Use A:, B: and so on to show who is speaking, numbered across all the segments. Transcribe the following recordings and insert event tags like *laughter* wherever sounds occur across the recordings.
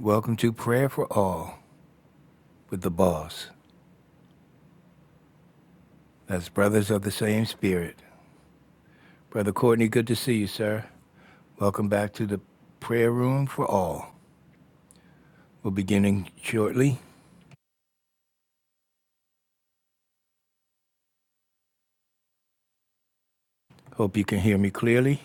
A: Welcome to Prayer for All with the Boss. That's Brothers of the Same Spirit. Brother Courtney, good to see you, sir. Welcome back to the Prayer Room for All. We're beginning shortly. Hope you can hear me clearly.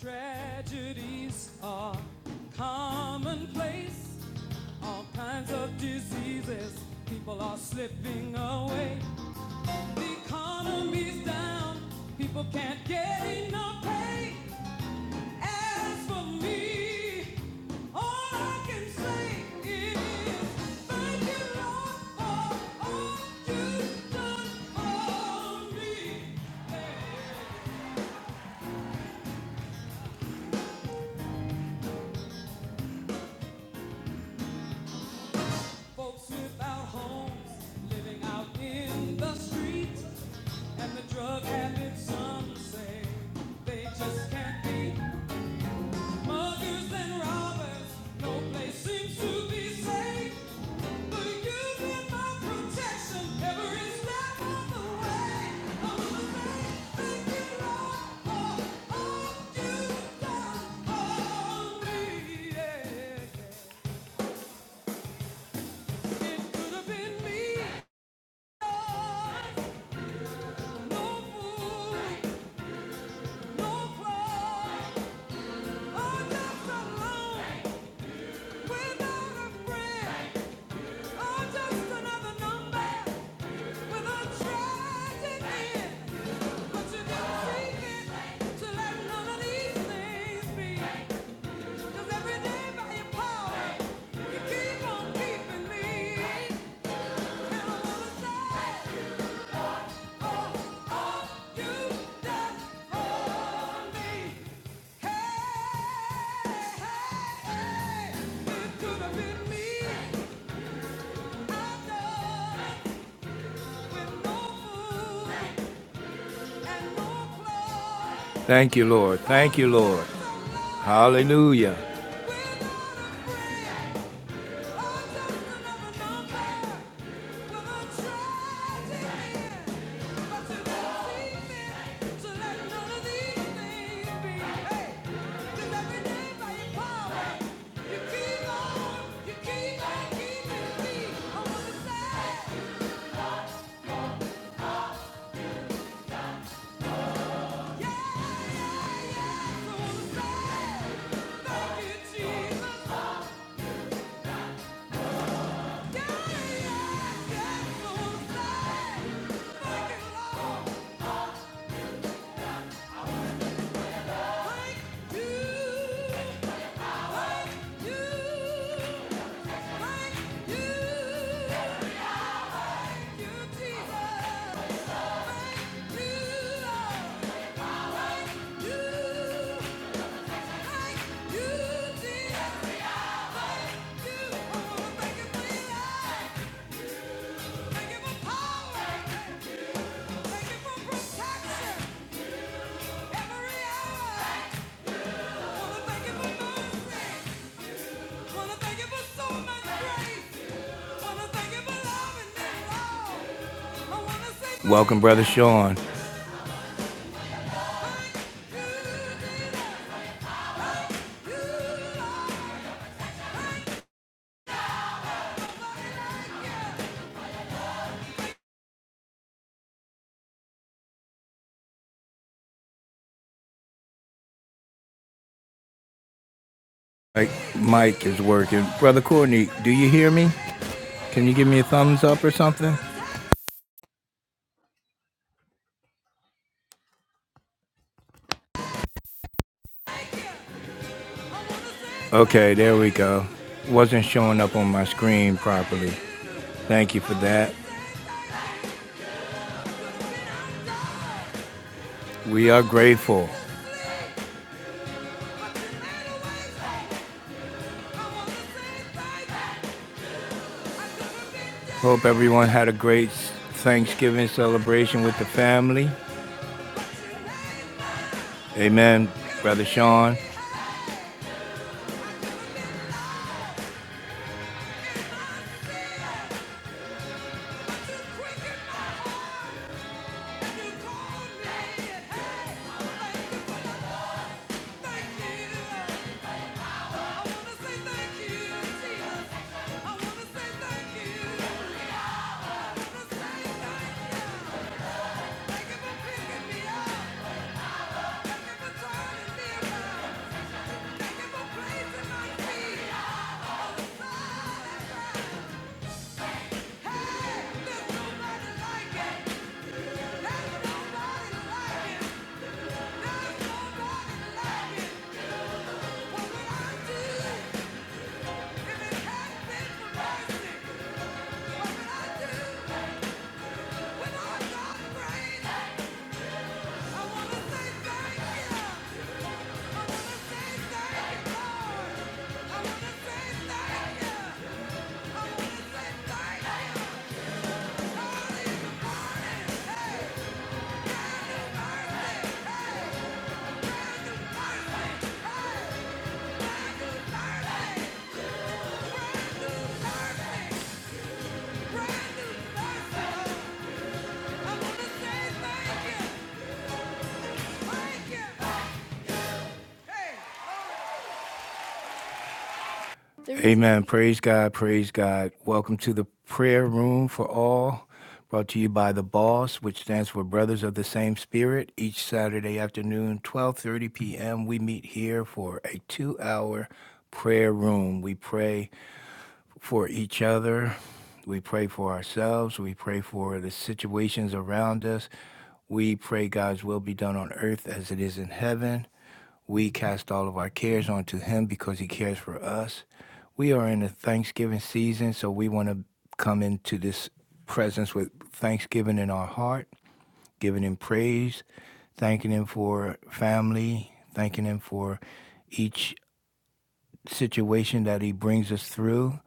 A: Tragedies are commonplace. All kinds of diseases. People are slipping away. The economy's down. People can't get enough pay. As for me, all I can say is thank you, Lord, for all you've done for me. Folks without homes, living out in the streets, and the drug habits some say they just can't be Muggers and robbers, no place seems to be safe. But you've been my protection every step of the way. I'm afraid, thank you, Lord, for all you've done for me. Yeah. It could have been me. Lord. No fool, no fraud. I'm just alone, without a friend. I'm just another number. oh, hey, no no Thank you, Lord. Thank you, Lord. Hallelujah. Yeah, yeah, yeah, so Jesus. Thank you for power. Thank you for protection every hour. Welcome, brother Sean. Mike, Mike is working. Brother Courtney, do you hear me? Can you give me a thumbs up or something? Okay, there we go. Wasn't showing up on my screen properly. Thank you for that. We are grateful. Hope everyone had a great Thanksgiving celebration with the family. Amen, Brother Sean. Hey! Lord. Amen. Praise God. Praise God. Welcome to the prayer room for all, brought to you by the Boss, which stands for Brothers of the Same Spirit. Each Saturday afternoon, 12:30 p.m., we meet here for a 2-hour prayer room. We pray for each other. We pray for ourselves. We pray for the situations around us. We pray God's will be done on earth as it is in heaven. We cast all of our cares onto Him because He cares for us. We are in the Thanksgiving season, so we want to come into this presence with thanksgiving in our heart, giving Him praise, thanking Him for family, thanking Him for each situation that he brings us through,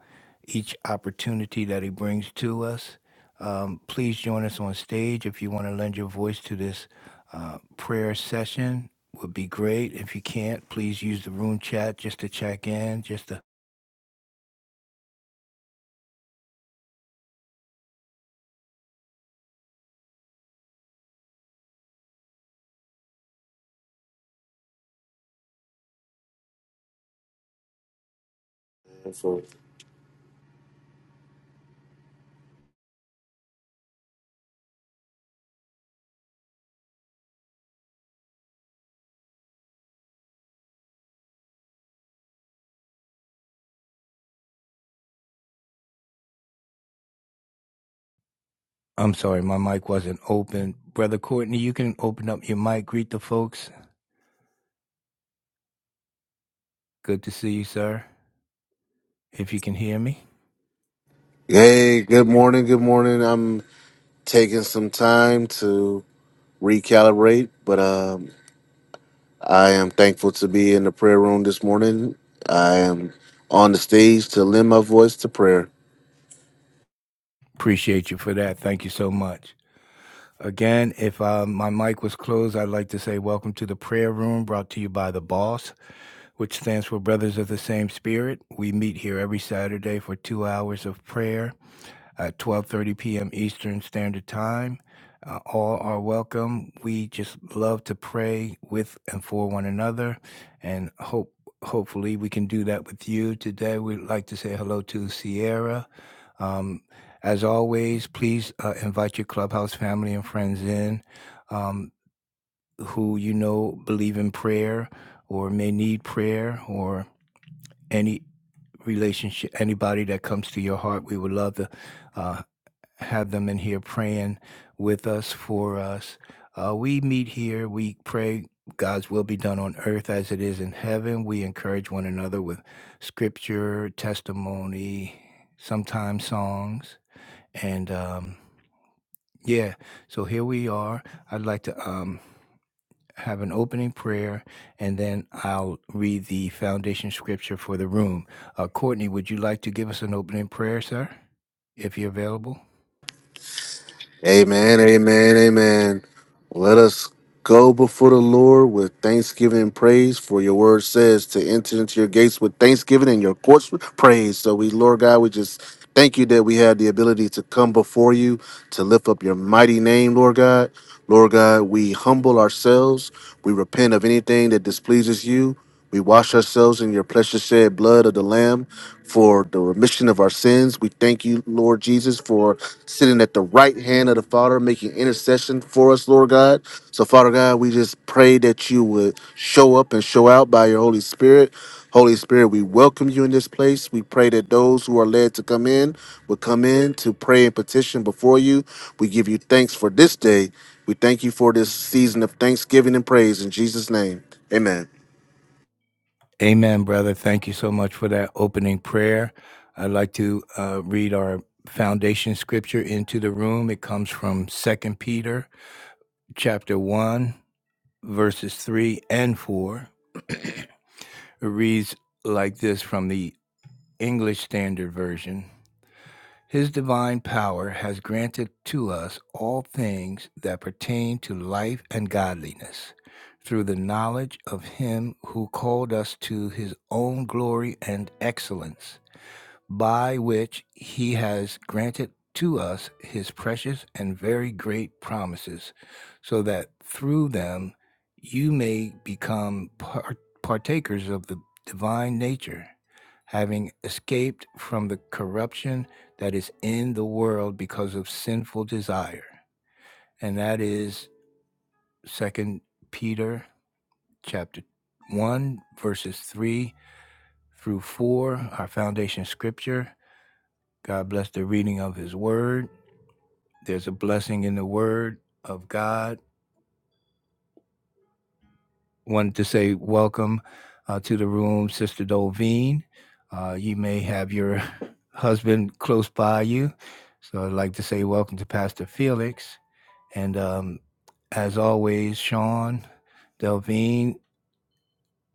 A: each opportunity that he brings to us. Um, please join us on stage if you want to lend your voice to this uh, prayer session. Would be great. If you can't, please use the room chat just to check in. Just to.
B: Hopefully.
A: I'm sorry, my mic wasn't open. Brother Courtney, you can open up your mic. Greet the folks. Good to see you, sir. If you can hear me,
B: Hey, good morning. Good morning. I'm taking some time to recalibrate, but um, I am thankful to be in the prayer room this morning. I am on the stage to lend my voice to prayer.
A: appreciate you for that. Thank you so much. Again, if uh, my mic was closed, I'd like to say welcome to the prayer room brought to you by the boss, which stands for Brothers of the Same Spirit. We meet here every Saturday for two hours of prayer at 12:30 p.m. Eastern Standard Time. Uh, all are welcome. We just love to pray with and for one another, and hope hopefully we can do that with you today. We'd like to say hello to Sierra. Um, as always, please uh, invite your clubhouse family and friends in um, who you know believe in prayer or may need prayer or any relationship, anybody that comes to your heart. We would love to uh, have them in here praying with us, for us. Uh, we meet here, we pray. God's will be done on earth as it is in heaven. We encourage one another with scripture, testimony, sometimes songs. And um, yeah. So here we are. I'd like to um, have an opening prayer and then I'll read the foundation scripture for the room. Uh, Courtney, would you like to give us an opening prayer, sir, if you're available?
B: Amen, amen, amen. Let us go before the Lord with thanksgiving and praise, for your word says to enter into your gates with thanksgiving and your courts with praise. So we, Lord God, we just thank you that we have the ability to come before you to lift up your mighty name, Lord God. Lord God, we humble ourselves. We repent of anything that displeases you. We wash ourselves in your precious shed blood of the Lamb for the remission of our sins. We thank you, Lord Jesus, for sitting at the right hand of the Father, making intercession for us, Lord God. So, Father God, we just pray that you would show up and show out by your Holy Spirit. Holy Spirit, we welcome you in this place. We pray that those who are led to come in would come in to pray and petition before you. We give you thanks for this day. We thank you for this season of thanksgiving and praise in Jesus' name. Amen.
A: Amen, brother. Thank you so much for that opening prayer. I'd like to uh, read our foundation scripture into the room. It comes from Second Peter chapter 1, verses 3 and 4. It reads like this from the English Standard Version. His divine power has granted to us all things that pertain to life and godliness through the knowledge of him who called us to his own glory and excellence by which he has granted to us his precious and very great promises, so that through them you may become par- partakers of the divine nature, having escaped from the corruption that is in the world because of sinful desire. And that is is Second Peter chapter 1 verses 3 through 4, our foundation scripture, God bless the reading of his word. There's a blessing in the word of God. Wanted to say welcome uh, to the room, Sister Dolveen. Uh, you may have your *laughs* husband close by you. So I'd like to say welcome to Pastor Felix. And um, as always, Sean, Delveen,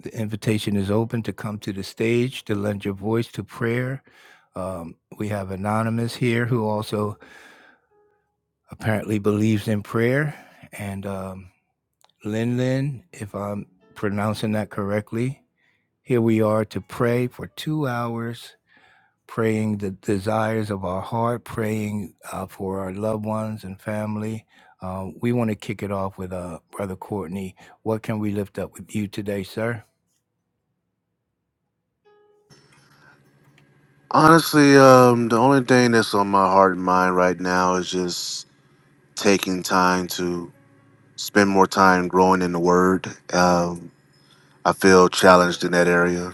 A: the invitation is open to come to the stage to lend your voice to prayer. Um, we have Anonymous here who also apparently believes in prayer. And um, Lin Lin, if I'm pronouncing that correctly, here we are to pray for two hours, praying the desires of our heart, praying uh, for our loved ones and family. Um, we want to kick it off with uh, Brother Courtney. What can we lift up with you today, sir?
B: Honestly, um, the only thing that's on my heart and mind right now is just taking time to spend more time growing in the Word. Um, I feel challenged in that area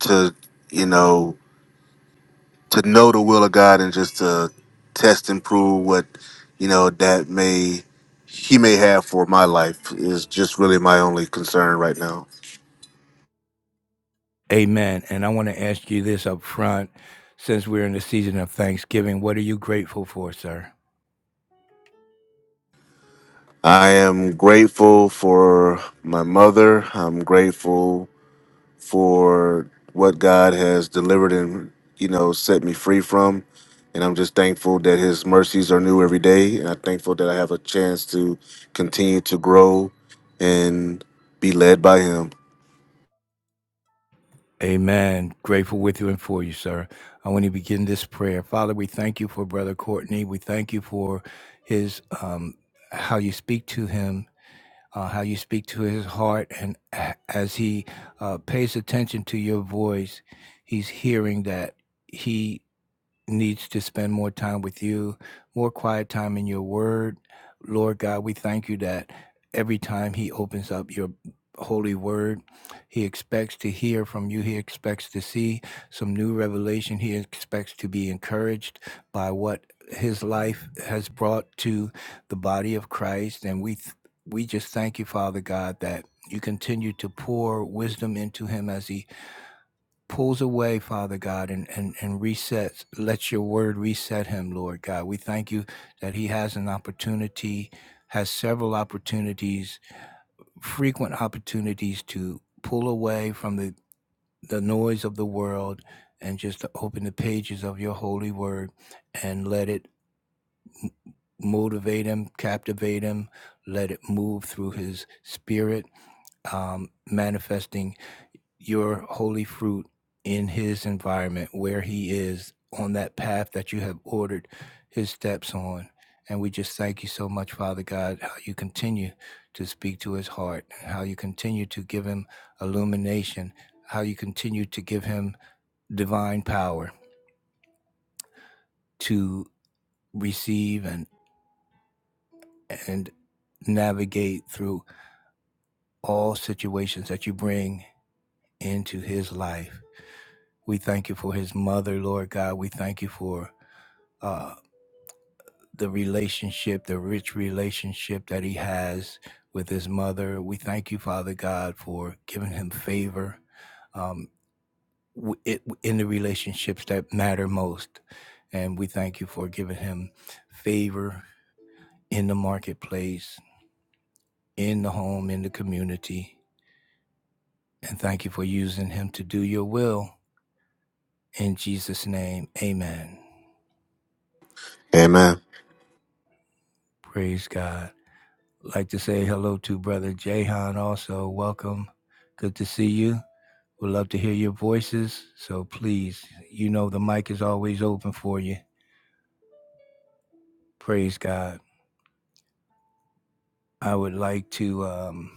B: to, you know, to know the will of God and just to test and prove what, you know, that may He may have for my life is just really my only concern right now.
A: Amen. And I want to ask you this up front. Since we're in the season of Thanksgiving, what are you grateful for, sir?
B: I am grateful for my mother. I'm grateful for what God has delivered and you know set me free from. And I'm just thankful that His mercies are new every day, and I'm thankful that I have a chance to continue to grow and be led by Him.
A: Amen. Grateful with you and for you, sir. I want to begin this prayer. Father, we thank you for Brother Courtney. We thank you for his, um, how you speak to him uh, how you speak to his heart, and a- as he uh, pays attention to your voice, he's hearing that he needs to spend more time with you, more quiet time in your word. Lord God, we thank you that every time he opens up your holy word, he expects to hear from you. He expects to see some new revelation. He expects to be encouraged by what his life has brought to the body of Christ. And we, th- we just thank you, Father God, that you continue to pour wisdom into him as he pulls away, Father God, and, and, and resets. Let your word reset him, Lord God. We thank you that he has an opportunity, has several opportunities, frequent opportunities to pull away from the, the noise of the world and just to open the pages of your holy word and let it motivate him, captivate him, let it move through his spirit um, manifesting your holy fruit in his environment where he is on that path that you have ordered his steps on. And we just thank you so much, Father God, how you continue to speak to his heart, how you continue to give him illumination, how you continue to give him divine power to receive and and navigate through all situations that you bring into his life. We thank you for his mother, Lord God. We thank you for uh, the relationship, the rich relationship that he has with his mother. We thank you, Father God, for giving him favor um, w- it, in the relationships that matter most. And we thank you for giving him favor in the marketplace, in the home, in the community. And thank you for using him to do your will. In Jesus' name, amen.
B: Amen.
A: Praise God. Like to say hello to Brother Jahan also. Welcome. Good to see you. Would love to hear your voices. So please, you know the mic is always open for you. Praise God. I would like to um,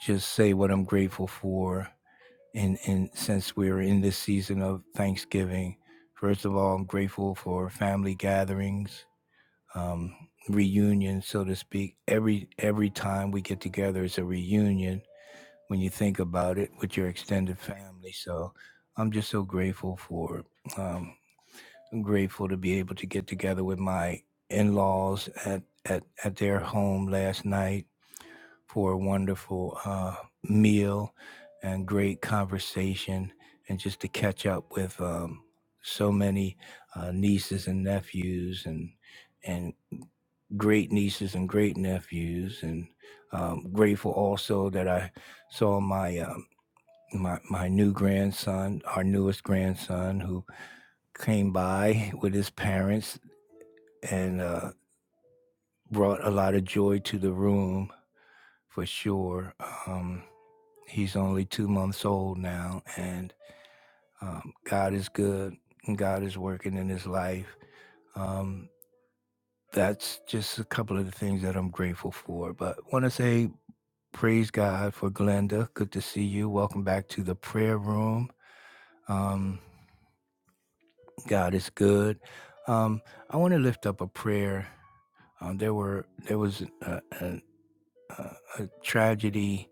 A: just say what I'm grateful for. And, and since we're in this season of Thanksgiving, first of all, I'm grateful for family gatherings, um, reunions, so to speak. Every every time we get together, it's a reunion when you think about it with your extended family. So I'm just so grateful for it. grateful to be able to get together with my in-laws at at, at their home last night for a wonderful uh, meal and great conversation and just to catch up with um, so many uh, nieces and nephews and and great nieces and great nephews and um, grateful also that I saw my um, my my new grandson, our newest grandson, who came by with his parents and uh, brought a lot of joy to the room for sure. Um, he's only two months old now, and um, God is good and God is working in his life. Um, that's just a couple of the things that I'm grateful for. But I want to say praise God for Glenda. Good to see you. Welcome back to the prayer room. Um, God is good. Um, I want to lift up a prayer. Um, there were there was a, a a tragedy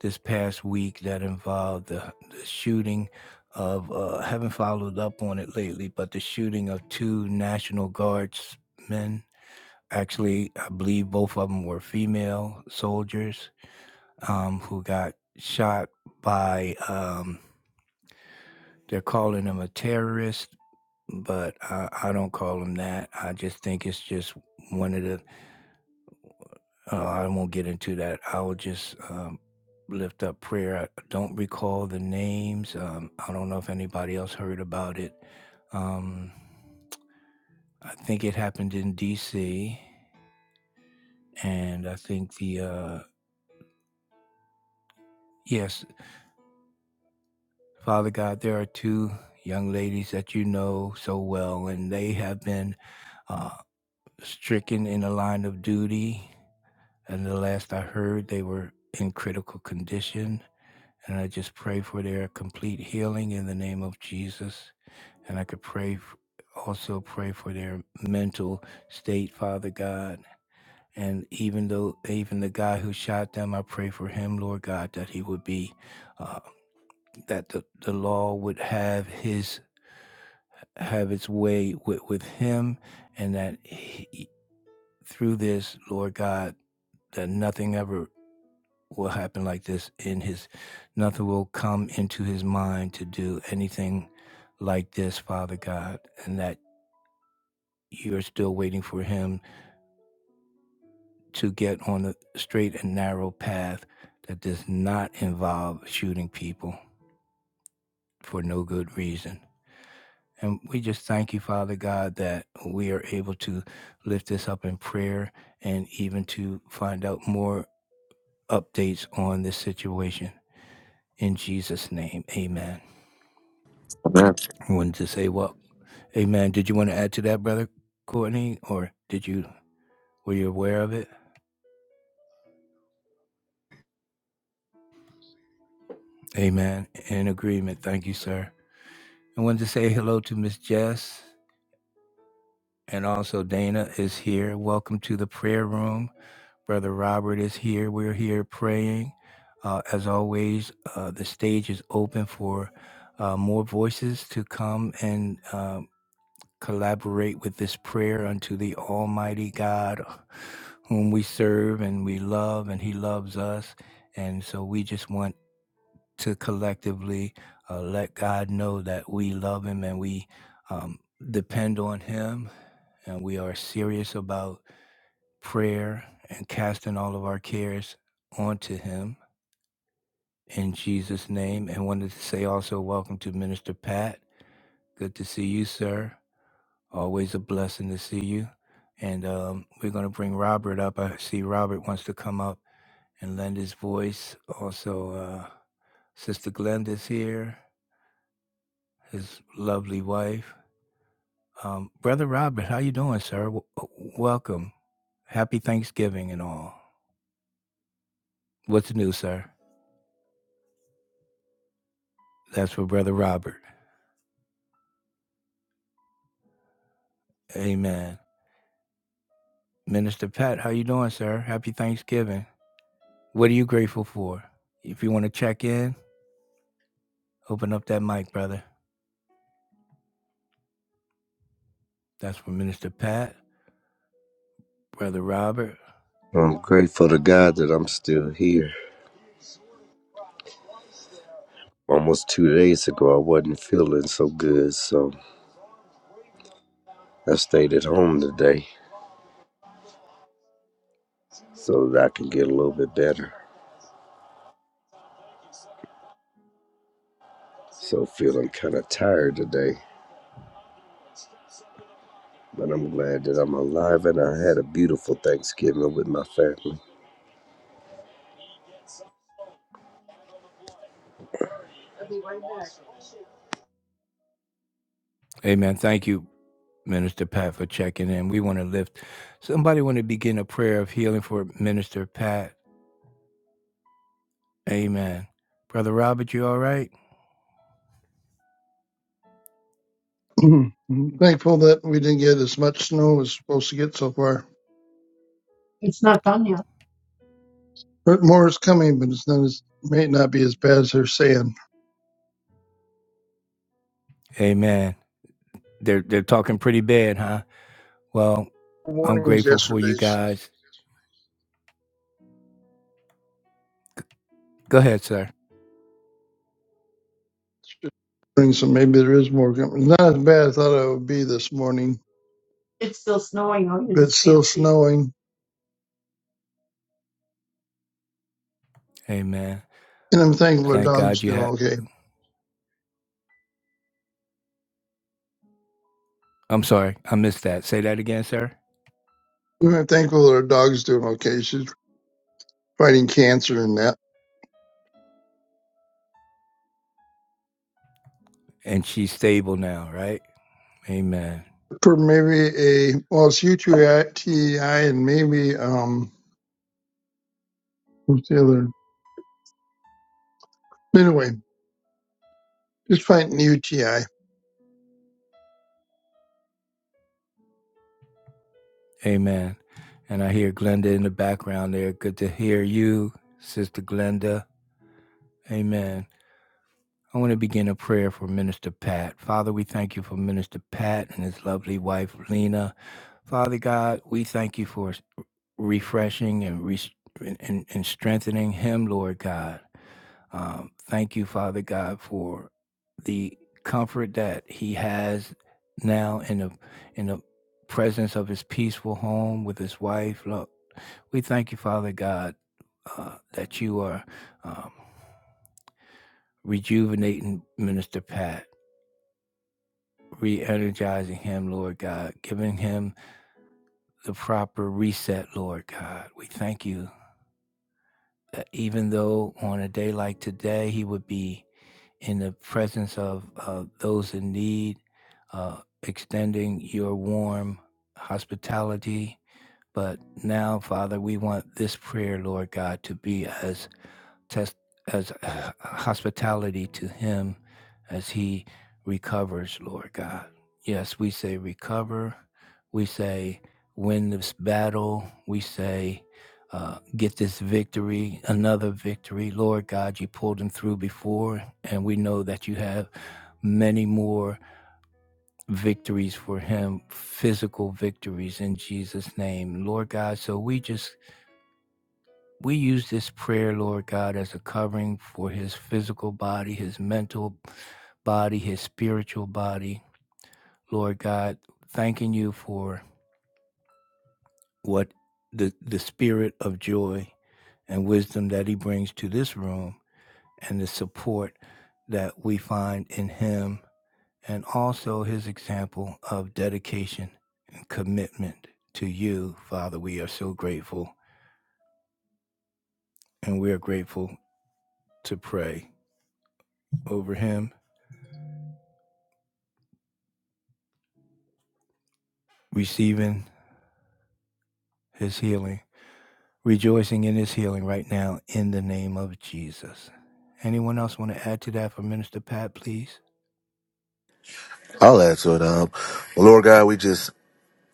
A: this past week that involved the, the shooting of uh, haven't followed up on it lately, but the shooting of two National Guardsmen. Actually, I believe both of them were female soldiers um, who got shot by. Um, they're calling them a terrorist, but I, I don't call them that. I just think it's just one of the Uh, I won't get into that. I will just um, lift up prayer. I don't recall the names. Um, I don't know if anybody else heard about it. Um, I think it happened in D.C. And I think the, uh, yes, Father God, there are two young ladies that you know so well, and they have been uh, stricken in the line of duty. And the last I heard, they were in critical condition. And I just pray for their complete healing in the name of Jesus. And I could pray, also pray for their mental state, Father God. And even though, even the guy who shot them, I pray for him, Lord God, that he would be, uh, that the, the law would have his, have its way with, with him. And that he, through this, Lord God, that nothing ever will happen like this in his nothing will come into his mind to do anything like this father god and that you're still waiting for him to get on the straight and narrow path that does not involve shooting people for no good reason and we just thank you father god that we are able to lift this up in prayer and even to find out more updates on this situation in jesus name amen
B: Amen.
A: i wanted to say well Amen. Did you want to add to that, Brother Courtney, or did you were you aware of it? Amen. In agreement. Thank you, sir. I wanted to say hello to Miss Jess and also Dana is here. Welcome to the prayer room. Brother Robert is here. We're here praying. Uh, as always, uh, the stage is open for uh, more voices to come and. uh, collaborate with this prayer unto the Almighty God, whom we serve and we love, and He loves us. And so we just want to collectively uh, let God know that we love Him and we um, depend on Him, and we are serious about prayer and casting all of our cares onto Him in Jesus' name. And wanted to say also, welcome to Minister Pat. Good to see you, sir. Always a blessing to see you. And um, we're going to bring Robert up. I see Robert wants to come up and lend his voice. Also, uh, Sister Glenda's here, his lovely wife. Um, Brother Robert, how you doing, sir? W- w- welcome. Happy Thanksgiving and all. What's new, sir? That's for Brother Robert. Amen. Minister Pat, how you doing, sir? Happy Thanksgiving. What are you grateful for? If you want to check in, open up that mic, brother. That's for Minister Pat. Brother Robert.
C: I'm grateful to God that I'm still here. Almost two days ago, I wasn't feeling so good, so I stayed at home today so that I can get a little bit better. So, feeling kind of tired today, but I'm glad that I'm alive and I had a beautiful Thanksgiving with my family.
A: Amen. Thank you, Minister Pat, for checking in. We want to lift somebody want to begin a prayer of healing for Minister Pat. Amen. Brother Robert, you all right?
D: Mhm. Thankful that we didn't get as much snow as supposed to get so far. It's not done yet. But more is coming, but it's not as may not be as bad as they're saying.
A: Amen. They're they're talking pretty bad, huh? Well,
D: The
A: I'm
D: warning was
A: grateful for you
D: yesterday,
A: guys. Go ahead, sir.
D: so maybe there is more coming. Not as bad as I thought it would be this morning, It's still snowing out here but it's still snowing.
A: Amen.
D: And I'm thankful our
A: Thank
D: dog's
A: God you
D: doing
A: had
D: okay.
A: I'm sorry, I missed that. Say that again, sir.
D: I'm thankful that our dog's doing okay. She's fighting cancer and that.
A: And she's stable now, right? Amen.
D: For maybe a well, it's UTI and maybe um, what's the other? Anyway, Just fighting UTI.
A: Amen. And I hear Glenda in the background there. Good to hear you, Sister Glenda. Amen. I want to begin a prayer for Minister Pat. Father, we thank you for Minister Pat and his lovely wife, Lena. Father God, we thank you for refreshing and, res and, and and strengthening him, Lord God. Um, thank you, Father God, for the comfort that he has now in the, in the presence of his peaceful home with his wife. Look, we thank you, Father God, uh, that you are um, rejuvenating Minister Pat. re energizing him, Lord God, giving him the proper reset, Lord God. We thank you that even though on a day like today, he would be in the presence of uh, those in need, uh, extending your warm hospitality. But now, Father, we want this prayer, Lord God, to be as test as uh, *sighs* hospitality to him as he recovers, Lord God. Yes, we say recover. We say win this battle. We say uh, get this victory, another victory. Lord God, you pulled him through before, and we know that you have many more victories for him, physical victories in Jesus' name. Lord God, so we just we use this prayer, Lord God, as a covering for his physical body, his mental body, his spiritual body. Lord God, thanking you for what the, the spirit of joy and wisdom that he brings to this room and the support that we find in him and also his example of dedication and commitment to you, Father. We are so grateful and we are grateful to pray over him, receiving his healing, rejoicing in his healing right now in the name of Jesus. Anyone else want to add to that for Minister Pat, please?
B: I'll add to it. Um, well, Lord God, we just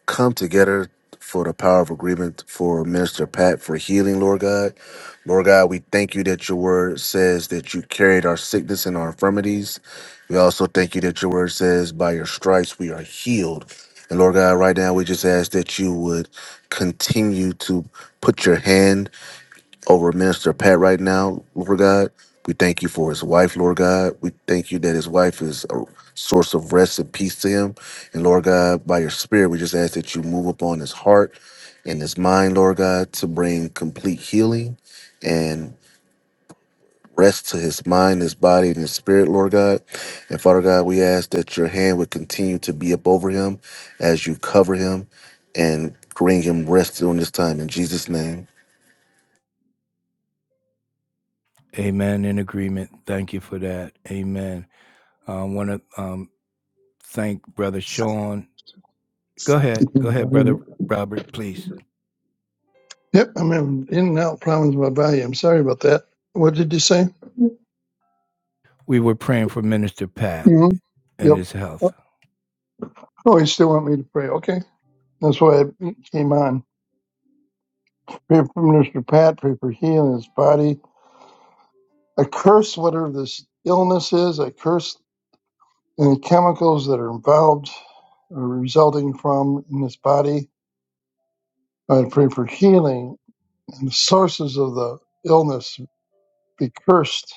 B: come together for the power of agreement for Minister Pat for healing, Lord God. Lord God, we thank you that your word says that you carried our sickness and our infirmities. We also thank you that your word says by your stripes we are healed. And Lord God, right now we just ask that you would continue to put your hand over Minister Pat right now, Lord God. We thank you for his wife, Lord God. We thank you that his wife is a source of rest and peace to him. And Lord God, by your spirit, we just ask that you move upon his heart and his mind, Lord God, to bring complete healing and rest to his mind, his body, and his spirit, Lord God. And Father God, we ask that your hand would continue to be up over him as you cover him and bring him rest during this time. In Jesus' name.
A: Amen. In agreement. Thank you for that. Amen. I uh, want to um, thank Brother Sean. Go ahead. Go ahead, Brother Robert, please.
D: Yep, I'm having in and out problems with my volume. sorry about that. What did you say?
A: We were praying for Minister Pat
D: hmm
A: and
D: Yep.
A: his health.
D: Oh, you still want me to pray? Okay. That's why I came on. Pray for Minister Pat, pray for healing his body. I curse whatever this illness is. I curse any chemicals that are involved or resulting from in his body. I pray for healing and the sources of the illness be cursed,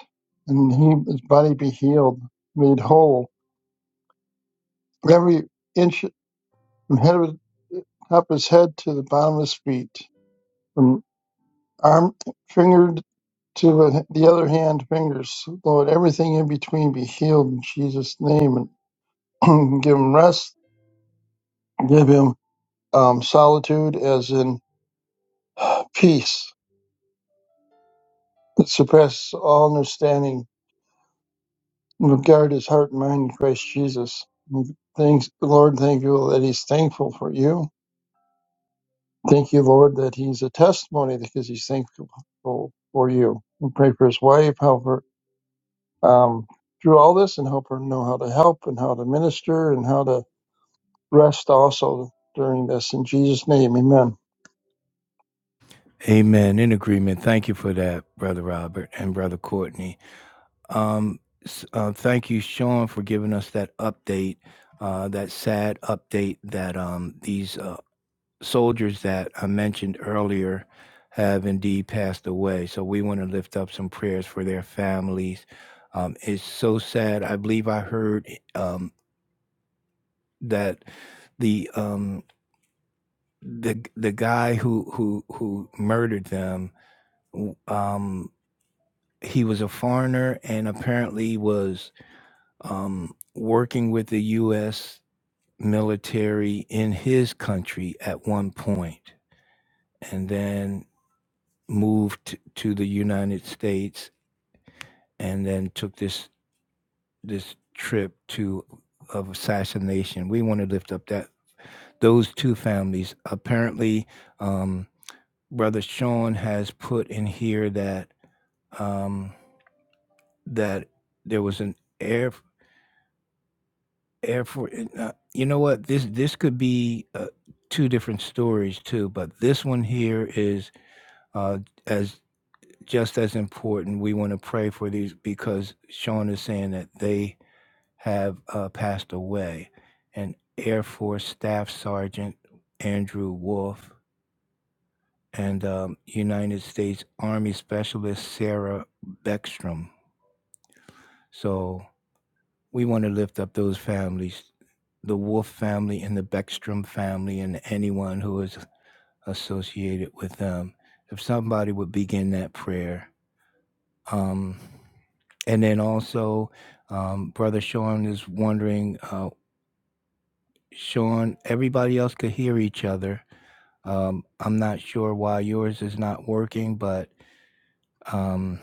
D: and he, his body be healed, made whole, every inch from head of, top of his head to the bottom of his feet, from arm finger to the the other hand fingers. Lord, everything in between be healed in Jesus' name, and *clears throat* give him rest, give him um, solitude, as in peace that surpasses all understanding. And guard his heart and mind in Christ Jesus. Thanks, Lord. Thank you that he's thankful for you Thank you, Lord, that he's a testimony because he's thankful for you. And pray for his wife, help her um, through all this and help her know how to help and how to minister and how to rest also during this. In Jesus' name, amen.
A: Amen. In agreement. Thank you for that, Brother Robert and Brother Courtney. Um, s- uh, thank you, Sean, for giving us that update, uh, that sad update that um, these uh, soldiers that I mentioned earlier have indeed passed away. So we want to lift up some prayers for their families. Um, it's so sad. I believe I heard um, that the um, the the guy who who who murdered them, w- um, he was a foreigner and apparently was um, working with the U.S. military in his country at one point, and then moved to the United States, and then took this this trip to of assassination. We want to lift up that those two families. Apparently, um, brother Sean has put in here that um, that there was an air. Airport and, uh, you know what? This this could be, uh, 2 different stories too, but this one here is, uh, as just as important. We wanna pray for these because Sean is saying that they have, uh, passed away, and Air Force Staff Sergeant Andrew Wolf and, um, United States Army Specialist Sarah Beckstrom. So we want to lift up those families, the Wolf family and the Beckstrom family, and anyone who is associated with them. If somebody would begin that prayer. Um, and then also, um, Brother Sean is wondering, uh, Sean, everybody else could hear each other. Um, I'm not sure why yours is not working, but um,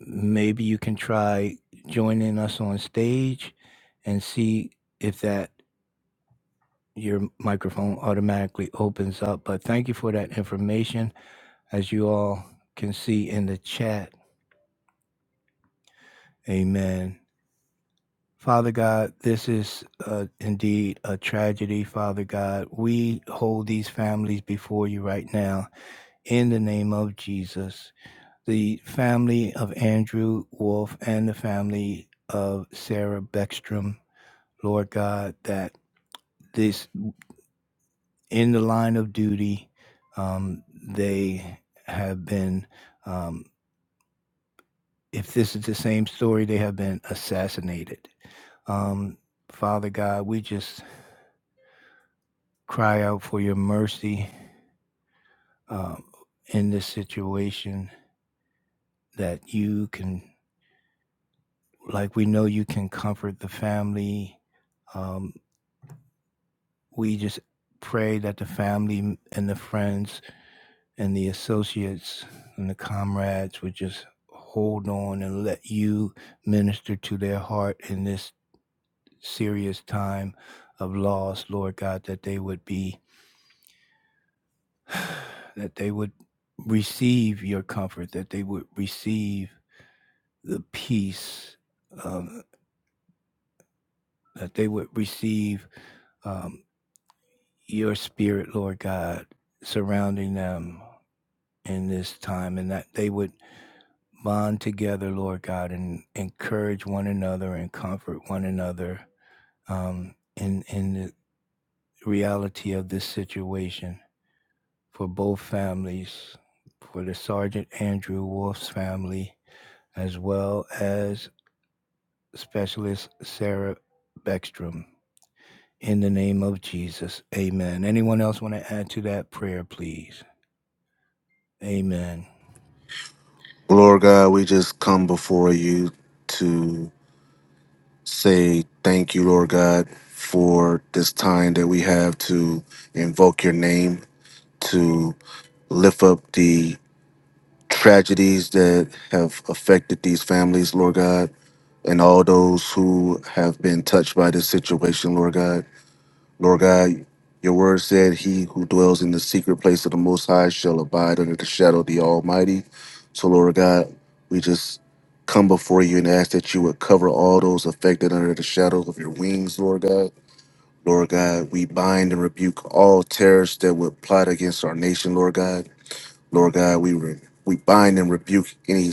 A: maybe you can try joining us on stage and see if that your microphone automatically opens up. But thank you for that information. As you all can see in the chat, amen. Father God, this is uh, indeed a tragedy, Father God. We hold these families before you right now in the name of Jesus. The family of Andrew Wolf and the family of Sarah Beckstrom, Lord God, that this in the line of duty. Um, they have been, um, if this is the same story, they have been assassinated. Um, Father God, we just cry out for your mercy um, in this situation that you can, like we know you can comfort the family. Um, we just pray that the family and the friends and the associates and the comrades would just hold on and let you minister to their heart in this serious time of loss, Lord God, that they would be, *sighs* that they would receive your comfort, that they would receive the peace, um, that they would receive um, your spirit, Lord God, surrounding them in this time, and that they would bond together, Lord God, and encourage one another and comfort one another um, in in the reality of this situation for both families, for the Sergeant Andrew Wolf's family, as well as Specialist Sarah Beckstrom. In the name of Jesus, Amen. Anyone else want to add to that prayer, please? Amen.
B: Lord God, we just come before you to say thank you, Lord God, for this time that we have to invoke your name, to lift up the tragedies that have affected these families, Lord God, and all those who have been touched by this situation, Lord God. Lord God, your word said, He who dwells in the secret place of the Most High shall abide under the shadow of the Almighty. So, Lord God, we just come before you and ask that you would cover all those affected under the shadow of your wings, Lord God. Lord God, we bind and rebuke all terrorists that would plot against our nation, Lord God. Lord God, we re- we bind and rebuke any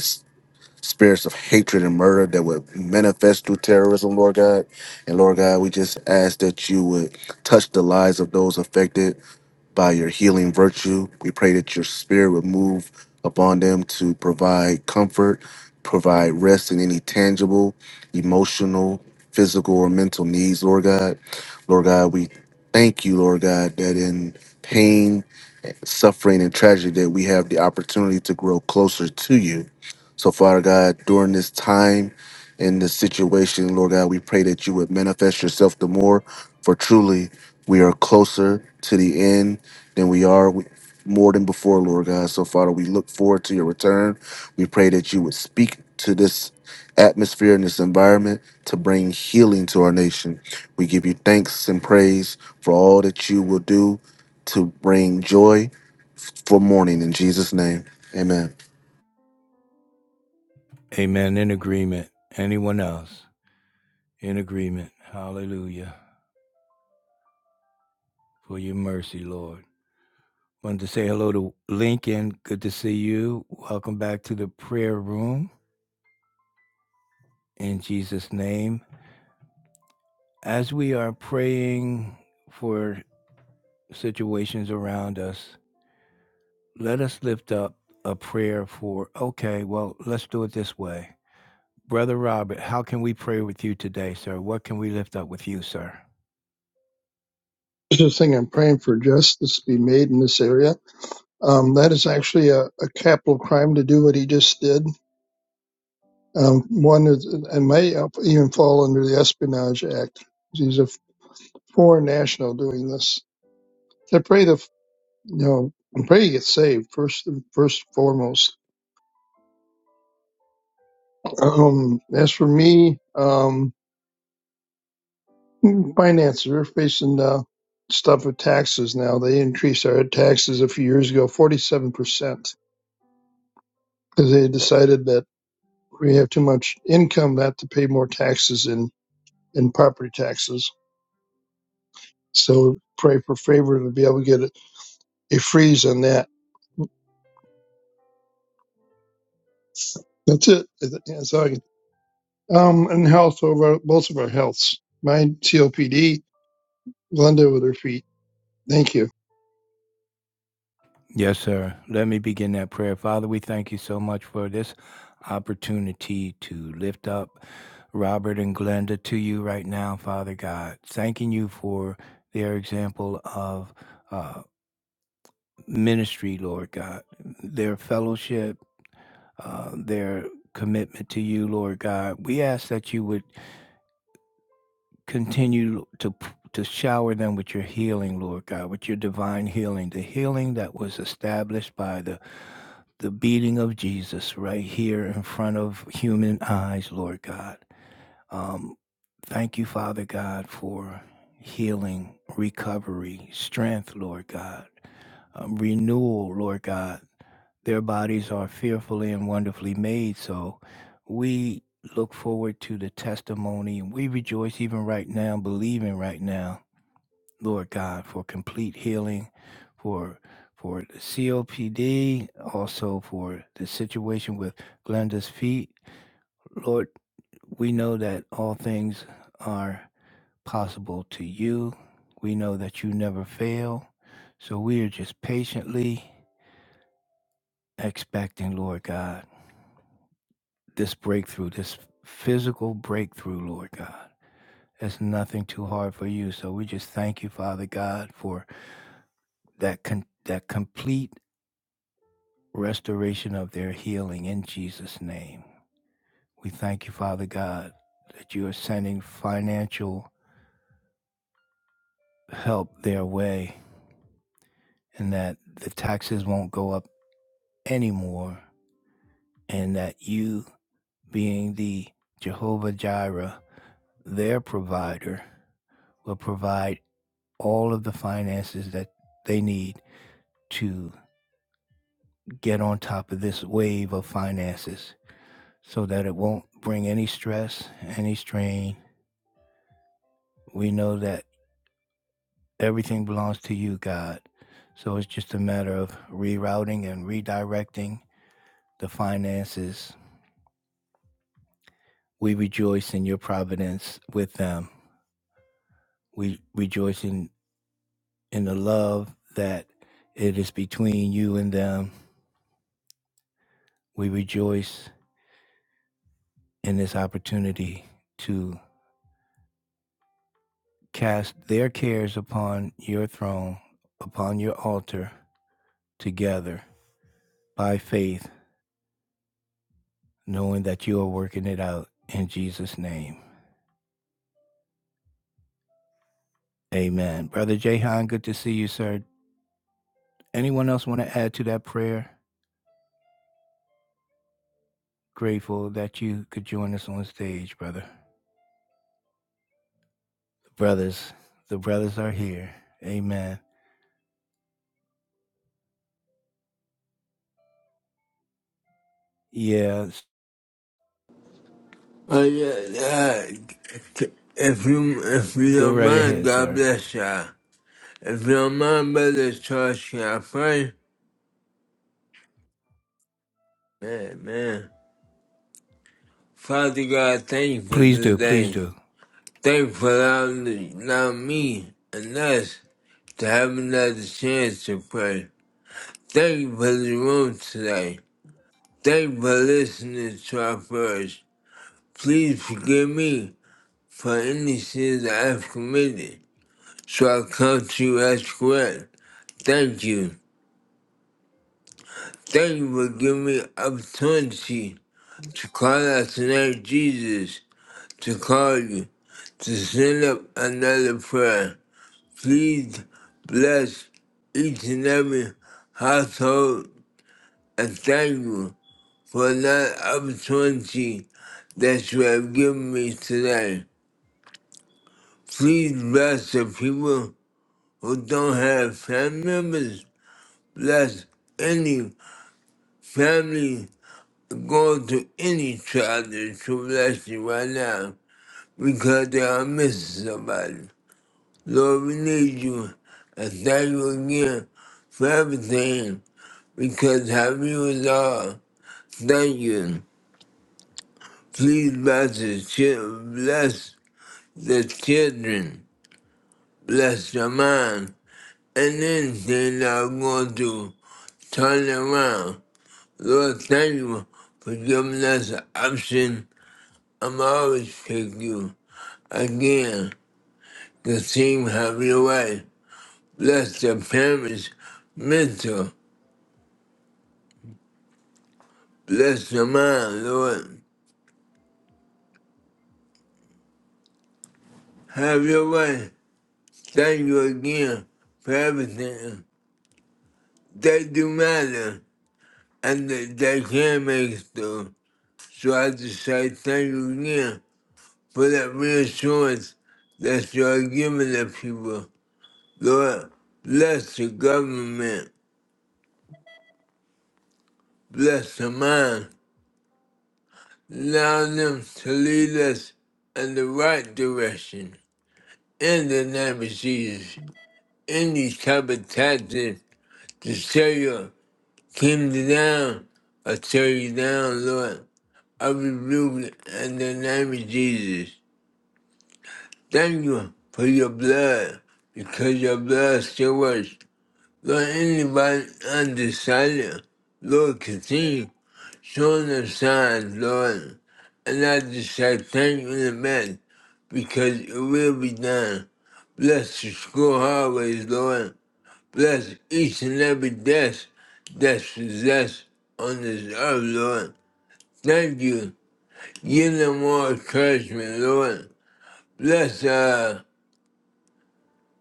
B: spirits of hatred and murder that would manifest through terrorism, Lord God. And Lord God, we just ask that you would touch the lives of those affected by your healing virtue. We pray that your spirit would move upon them to provide comfort, provide rest in any tangible, emotional, physical, or mental needs, Lord God. Lord God, we thank you, Lord God, that in pain, suffering and tragedy that we have the opportunity to grow closer to you. So, Father God, during this time in this situation, Lord God, we pray that you would manifest yourself the more, for truly we are closer to the end than we are more than before, Lord God. So, Father, we look forward to your return. We pray that you would speak to this atmosphere and this environment to bring healing to our nation. We give you thanks and praise for all that you will do to bring joy for morning in Jesus' name. Amen.
A: Amen. In agreement. Anyone else? In agreement. Hallelujah. for your mercy, Lord. Wanted to say hello to Lincoln. Good to see you. Welcome back to the prayer room in Jesus' name. As we are praying for situations around us, let us lift up a prayer for, okay, well, let's do it this way. Brother Robert, how can we pray with you today, sir? What can we lift up with you, sir?
D: Just thing I'm praying for justice to be made in this area. Um, that is actually a, a capital crime to do what he just did. Um, one is, and may even fall under the Espionage Act. He's a foreign national doing this. I pray the No, I'm praying you get saved first, first and foremost. Um, as for me, um, finances, we're facing uh, stuff with taxes now. They increased our taxes a few years ago, 47%, because they decided that we have too much income not to pay more taxes in, in property taxes. So pray for favor to be able to get a, a freeze on that. That's it. That's all I can. Um, and health over both of our healths. Mine COPD, Glenda with her feet. Thank you.
A: Yes, sir. Let me begin that prayer. Father, we thank you so much for this opportunity to lift up Robert and Glenda to you right now, Father God. Thanking you for their example of uh, ministry, Lord God, their fellowship, uh, their commitment to you, Lord God. We ask that you would Continue to to shower them with your healing, Lord God, with your divine healing, the healing that was established by the the beating of Jesus right here in front of human eyes, Lord God. Um, thank you, Father God, for healing, recovery, strength, Lord God, um, renewal, Lord God their bodies are fearfully and wonderfully made. So we look forward to the testimony and we rejoice even right now, believing right now, Lord God, for complete healing, for for the COPD, also for the situation with Glenda's feet. Lord, we know that all things are possible to you. We know that you never fail. So we are just patiently expecting, Lord God this breakthrough, this physical breakthrough, Lord God. It's nothing too hard for you. So we just thank you, Father God, for that con- that complete restoration of their healing in Jesus' name. We thank you, Father God, that you are sending financial help their way and that the taxes won't go up anymore and that you being the Jehovah Jireh, their provider, will provide all of the finances that they need to get on top of this wave of finances so that it won't bring any stress, any strain. We know that everything belongs to you, God. So it's just a matter of rerouting and redirecting the finances. We rejoice in your providence with them. We rejoice in, in the love that it is between you and them. We rejoice in this opportunity to. cast their cares upon your throne, upon your altar together by faith, knowing that you are working it out in Jesus' name. Amen. Brother Jahan, good to see you, sir. Anyone else want to add to that prayer? Grateful that you could join us on stage, brother. The brothers, the brothers are here. Amen. Yeah,
E: Uh, yeah, yeah. If you if you
A: go
E: don't
A: right
E: mind,
A: ahead,
E: God
A: sir.
E: bless ya. If you don't mind, brother Charles, can I pray? Man, man. Father God, thank you for
A: Please do,
E: this
A: please
E: day.
A: do.
E: Thank you for allowing, allowing me and us to have another chance to pray. Thank you for the room today. Thank you for listening to our prayers. Please forgive me for any sins I have committed, so I come to you as correct. Thank you. Thank you for giving me opportunity to call out to name Jesus, to call you, to send up another prayer. Please bless each and every household and thank you for another opportunity that you have given me today. Please bless the people who don't have family members. Bless any family go to any child to bless you right now because they are missing somebody. Lord, we need you and thank you again for everything because how you is all. Thank you. Please bless the children, bless the children, bless the mind, and anything that I'm going to turn around. Lord, thank you for giving us an option. I'm always pick you again. The team have your way. Bless the parents, mental. Bless the mind, Lord. Have your way. Thank you again for everything. They do matter, and they, they can make it through. So I just say thank you again for that reassurance that you are giving the people. Lord, bless the government, bless the mind. Allow them to lead us in the right direction. in the name of Jesus, any sabotage to tear your kingdom down, I tear you down, Lord. I rebuke it in the name of Jesus. Thank you for your blood, because your blood still works. Lord, anybody undecided, Lord, continue showing the signs, Lord. And I just say thank you in advance because it will be done. Bless the school hallways, Lord. Bless each and every death that's possessed on this earth, Lord. Thank you. Give them more encouragement, Lord. Bless uh,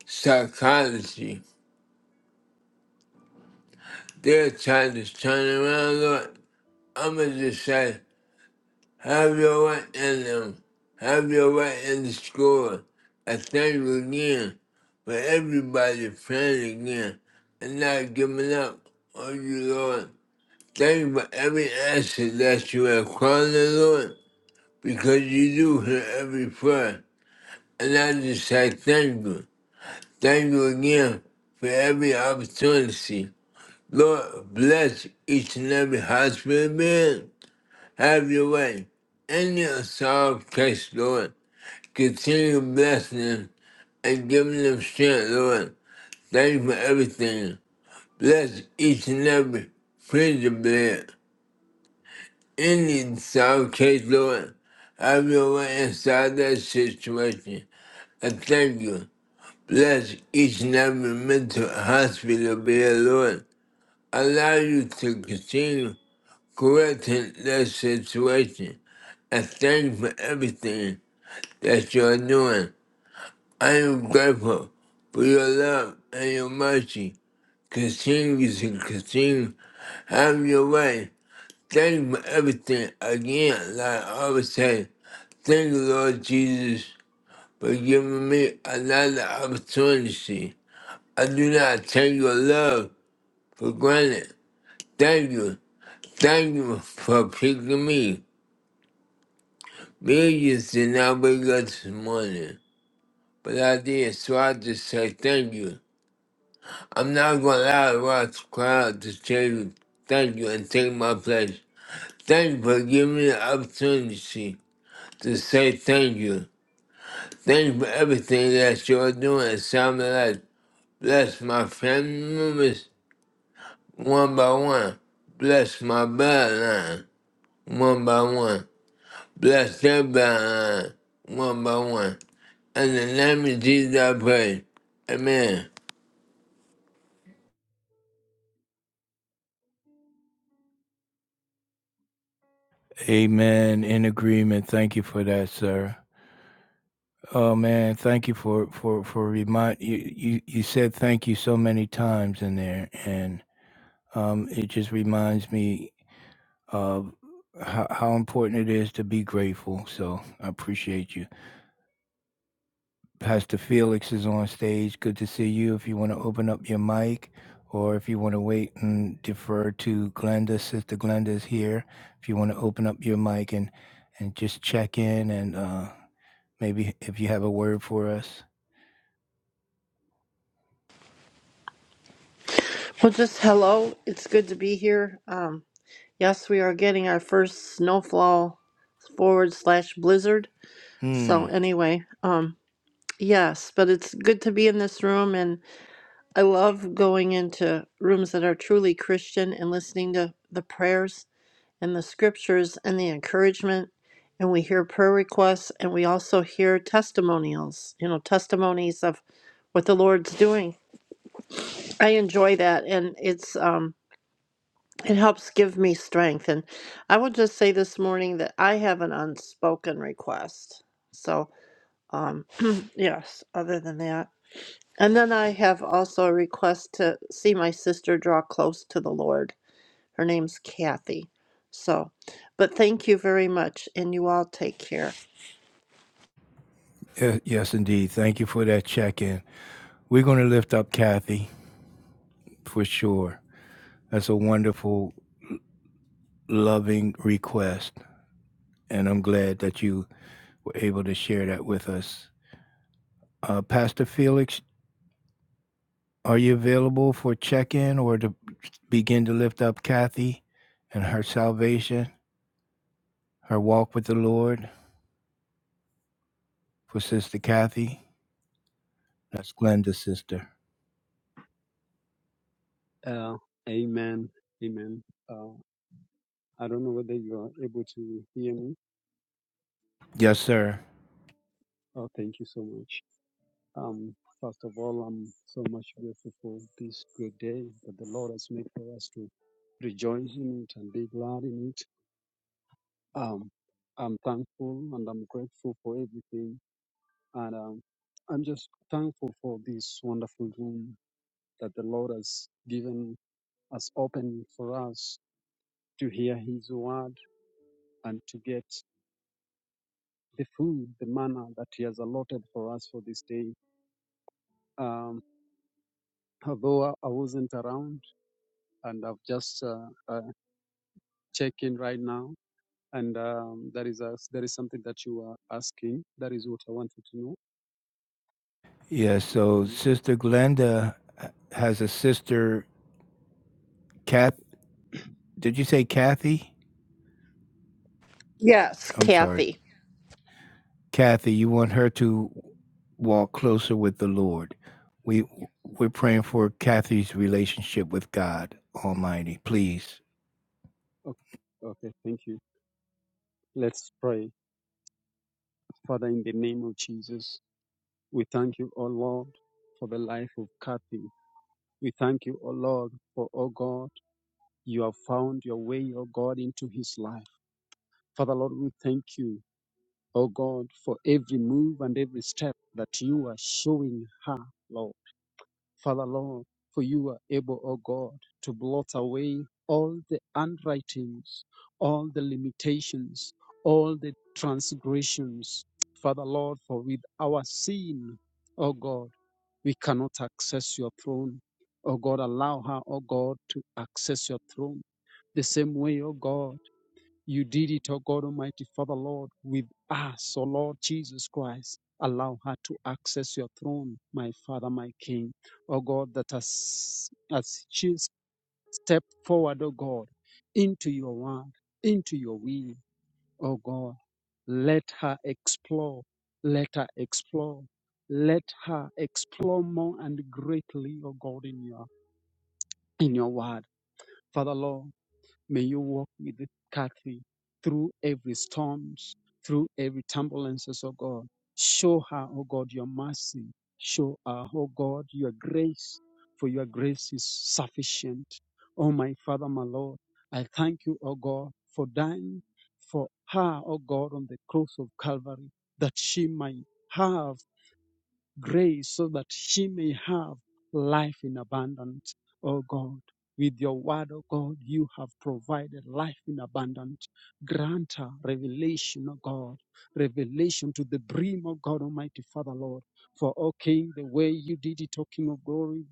E: psychology. They're trying to turn around, Lord. I'm going to just say, have your way in them. Have your way in the school. I thank you again for everybody praying again and not giving up on you, Lord. Thank you for every answer that you have called the Lord, because you do hear every prayer. And I just say thank you. Thank you again for every opportunity. Lord, bless each and every hospital bed. Have your way. In your solved case, Lord, continue blessing them and giving them strength, Lord. Thank you for everything. Bless each and every prison bed. Indian South Case Lord, have your way inside that situation. And thank you. Bless each and every mental hospital be Lord. Allow you to continue correcting that situation. And thank you for everything that you're doing. I am grateful for your love and your mercy. Continue to continue. Have your way. Thank you for everything again, like I always say. Thank you, Lord Jesus, for giving me another opportunity. I do not take your love for granted. Thank you. Thank you for picking me. Millions did not wake up this morning, but I did, so I just say thank you. I'm not going to allow the crowd to cry tell you thank you and take my place. Thank you for giving me the opportunity to say thank you. Thank you for everything that you're doing in Simon Bless my family members one by one. Bless my bloodline one by one. Bless their bloodline one by one. In the name of Jesus, I pray. Amen.
A: Amen. In agreement. Thank you for that, sir. Oh man, thank you for for for remind you you you said thank you so many times in there, and um, it just reminds me of how, how important it is to be grateful. So I appreciate you. Pastor Felix is on stage. Good to see you. If you want to open up your mic, or if you want to wait and defer to Glenda, Sister Glenda is here. If you want to open up your mic and and just check in, and uh, maybe if you have a word for us.
F: Well, just hello. It's good to be here. Um, yes, we are getting our first snowfall forward slash blizzard.
A: Hmm.
F: So anyway, um, yes, but it's good to be in this room, and I love going into rooms that are truly Christian and listening to the prayers and the scriptures and the encouragement. And we hear prayer requests, and we also hear testimonials. You know, testimonies of what the Lord's doing. I enjoy that, and it's um, It helps give me strength. And I will just say this morning that I have an unspoken request. So, um, *clears throat* yes, other than that. And then I have also a request to see my sister draw close to the Lord. Her name's Kathy. So, but thank you very much. And you all take care.
A: Yes, yes, indeed. Thank you for that check in. We're going to lift up Kathy for sure. That's a wonderful, loving request. And I'm glad that you were able to share that with us. Uh, Pastor Felix, are you available for check in or to begin to lift up Kathy and her salvation, her walk with the Lord for Sister Kathy? That's Glenda's sister.
G: Uh, amen. Amen. Uh, I don't know whether you are able to hear me.
A: Yes, sir.
G: Oh, thank you so much. Um, first of all, I'm so much grateful for this great day that the Lord has made for us to rejoice in it and be glad in it. Um, I'm thankful and I'm grateful for everything. And um, I'm just thankful for this wonderful room that the Lord has given us open for us to hear His word and to get the food, the manna that He has allotted for us for this day. Um, although I wasn't around, and I've just uh, uh, checked in right now, and um, there is a, there is something that you are asking. That is what I wanted to know.
A: Yes, so
G: Mm,
A: Sister Glenda has a sister, Kath. Did you say Kathy?
F: Yes,
A: I'm sorry.
F: Kathy.
A: Kathy, you want her to walk closer with the Lord. We we're praying for Kathy's relationship with God Almighty. Please.
G: Okay, okay, thank you. Let's pray. Father, in the name of Jesus, we thank you, O Lord, for the life of Kathy. We thank you, O Lord, for, O God, you have found your way, O God, into his life. Father, Lord, we thank you O God, for every move and every step that you are showing her, Lord. Father, Lord, for you are able, O God, to blot away all the handwritings, all the limitations, all the transgressions. Father, Lord, for with our sin, O God, we cannot access your throne. O God, allow her, O God, to access your throne. The same way, O God you did it, O God Almighty Father, Lord, with us, O Lord Jesus Christ. Allow her to access your throne, my Father, my King. O God, that as, as she step forward, O God, into your word, into your will, O God, let her explore, let her explore, let her explore more and greatly, O God, in your in your word. Father, Lord. May you walk with this Kathy through every storms, through every turbulences, oh God. Show her, oh God, your mercy. Show her, oh God, your grace, for your grace is sufficient. Oh my Father, my Lord, I thank you, oh God, for dying for her, oh God, on the cross of Calvary, that she might have grace so that she may have life in abundance. Oh God, with your word, oh God, you have provided life in abundance. Grant her revelation, oh God, revelation to the brim, oh God, Almighty Father, Lord. For, O King, the way you did it, O King of glory,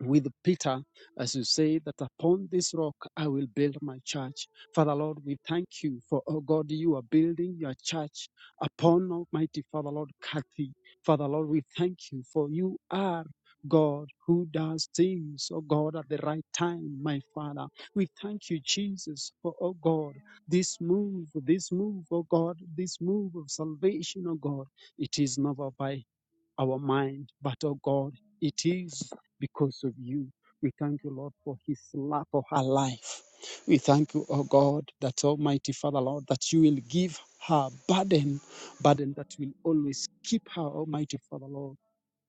G: with Peter, as you say, that upon this rock I will build my church. Father Lord, we thank you for, oh God, you are building your church upon Almighty Father Lord Kathy. Father Lord, we thank you for you are. God who does things, oh God, at the right time, my Father. We thank you, Jesus, for, oh God, this move, this move, oh God, this move of salvation, oh God. It is never by our mind. But oh God, it is because of you. We thank you, Lord, for his life, for her life. We thank you, oh God, that Almighty Father, Lord, that you will give her burden, burden that will always keep her, Almighty Father, Lord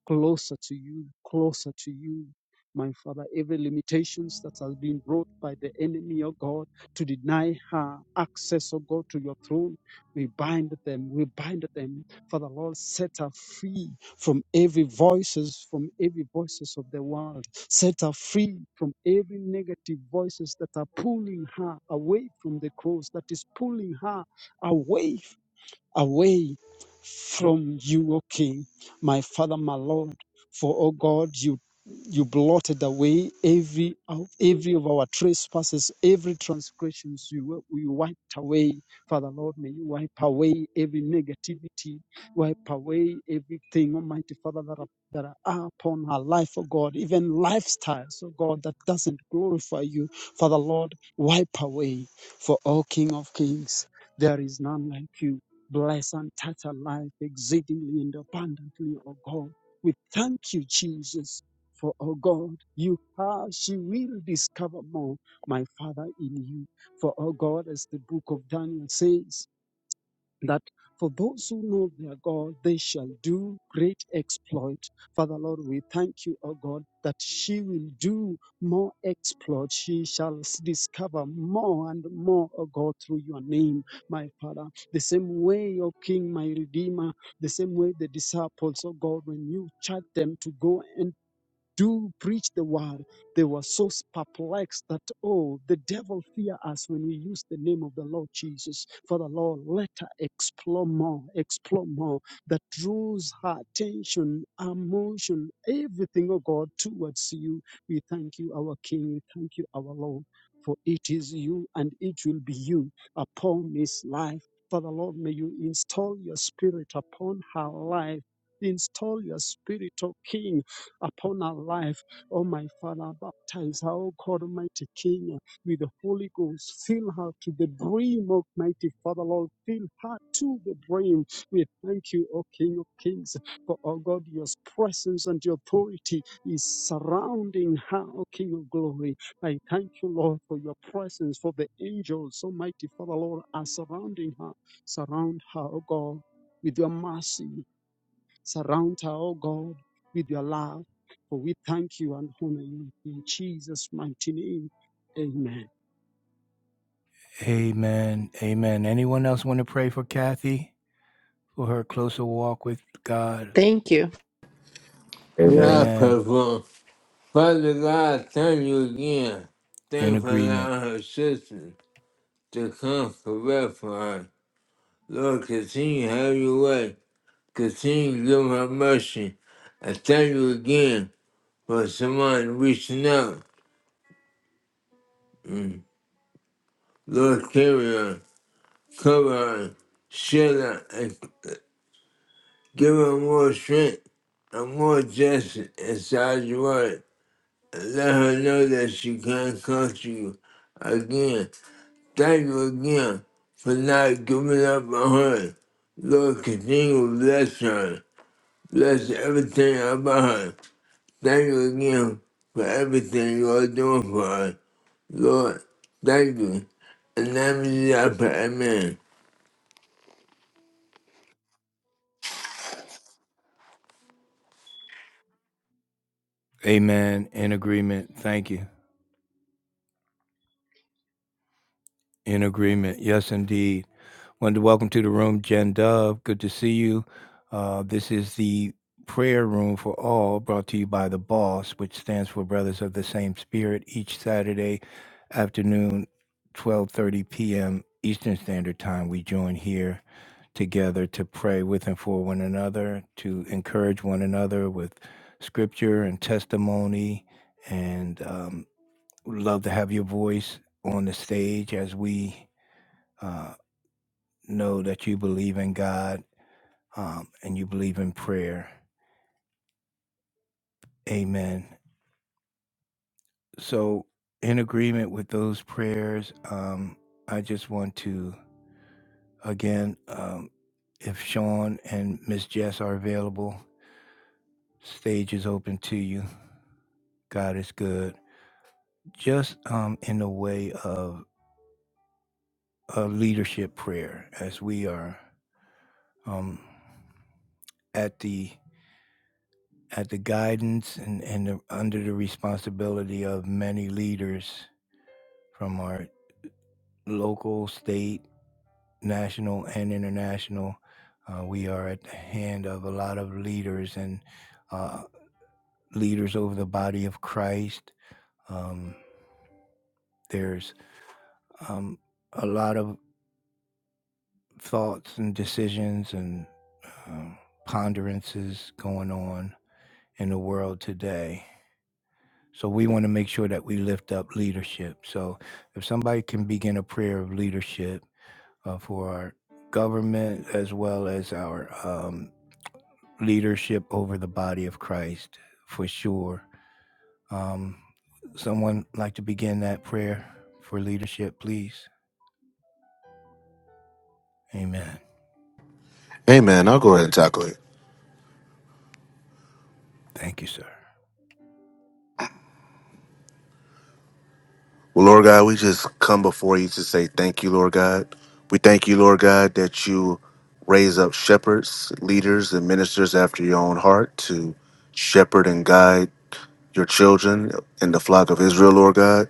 G: closer to you, closer to you. My Father, every limitations that has been brought by the enemy, of God, to deny her access, of God, to your throne, we bind them, we bind them. Father, Lord, set her free from every voices, from every voices of the world. Set her free from every negative voices that are pulling her away from the cross, that is pulling her away away from you, O King, my Father, my Lord. For, O God, you you blotted away every of- every of our trespasses, every transgressions. You wi- you wiped away, Father Lord. May you wipe away every negativity, wipe away everything, Almighty Father, that are, that are upon our life, oh God, even lifestyles, oh God, that doesn't glorify you, Father Lord. Wipe away, for O King of Kings, there is none like you. Bless and touch our life exceedingly and abundantly, O God. We thank you, Jesus, for, O God, you are, she will discover more, my Father, in you. For, O God, as the book of Daniel says, that for those who know their God, they shall do great exploit. Father Lord, we thank you, O God, that she will do more exploit. She shall s- discover more and more, O God, through your name, my Father. The same way, O King, my Redeemer, the same way the disciples, O God, when you charged them to go and do preach the word, they were so perplexed that, oh, the devil fear us when we use the name of the Lord Jesus. Father Lord, let her explore more, explore more, that draws her attention, emotion, everything, oh God, towards you. We thank you, our King. We thank you, our Lord. For it is you and it will be you upon this life. Father Lord, may you install your spirit upon her life. Install your spirit, O King upon our life. Oh, my Father, baptize her, oh God, Almighty King, with the Holy Ghost. Fill her to the brim, Almighty Father, Lord. Fill her to the brim. We thank you, O King of Kings, for, oh God, your presence and your authority is surrounding her, O King of Glory. I thank you, Lord, for your presence, for the angels, Almighty Father, Lord, are surrounding her. Surround her, O God, with your mercy. Surround her, O God, with your love. For we thank you and honor you in Jesus' mighty name. Amen.
A: Amen. Amen. Anyone else want to pray for Kathy for her closer walk with God?
F: Thank you.
B: Amen.
E: God,
A: Amen.
E: purple. Father God, thank you again. Thank
A: In
E: you for
A: agreement.
E: allowing her sister to come correct for her. Lord, continue to have your way. Continue to give her mercy. I thank you again for someone reaching out. Mm. Lord, carry her, cover her, shield her, and give her more strength and more justice inside your word. And let her know that she can't come to you again. Thank you again for not giving up on her. Lord, continue to bless her. Bless everything about her. Thank you again for everything you are doing for her. Lord, thank you. In the name of Jesus, I pray, amen.
A: Amen. In agreement. Thank you. In agreement. Yes, indeed. Wanted to welcome to the room Jen Dove. Good to see you. Uh, this is the prayer room for all brought to you by the boss which stands for brothers of the same spirit each saturday afternoon 12.30 p.m eastern standard time we join here together to pray with and for one another, to encourage one another with scripture and testimony. And um, would love to have your voice on the stage as we uh, know that you believe in God um, and you believe in prayer. Amen. So, in agreement with those prayers, um, I just want to again, um, if Sean and Miss Jess are available, stage is open to you. God is good. Just um, in the way of a leadership prayer, as we are um, at the at the guidance and, and the, under the responsibility of many leaders from our local, state, national, and international. Uh, we are at the hand of a lot of leaders and uh, leaders over the body of Christ. Um, there's um, a lot of thoughts and decisions and um, ponderances going on in the world today. So we want to make sure that we lift up leadership. So if somebody can begin a prayer of leadership, uh, for our government as well as our um, leadership over the body of Christ, for sure. Um, someone like to begin that prayer for leadership, please? Amen.
B: Amen. I'll go ahead and tackle it.
A: Thank you, sir.
B: Well, Lord God, we just come before you to say thank you, Lord God. We thank you, Lord God, that you raise up shepherds, leaders, and ministers after your own heart to shepherd and guide your children and the flock of Israel, Lord God.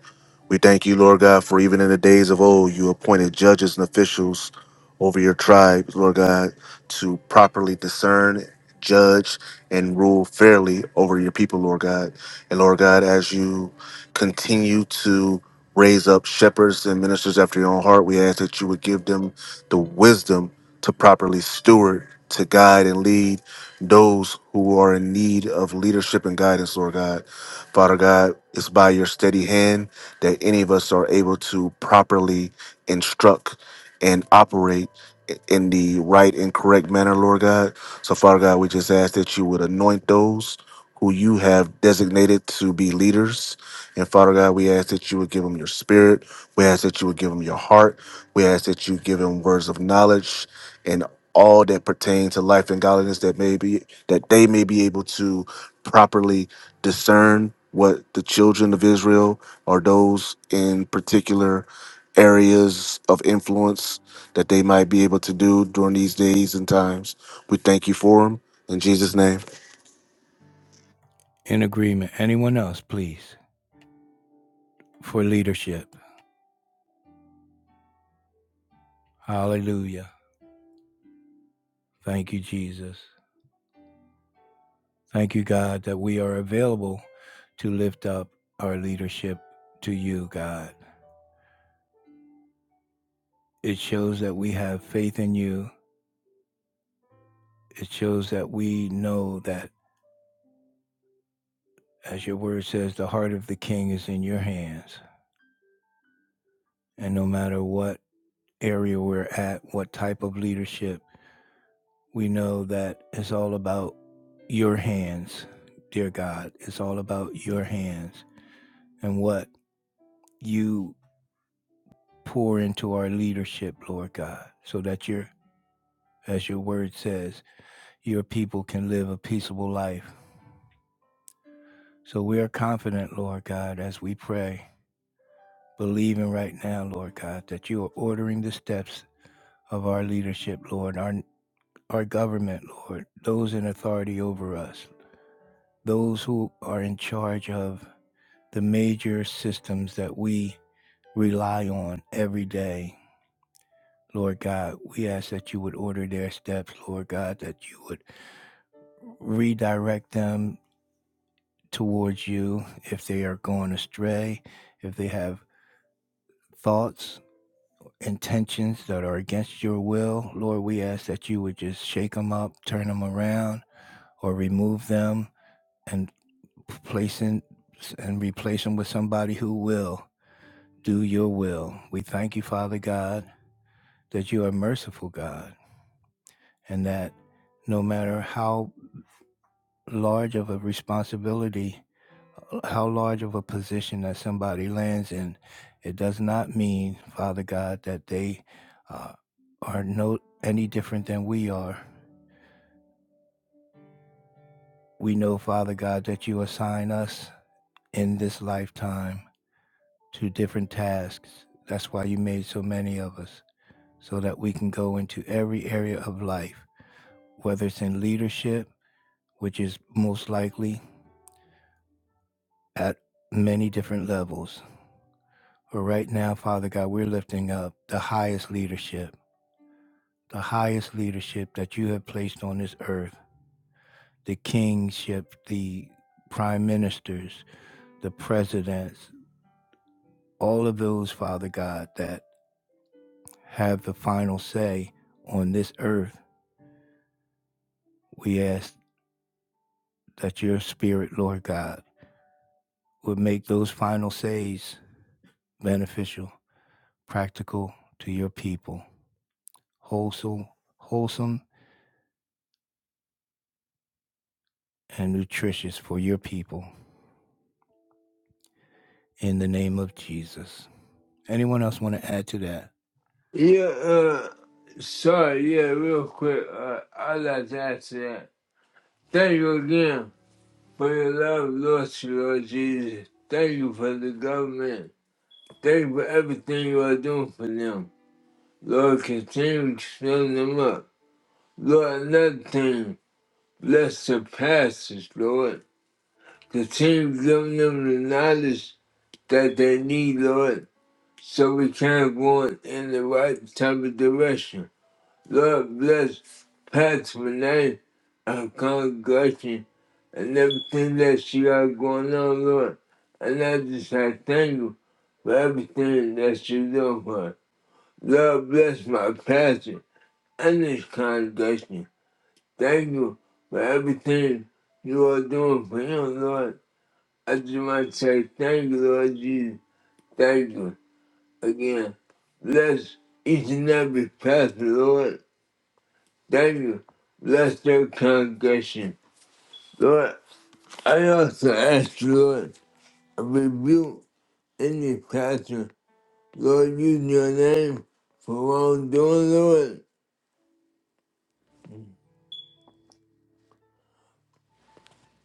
B: We thank you, Lord God, for even in the days of old, you appointed judges and officials over your tribes, Lord God, to properly discern, judge, and rule fairly over your people, Lord God. And Lord God, as you continue to raise up shepherds and ministers after your own heart, we ask that you would give them the wisdom to properly steward, to guide and lead those who are in need of leadership and guidance, Lord God. Father God, it's by your steady hand that any of us are able to properly instruct and operate in the right and correct manner, Lord God. So, Father God, we just ask that you would anoint those who you have designated to be leaders. And Father God, we ask that you would give them your spirit. We ask that you would give them your heart. We ask that you give them words of knowledge and all that pertain to life and godliness that may be that they may be able to properly discern what the children of Israel or those in particular areas of influence that they might be able to do during these days and times. We thank you for them in Jesus' name.
A: In agreement. Anyone else, please, for leadership? Hallelujah. Thank you, Jesus. Thank you, God, that we are available to lift up our leadership to you, God. It shows that we have faith in you It shows that we know that, as your word says, the heart of the king is in your hands. And no matter what area we're at, what type of leadership, we know that it's all about your hands, dear God. It's all about your hands and what you pour into our leadership, Lord God, so that your, as your word says, your people can live a peaceable life. So we are confident, Lord God, as we pray believing right now, Lord God, that you are ordering the steps of our leadership, Lord, our, our government, Lord, those in authority over us, those who are in charge of the major systems that we rely on every day. Lord God, we ask that you would order their steps, Lord God, that you would redirect them towards you if they are going astray, if they have thoughts intentions that are against your will, Lord, we ask that you would just shake them up, turn them around, or remove them and place in, and replace them with somebody who will do your will. We thank you, Father God, that you are merciful, God, and that no matter how large of a responsibility how large of a position that somebody lands in, it does not mean, Father God, that they uh, are no any different than we are. We know, Father God, that you assign us in this lifetime to different tasks. That's why you made so many of us, so that we can go into every area of life, whether it's in leadership, which is most likely at many different levels. But right now, Father God, we're lifting up the highest leadership the highest leadership that you have placed on this earth the kingship, the prime ministers, the presidents, all of those, Father God, that have the final say on this earth. We ask that your spirit, Lord God, would make those final says beneficial, practical to your people, wholesome, wholesome and nutritious for your people. In the name of Jesus. Anyone else want to add to that?
E: Yeah, uh, sorry, yeah, real quick. Uh, I like to ask that. Thank you again for your love, Lord, to Lord Jesus. Thank you for the government. Thank you for everything you are doing for them. Lord, continue to fill them up. Lord, another thing, bless the pastors, Lord. Continue giving them the knowledge that they need, Lord, so we can go in the right type of direction. Lord bless Pastor Renee and congregation and everything that she got going on, Lord. And I just say thank you for everything that you doing for her. Lord bless my pastor and this congregation. Thank you for everything you are doing for him, Lord. I just want to say thank you, Lord Jesus. Thank you again. Bless each and every pastor, Lord. Thank you bless their congregation. Lord, I also ask, you, Lord, to rebuke any pastor. Lord, use your name for wrongdoing, Lord.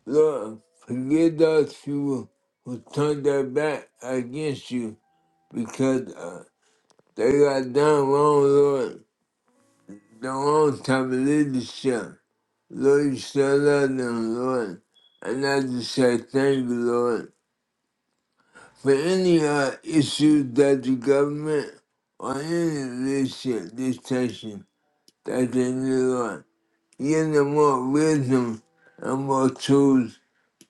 E: Lord, forgive those people who turned their back against you because uh, they got done wrong, Lord. The wrong type of leadership. Lord, you still love them, Lord. And I just say thank you, Lord. For any uh, issue that the government or any leadership dictation that they need on, give them more wisdom and more tools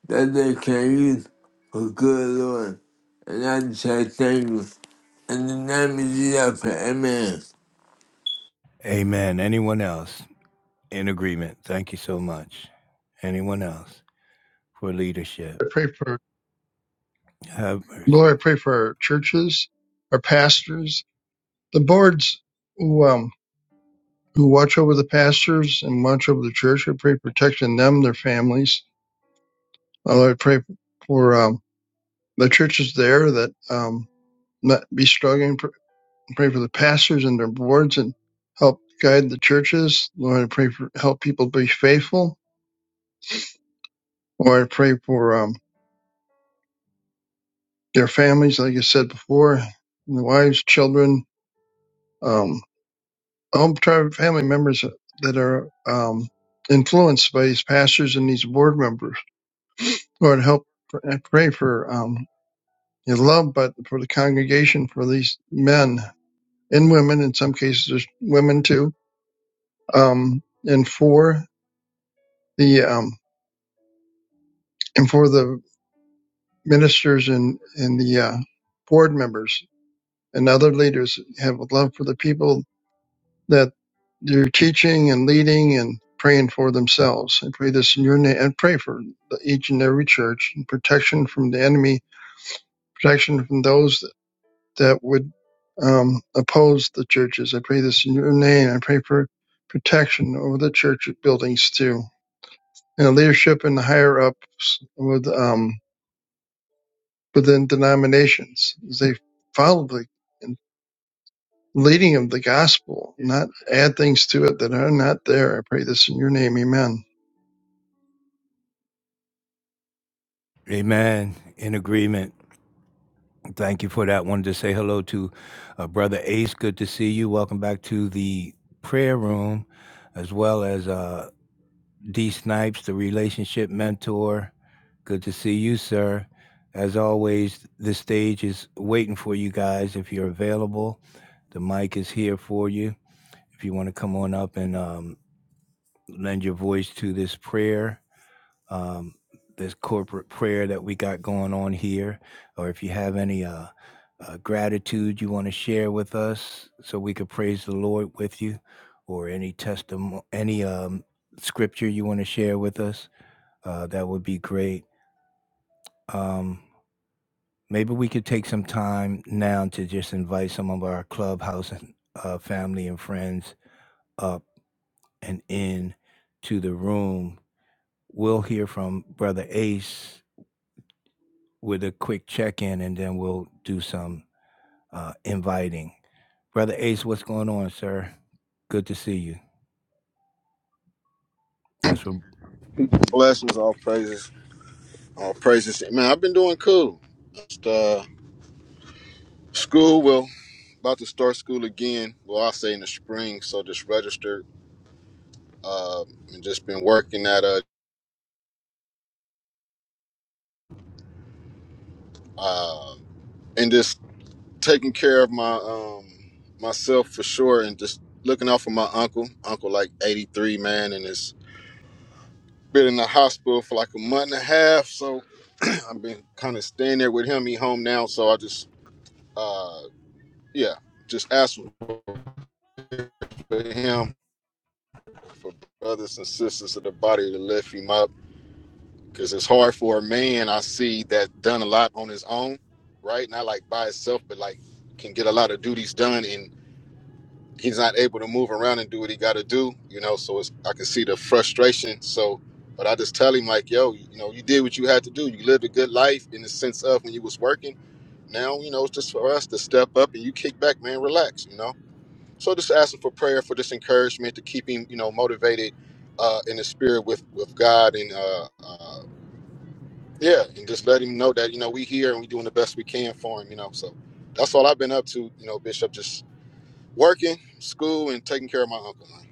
E: that they can use for good, Lord. And I just say thank you. In the name of Jesus, amen.
A: Amen. Anyone else in agreement? Thank you so much. Anyone else for leadership?
D: I pray for
A: Have mercy.
D: Lord. I pray for our churches, our pastors, the boards who um, who watch over the pastors and watch over the church. I pray protection them, their families. Uh, Lord, I pray for um, the churches there that um, not be struggling. Pr- Pray for the pastors and their boards and help guide the churches. Lord, I pray for help people be faithful. Lord, I pray for um, their families, like I said before, and the wives, children. Um, Home Unitarian family members that are um, influenced by these pastors and these board members. Lord, help and pray for um, your love, but for the congregation, for these men and women, in some cases, there's women too, um, and for the um, and for the ministers and and the uh, board members and other leaders have a love for the people that they're teaching and leading and praying for themselves. I pray this in your name and pray for the, each and every church and protection from the enemy, protection from those that, that would um, oppose the churches. I pray this in your name. I pray for protection over the church buildings too, and the leadership and the higher ups with um, within denominations as they follow the leading of the gospel, not add things to it that are not there. I pray this in your name. Amen.
A: Amen. In agreement. Thank you for that. Wanted to say hello to uh, Brother Ace. Good to see you. Welcome back to the prayer room, as well as uh, D Snipes, the relationship mentor. Good to see you, sir. As always, the stage is waiting for you guys if you're available. The mic is here for you. If you want to come on up and um, lend your voice to this prayer, um, this corporate prayer that we got going on here, or if you have any uh, uh, gratitude you want to share with us so we could praise the Lord with you, or any testimony, any um, scripture you want to share with us uh, that would be great. Um, maybe we could take some time now to just invite some of our clubhouse and uh, family and friends up and in to the room. We'll hear from Brother Ace with a quick check in and then we'll do some uh, inviting. Brother Ace, what's going on, sir? Good to see you. That's what
H: Blessings, all praises, all praises. Man, I've been doing cool. Just, uh, school well, about to start school again. Well, I'll say in the spring. So just registered um, and just been working at a uh, and just taking care of my um, myself for sure, and just looking out for my uncle. Uncle like eighty three, man, and it's been in the hospital for like a month and a half. So *clears throat* I've been kind of staying there with him. He home now, so I just uh, yeah, just asked for him for brothers and sisters of the body to lift him up because it's hard for a man I see that done a lot on his own, right? Not like by himself, but like can get a lot of duties done and he's not able to move around and do what he got to do, you know. So it's, I can see the frustration. So, but I just tell him like, yo, you know, you did what you had to do. You lived a good life in the sense of when you was working. Now, you know, it's just for us to step up and you kick back, man. Relax, you know. So just asking for prayer for this encouragement to keep him, you know, motivated uh, in the spirit with with God, and uh, uh, yeah, and just let him know that you know we here and we doing the best we can for him, you know. So that's all I've been up to, you know, Bishop. Just working, school, and taking care of my uncle. Man.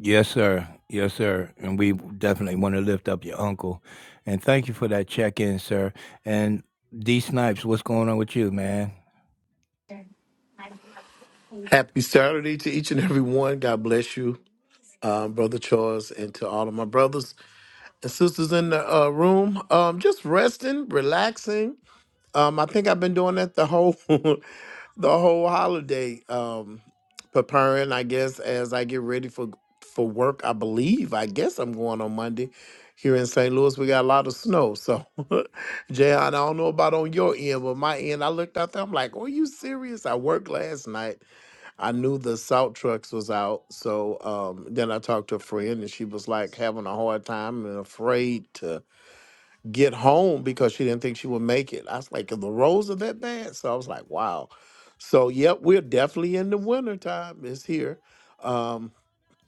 A: Yes, sir. Yes, sir. And we definitely want to lift up your uncle. And thank you for that check in, sir. And D Snipes, what's going on with you, man?
I: Happy Saturday to each and every one. God bless you, um, Brother Charles, and to all of my brothers and sisters in the uh, room. Um, just resting, relaxing. Um, I think I've been doing that the whole *laughs* the whole holiday, um, preparing. I guess as I get ready for for work. I believe. I guess I'm going on Monday. Here in St. Louis, we got a lot of snow. So, *laughs* Jay, I don't know about on your end, but my end, I looked out there. I'm like, "Are you serious?" I worked last night I knew the salt trucks was out, so um, then I talked to a friend, and she was like having a hard time and afraid to get home because she didn't think she would make it. I was like, the roads are that bad, so I was like, wow. So yep, we're definitely in the wintertime. It's here, um,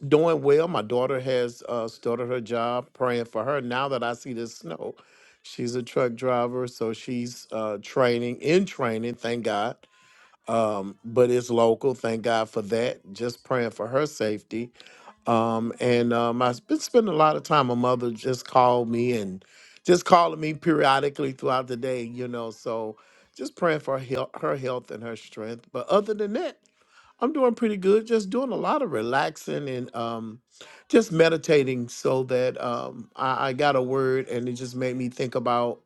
I: doing well. My daughter has uh, started her job, praying for her. Now that I see the snow, she's a truck driver, so she's uh, training in training. Thank God um, but it's local. Thank God for that. Just praying for her safety. Um, and um, I've been spending a lot of time. My mother just called me and just calling me periodically throughout the day, you know. So just praying for her health, her health and her strength. But other than that, I'm doing pretty good. Just doing a lot of relaxing and um, just meditating so that um, I, I got a word and it just made me think about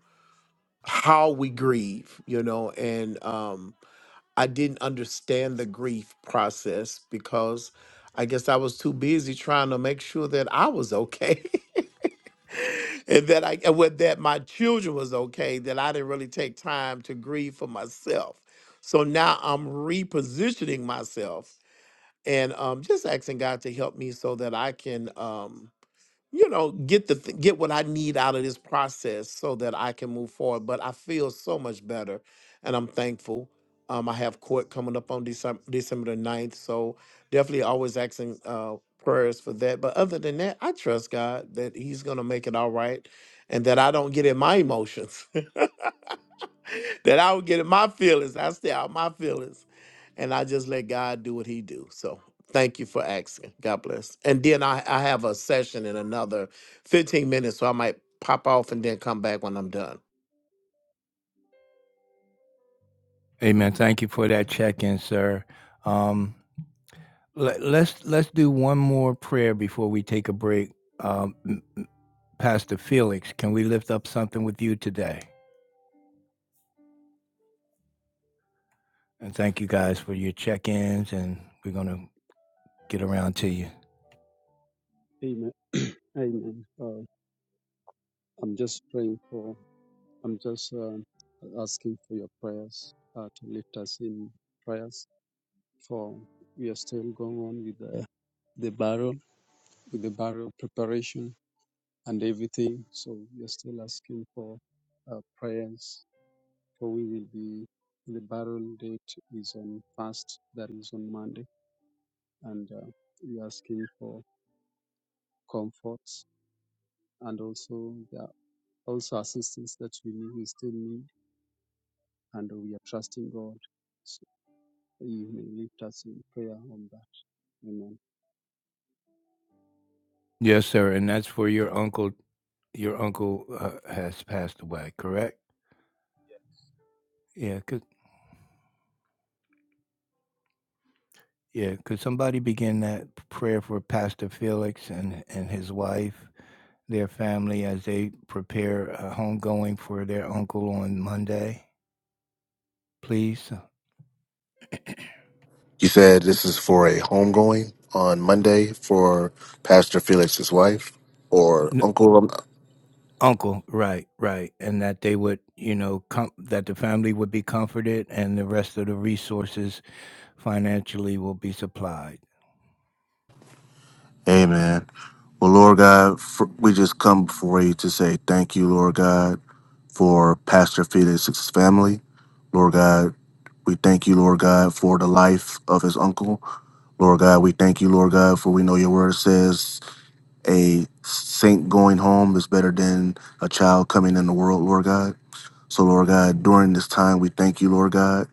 I: how we grieve, you know, and. Um, I didn't understand the grief process because I guess I was too busy trying to make sure that I was okay *laughs* and that I and what- that my children was okay that I didn't really take time to grieve for myself. So now I'm repositioning myself and um, just asking God to help me so that I can. um, you know get the th- get what i need out of this process so that i can move forward but i feel so much better and i'm thankful um i have court coming up on december december the ninth, so definitely always asking uh prayers for that but other than that i trust god that he's gonna make it all right and that i don't get in my emotions *laughs* that I would get in my feelings. I stay out my feelings. And I just let God do what he do. So thank you for asking. God bless. And then I, I have a session in another 15 minutes. So I might pop off and then come back when I'm done.
A: Hey, man, thank you for that check in, sir. Um, let, let's let's do one more prayer before we take a break. Um, m- m- Pastor Felix, can we lift up something with you today? And thank you guys for your check ins, and we're gonna get around to you.
G: Amen. *clears throat* Amen. Uh, I'm just praying for, I'm just uh, asking for your prayers uh, to lift us in prayers. For we are still going on with the, the barrel, with the barrel preparation and everything. So we are still asking for uh, prayers for we will be the barrel date is on first, that is on Monday, and uh, we're asking for comforts and also there are also assistance that we need, we still need, and we are trusting God. So you may lift us in prayer on that. Amen.
A: Yes, sir. And that's for your uncle. Your uncle uh, has passed away, correct? Yeah, could yeah, could somebody begin that prayer for Pastor Felix and and his wife, their family as they prepare a homegoing for their uncle on Monday, please?
B: You said this is for a homegoing on Monday for Pastor Felix's wife or
A: N-
B: uncle.
A: uncle, right, right, and that they would, you know, com- that the family would be comforted and the rest of the resources financially will be supplied.
B: Amen. Well, Lord God, for, we just come before you to say thank you, Lord God, for Pastor Felix's family. Lord God, we thank you, Lord God, for the life of his uncle. Lord God, we thank you, Lord God, for we know your word says a saint going home is better than a child coming in the world, Lord God. So, Lord God, during this time, we thank you, Lord God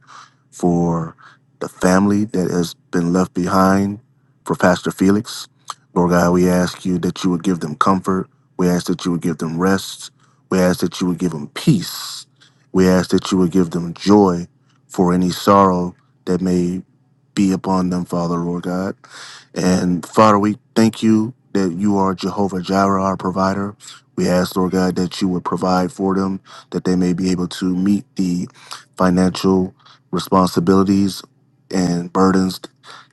B: for the family that has been left behind for Pastor Felix. Lord God, we ask you that you would give them comfort. We ask that you would give them rest. We ask that you would give them peace. We ask that you would give them joy for any sorrow that may be upon them, Father, Lord God. And Father, we thank you that you are Jehovah Jireh, our provider. We ask, Lord God, that you would provide for them, that they may be able to meet the financial responsibilities and burdens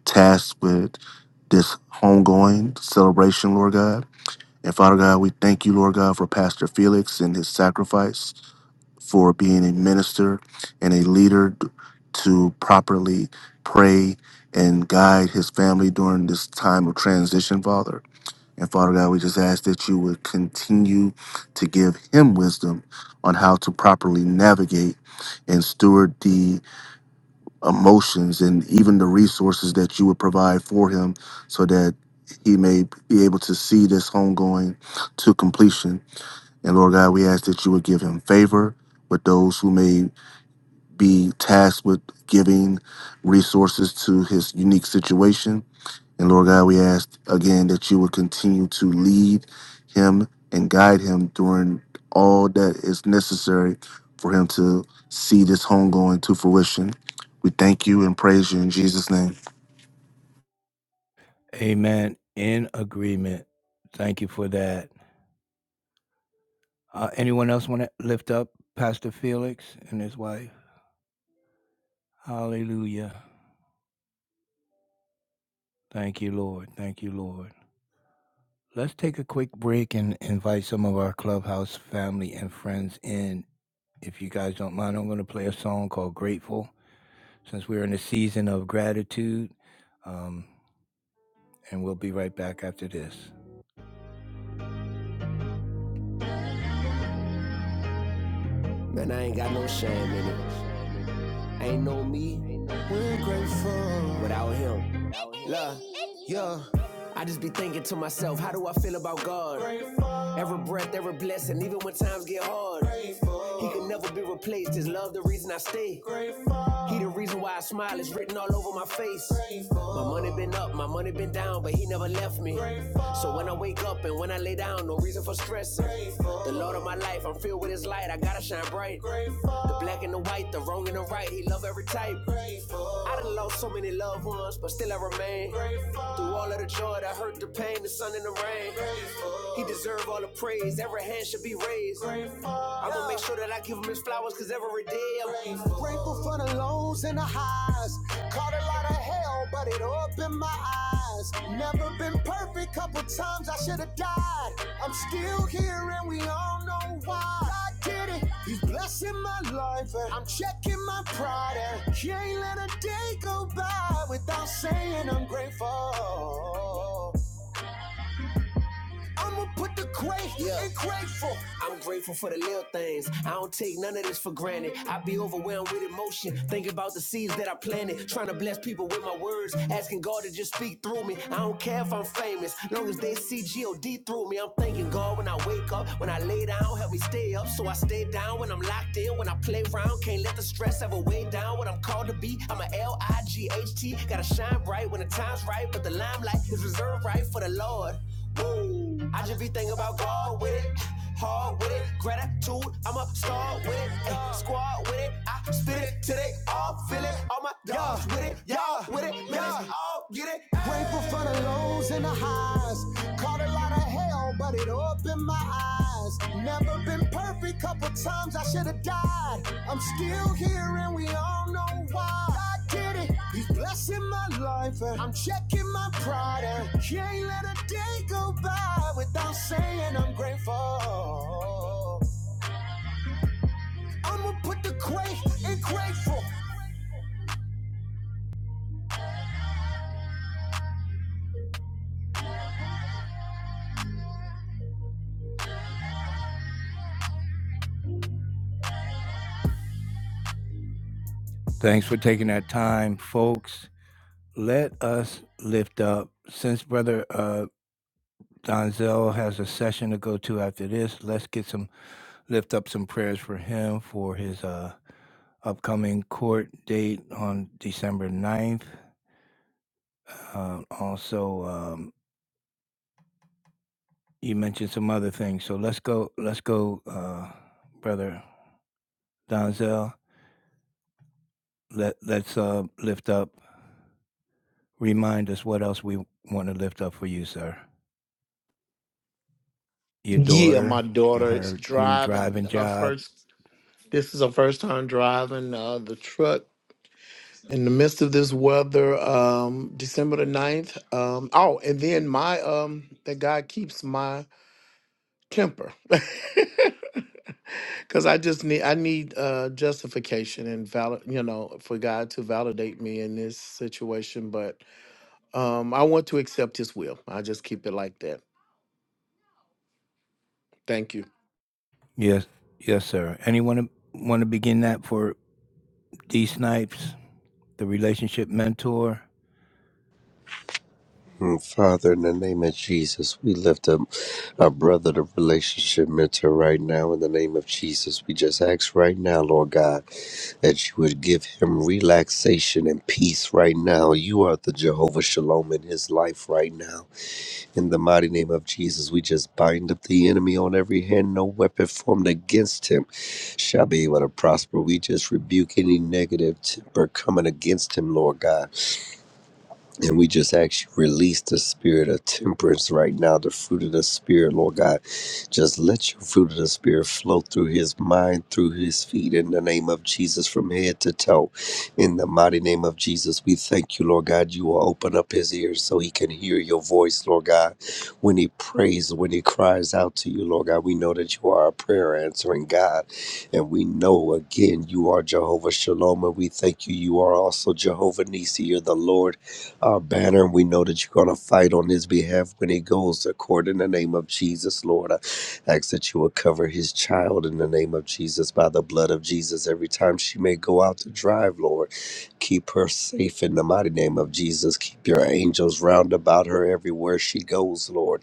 B: tasked with this homegoing celebration, Lord God. And Father God, we thank you, Lord God, for Pastor Felix and his sacrifice for being a minister and a leader d- to properly pray and guide his family during this time of transition, Father. And Father God, we just ask that you would continue to give him wisdom on how to properly navigate and steward emotions and even the resources that you would provide for him so that he may be able to see this home going to completion. And Lord God, we ask that you would give him favor with those who may be tasked with giving resources to his unique situation. And Lord God, we ask again that you would continue to lead him and guide him during all that is necessary for him to see this home going to fruition. We thank you and praise you in Jesus' name.
A: Amen. In agreement. Thank you for that. Uh, anyone else want to lift up Pastor Felix and his wife? Hallelujah. Thank you, Lord. Thank you, Lord. Let's take a quick break and invite some of our clubhouse family and friends in. If you guys don't mind, I'm going to play a song called Grateful since we're in a season of gratitude. Um, and we'll be right back after this. Man, I ain't got no shame in it. Ain't no me. without him. Look, I just be thinking to myself, how do I feel about God? Every breath, every blessing, even when times get hard. He can never be replaced. His love, the reason I stay. He the reason why I smile It's written all over my face. My money been up, my money been down, but he never left me. So when I wake up and when I lay down, no reason for stressing. The Lord of my life, I'm filled with his light, I gotta shine bright. The black and the white, the wrong and the right, he love every type. I done lost so many loved ones, but still I remain. Through all of the joy, the hurt, the pain, the sun and the rain. He deserve all the praise, every hand should be raised. I'm gonna make sure that I give him his flowers, cause every day I'm grateful. Grateful for the lows and the highs. Caught a lot of hell, but it opened my eyes. Never been perfect, couple times I should have died. I'm still here and we all know why. God did it, He's blessing my life. And I'm checking my pride and can't let a day go by without saying I'm grateful. I'ma put the great Yeah. in grateful. I'm grateful for the little things. I don't take none of this for granted. I be overwhelmed with emotion, thinking about the seeds that I planted, trying to bless people with my words, asking God to just speak through me. I don't care if I'm famous, long as they see G-O-D through me. I'm thanking God when I wake up, when I lay down, help me stay up. So I stay down when I'm locked in, when I play round, can't let the stress ever weigh down what I'm called to be. I'm a L-I-G-H-T, gotta shine bright when the time's right, but the limelight is reserved right for the Lord. Woo! I just be thinking about God with it, hard with it, gratitude. I'm a star with it, ayy, squad with it. I spit it till they all feel it. All my dogs with it, with it. Yeah, all get it. Grateful for the lows and the highs. Caught a lot of hell, but it opened my eyes. Never been perfect, couple times I should have died. I'm still here and we all know why. God did it. He's blessing my life and I'm checking my pride and can't let a day go by without saying I'm grateful. I'ma put the great and grateful. Thanks for taking that time, folks. let us lift up. Since Brother uh, Donzel has a session to go to after this, let's get some lift up some prayers for him for his uh, upcoming court date on December ninth. Uh, also, um, you mentioned some other things, so let's go. Let's go, uh, Brother Donzel. Let Let's uh, lift up. Remind us what else we want to lift up for you, sir. Your
I: Yeah,
A: daughter
I: my
A: and
I: daughter is
A: her new
I: driving
A: driving
I: her
A: job
I: first this is her first time driving uh, the truck in the midst of this weather, um, December the ninth. Um, oh, and then my um that God keeps my temper. *laughs* Cause I just need I need uh justification and valid you know for God to validate me in this situation, but um I want to accept His will. I just keep it like that. Thank you.
A: Yes, yes, sir. Anyone want to begin that for D Snipes, the relationship mentor?
C: Mm, Father, in the name of Jesus, we lift up our brother, the relationship mentor, right now. In the name of Jesus, we just ask right now, Lord God, that you would give him relaxation and peace right now. You are the Jehovah Shalom in his life right now. In the mighty name of Jesus, we just bind up the enemy on every hand. No weapon formed against him shall be able to prosper. We just rebuke any negative temper coming against him, Lord God. And we just actually release the spirit of temperance right now, the fruit of the spirit, Lord God. Just let your fruit of the spirit flow through his mind, through his feet, in the name of Jesus, from head to toe. In the mighty name of Jesus, we thank you, Lord God. You will open up his ears so he can hear your voice, Lord God. When he prays, when he cries out to you, Lord God, we know that you are a prayer answering God. And we know again, you are Jehovah Shalom. And we thank you. You are also Jehovah Nisi. You're the Lord uh, banner, and we know that you're going to fight on his behalf when he goes to court in the name of Jesus, Lord. I ask that you will cover his child in the name of Jesus by the blood of Jesus every time she may go out to drive, Lord. Keep her safe in the mighty name of Jesus. Keep your angels round about her everywhere she goes, Lord.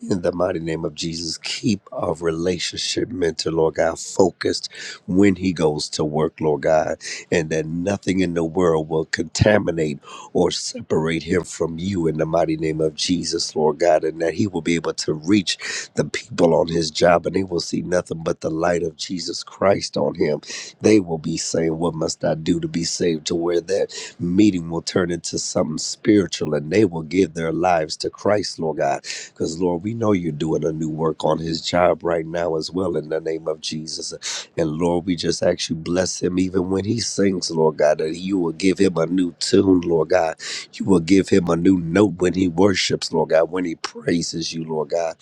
C: In the mighty name of Jesus, keep our relationship mentor, Lord God, focused when he goes to work, Lord God, and that nothing in the world will contaminate or separate him from you in the mighty name of Jesus, Lord God, and that he will be able to reach the people on his job and they will see nothing but the light of Jesus Christ on him. They will be saying, What must I do to be saved? To where that meeting will turn into something spiritual and they will give their lives to Christ, Lord God because, Lord, we know you're doing a new work on his job right now as well in the name of Jesus. And, Lord, we just ask you bless him even when he sings, Lord God, that you will give him a new tune, Lord God. You will give him a new note when he worships, Lord God, when he praises you, Lord God.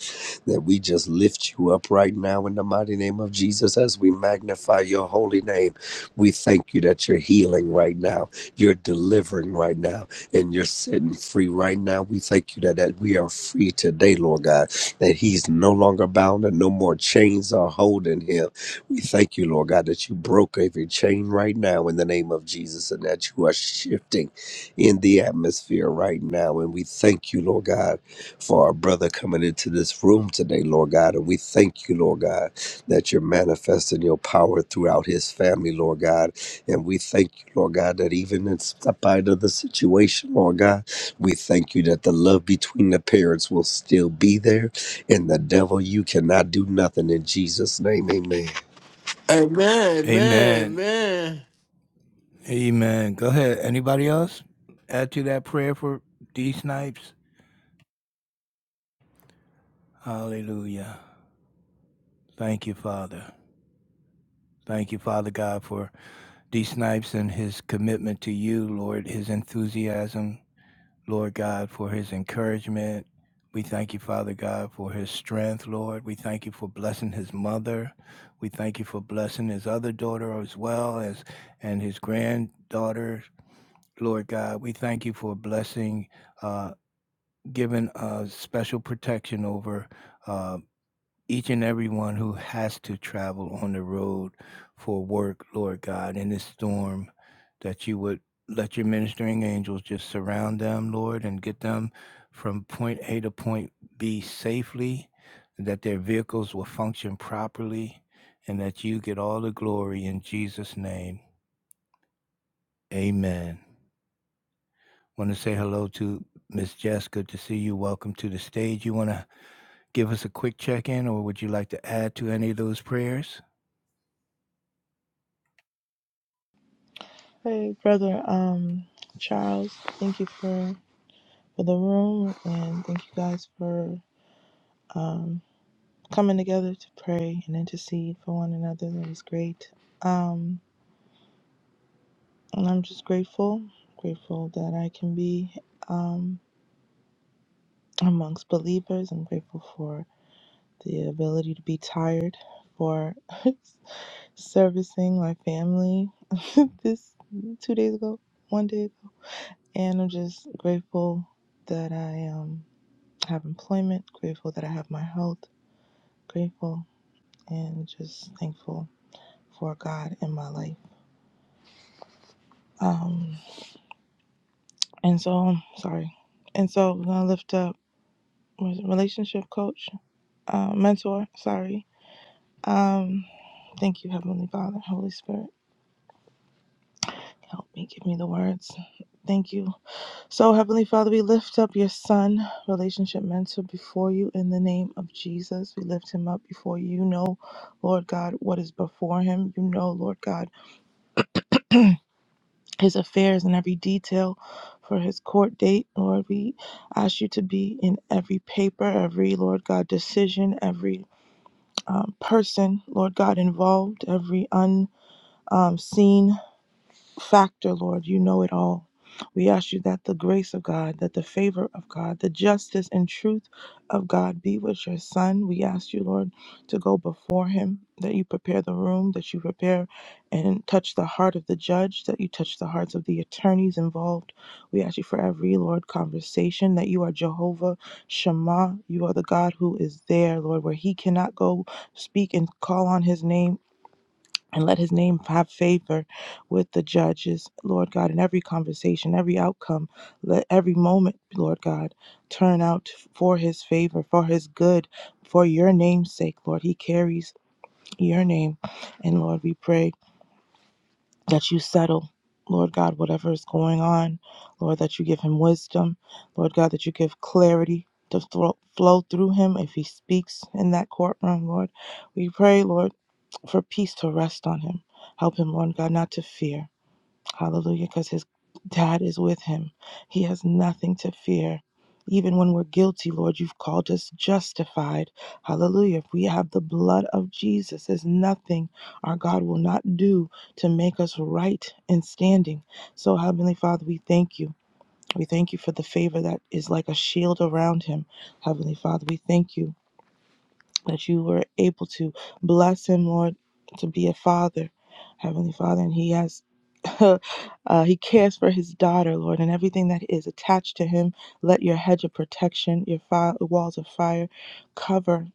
C: That we just lift you up right now in the mighty name of Jesus as we magnify your holy name. We thank you that you're healing right now, you're delivering right now and you're setting free right now. We thank you that, that we are free today, Lord God, that he's no longer bound and no more chains are holding him. We thank you, Lord God, that you broke every chain right now in the name of Jesus and that you are shifting in the atmosphere right now. And we thank you, Lord God, for our brother coming into this room today, Lord God. And we thank you, Lord God, that you're manifesting your power throughout his family, Lord God and we thank you, Lord God, that even in spite of the situation, Lord God, we thank you that the love between the parents will still be there. And the devil, you cannot do nothing in Jesus' name. Amen.
E: Amen,
A: Amen.
E: amen,
A: Amen. Go ahead. Anybody else add to that prayer for D Snipes? Hallelujah. Thank you, Father. Thank you, Father God, for D Snipes and his commitment to you, Lord, his enthusiasm, Lord God, for his encouragement. We thank you, Father God, for his strength, Lord. We thank you for blessing his mother. We thank you for blessing his other daughter as well as and his granddaughter, Lord God. We thank you for blessing, uh, giving uh, special protection over. uh, each and everyone who has to travel on the road for work, Lord God, in this storm, that you would let your ministering angels just surround them, Lord, and get them from point A to point B safely, that their vehicles will function properly, and that you get all the glory in Jesus' name. Amen. Want to say hello to Miss Jess. Good to see you. Welcome to the stage. You want to give us a quick check in, or would you like to add to any of those prayers?
J: Hey, brother, um, Charles, thank you for for the room, and thank you guys for um coming together to pray and intercede for one another. That is great. Um, and I'm just grateful, grateful that I can be um amongst believers. I'm grateful for the ability to be tired, for *laughs* servicing my family. *laughs* this two days ago, one day, and I'm just grateful that I am. have employment, grateful that I have my health, grateful and just thankful for God in my life. Um, and so, sorry. And so, we're going to lift up was it relationship coach, uh, mentor, sorry. Um, thank you, Heavenly Father, Holy Spirit. Help me, give me the words. Thank you. So, Heavenly Father, we lift up your son, relationship mentor, before you in the name of Jesus. We lift him up before you. You know, Lord God, what is before him. You know, Lord God his affairs and every detail for his court date. Lord, we ask you to be in every paper, every, Lord God, decision, every um, person, Lord God, involved, every unseen factor, Lord. You know it all. We ask you that the grace of God, that the favor of God, the justice and truth of God be with your son. We ask you, Lord, to go before him, that you prepare the room, that you prepare and touch the heart of the judge, that you touch the hearts of the attorneys involved. We ask you for every, Lord, conversation, that you are Jehovah Shema. You are the God who is there, Lord, where he cannot go speak and call on his name and let his name have favor with the judges, Lord God, in every conversation, every outcome, let every moment, Lord God, turn out for his favor, for his good, for your name's sake, Lord. He carries your name. And Lord, we pray that you settle. Lord God, whatever is going on, Lord, that you give him wisdom, Lord God, that you give clarity to thro- flow through him if he speaks in that courtroom, Lord. We pray, Lord for peace to rest on him. Help him, Lord God, not to fear. Hallelujah, because his dad is with him. He has nothing to fear. Even when we're guilty, Lord, you've called us justified. Hallelujah. If we have the blood of Jesus, there's nothing our God will not do to make us right in standing. So, Heavenly Father, we thank you. We thank you for the favor that is like a shield around him. Heavenly Father, we thank you that you were able to bless him, Lord, to be a father, Heavenly Father, and he has, *laughs* uh, he cares for his daughter, Lord, and everything that is attached to him. Let your hedge of protection, your fire, walls of fire, cover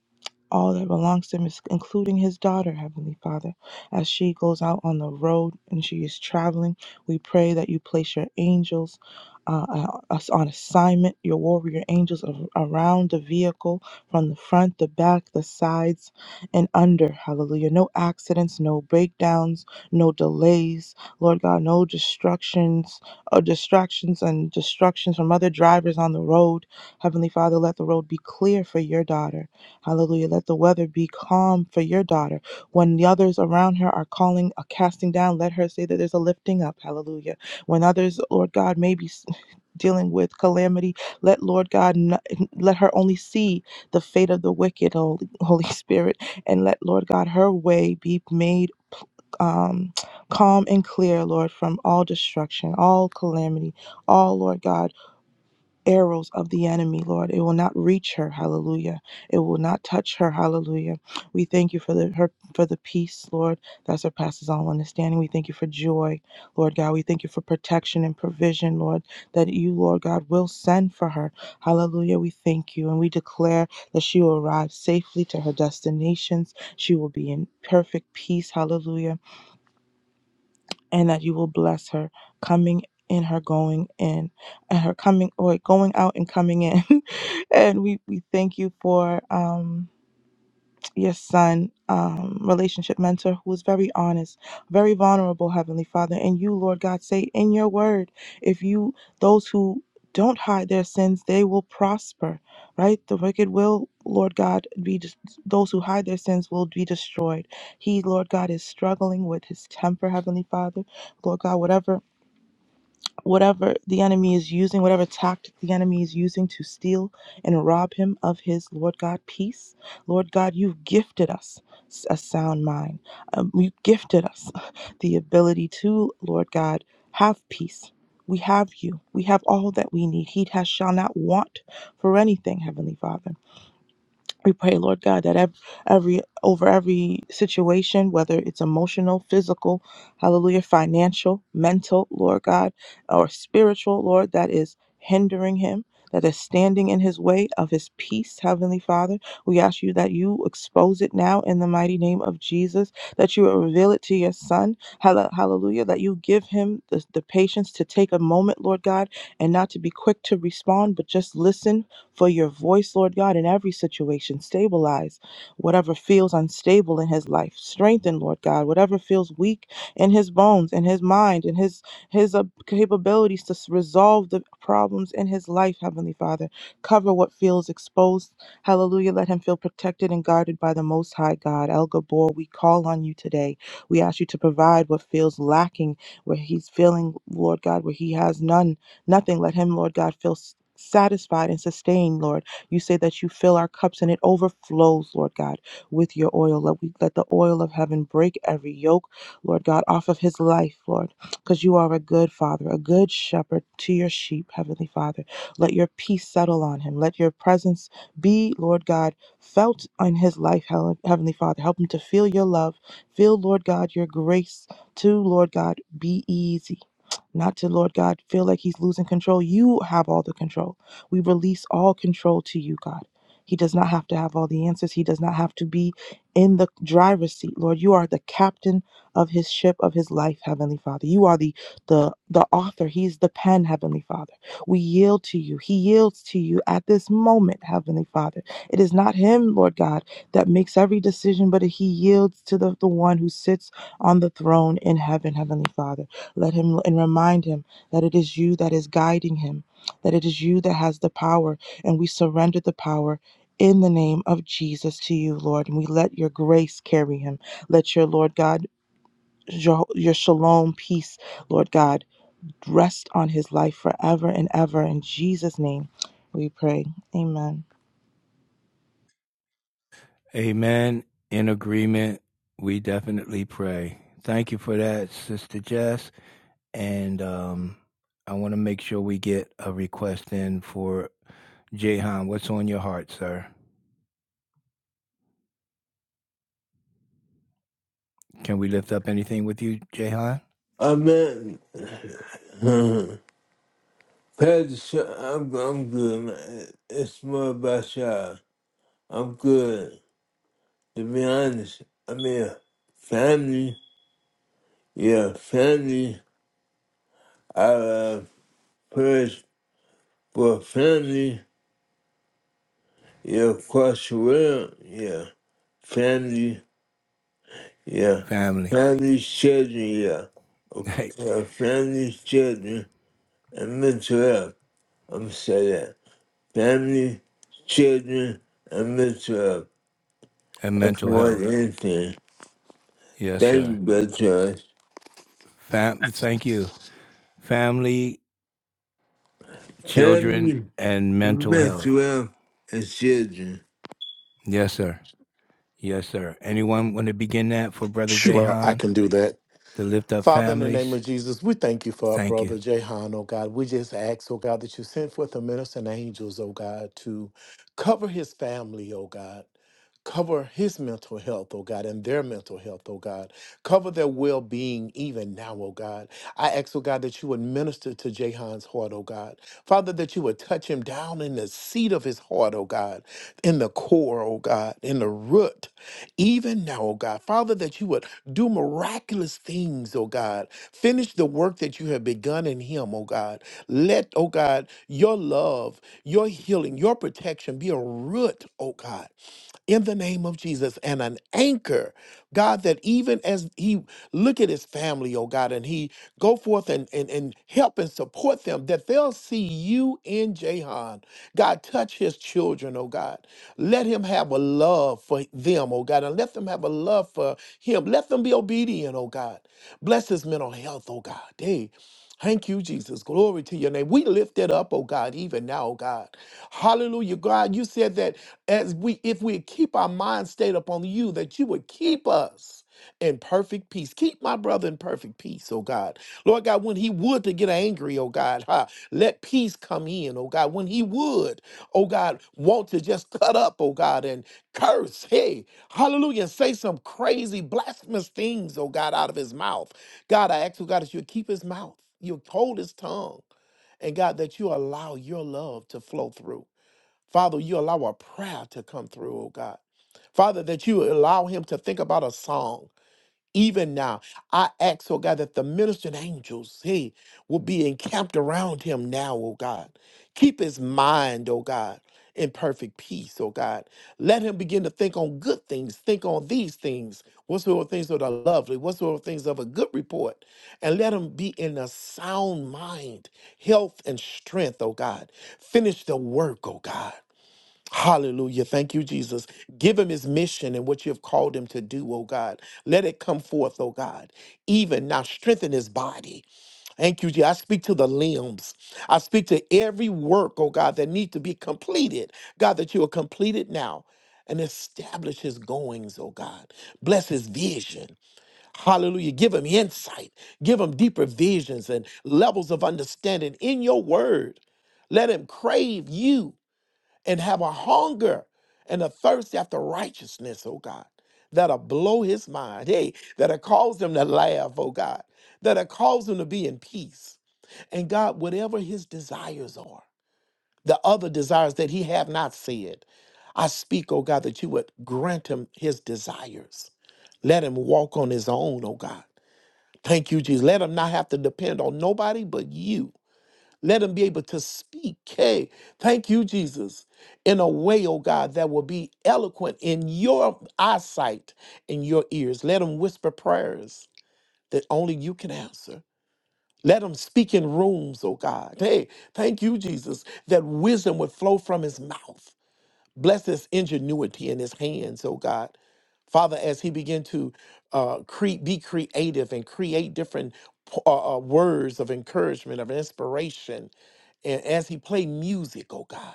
J: all that belongs to him, is- including his daughter, Heavenly Father. As she goes out on the road and she is traveling, we pray that you place your angels uh, uh, us on assignment, your warrior angels a- around the vehicle from the front, the back, the sides, and under. Hallelujah. No accidents, no breakdowns, no delays. Lord God, no destructions or distractions and destructions from other drivers on the road. Heavenly Father, let the road be clear for your daughter. Hallelujah. Let the weather be calm for your daughter. When the others around her are calling a casting down, let her say that there's a lifting up. Hallelujah. When others, Lord God, may be s- *laughs* dealing with calamity, let Lord God, n- let her only see the fate of the wicked, Holy, *laughs* Holy Spirit, and let Lord God, her way be made um, *tsk* calm and clear, Lord, from all destruction, all calamity, all, Lord God arrows of the enemy, Lord. It will not reach her, hallelujah. It will not touch her, hallelujah. We thank you for the her for the peace, Lord, that surpasses all understanding. We thank you for joy, Lord God. We thank you for protection and provision, Lord, that you, Lord God, will send for her. Hallelujah. We thank you and we declare that she will arrive safely to her destinations. She will be in perfect peace, hallelujah and that you will bless her coming in her going in and her coming or going out and coming in *laughs* and we we thank you for um your son um, relationship mentor who is very honest very vulnerable heavenly father and you lord god say in your word if you those who don't hide their sins they will prosper right the wicked will lord god be des- those who hide their sins will be destroyed he lord god is struggling with his temper heavenly father lord god whatever whatever the enemy is using, whatever tactic the enemy is using to steal and rob him of his Lord God peace. Lord God, you've gifted us a sound mind. Um, you gifted us *laughs* the ability to, Lord God, have peace. We have you. We have all that we need. He has, shall not want for anything, Heavenly Father. We pray, Lord God, that ev- every over every situation, whether it's emotional, physical, hallelujah, financial, mental, Lord God, or spiritual, Lord, that is hindering him, that is standing in his way of his peace, Heavenly Father. We ask you that you expose it now in the mighty name of Jesus, that you will reveal it to your son, hall- hallelujah, that you give him the, the patience to take a moment, Lord God, and not to be quick to respond, but just listen for your voice, Lord God, in every situation. Stabilize whatever feels unstable in his life. Strengthen, Lord God, whatever feels weak in his bones, in his mind, in his his uh, capabilities to s- resolve the problems in his life, Heavenly Father. Cover what feels exposed. Hallelujah. Let him feel protected and guarded by the Most High God. El Gabor, we call on you today. We ask you to provide what feels lacking, where he's feeling, Lord God, where he has none. Nothing. Let him, Lord God, feel satisfied and sustained, Lord. You say that you fill our cups and it overflows, Lord God, with your oil. Let we let the oil of heaven break every yoke, Lord God, off of his life, Lord. Because you are a good father, a good shepherd to your sheep, Heavenly Father. Let your peace settle on him. Let your presence be, Lord God, felt on his life, Heavenly Father. Help him to feel your love. Feel, Lord God, your grace to, Lord God, be easy not to, Lord God, feel like he's losing control. You have all the control. We release all control to you, God. He does not have to have all the answers. He does not have to be in the driver's seat, Lord. You are the captain of his ship of his life, Heavenly Father. You are the the the author. He's the pen, Heavenly Father. We yield to you. He yields to you at this moment, Heavenly Father. It is not him, Lord God, that makes every decision, but he yields to the, the one who sits on the throne in heaven, Heavenly Father. Let him and remind him that it is you that is guiding him, that it is you that has the power, and we surrender the power in the name of Jesus to you, Lord. And we let your grace carry him. Let your Lord God, Jeho- your shalom peace, Lord God, rest on his life forever and ever. In Jesus' name we pray. Amen.
A: Amen. In agreement, we definitely pray. Thank you for that, Sister Jess. And um, I want to make sure we get a request in for Jehan. What's on your heart, sir? Can we lift up anything with you, Jehan?
E: amen. Amen. *laughs* Pastor, Sha- I'm, I'm good, man. It's more about y'all. I'm good. To be honest, I mean, family, yeah, family. I uh, prayers for family, yeah, across the world, yeah, family, yeah,
A: Family
E: family, children, yeah, Ac-
A: Hey,
E: yeah family, children, and mental health. I'm saying that family, children, and mental health.
A: and
E: That's
A: mental
E: more
A: health.
E: than anything.
A: Yes,
E: Thank you,
A: sir.
E: Brother Charles.
A: Family. Thank you. Family, children,
E: Family,
A: and mental health.
E: mental health, and children.
A: Yes, sir. Yes, sir. Anyone want to begin that for Brother
I: Sure, I
A: Jehan
I: can do that.
A: to lift up
I: Father, in the name
A: families?
I: of Jesus, we thank you for our
A: Thank you.
I: brother Jehan, oh God. We just ask, oh God, that you send forth the ministering angels, oh God, to cover his family, oh God. Cover his mental health, oh God, and their mental health, oh God. Cover their well being even now, oh God. I ask, oh God, that you would minister to Jahan's heart, oh God. Father, that you would touch him down in the seat of his heart, oh God, in the core, oh God, in the root, even now, oh God. Father, that you would do miraculous things, oh God. Finish the work that you have begun in him, oh God. Let, oh God, your love, your healing, your protection be a root, oh God in the name of Jesus and an anchor, God, that even as he look at his family, oh God, and he go forth and, and, and help and support them, that they'll see you in Jahan. God, touch his children, oh God. Let him have a love for them, oh God, and let them have a love for him. Let them be obedient, oh God. Bless his mental health, oh God. Hey, Thank you, Jesus. Glory to your name. We lift it up, oh God, even now, oh God. Hallelujah, God. You said that as we if we keep our mind stayed upon you, that you would keep us in perfect peace. Keep my brother in perfect peace, oh God. Lord God, when he would to get angry, oh God, ha, let peace come in, oh God. When he would, oh God, want to just cut up, oh God, and curse, hey, hallelujah, and say some crazy blasphemous things, oh God, out of his mouth. God, I ask you, God, that you keep his mouth, you hold his tongue, and God, that you allow your love to flow through. Father, you allow a prayer to come through, oh God. Father, that you allow him to think about a song even now, I ask, oh God, that the ministering angels, hey, will be encamped around him now, oh God. Keep his mind, oh God, in perfect peace, oh God. Let him begin to think on good things, think on these things, whatsoever things that are lovely, whatsoever things of a good report, and let him be in a sound mind, health and strength, oh God. Finish the work, oh God. Hallelujah. Thank you, Jesus. Give him his mission and what you have called him to do, oh God. Let it come forth, oh God. Even now, strengthen his body. Thank you, Jesus. I speak to the limbs. I speak to every work, oh God, that needs to be completed. God, that you will complete it now and establish his goings, oh God. Bless his vision. Hallelujah. Give him insight. Give him deeper visions and levels of understanding in your word. Let him crave you and have a hunger and a thirst after righteousness, oh God, that'll blow his mind. Hey, that'll cause him to laugh, oh God, that'll cause him to be in peace. And God, whatever his desires are, the other desires that he have not said, I speak, oh God, that you would grant him his desires. Let him walk on his own, oh God. Thank you, Jesus. Let him not have to depend on nobody but you. Let them be able to speak. Hey, thank you, Jesus, in a way, oh God, that will be eloquent in your eyesight, in your ears. Let them whisper prayers that only you can answer. Let them speak in rooms, oh God. Hey, thank you, Jesus, that wisdom would flow from his mouth. Bless his ingenuity in his hands, oh God. Father, as he began to uh, cre- be creative and create different uh, uh, words of encouragement, of inspiration, and as he play music, oh God,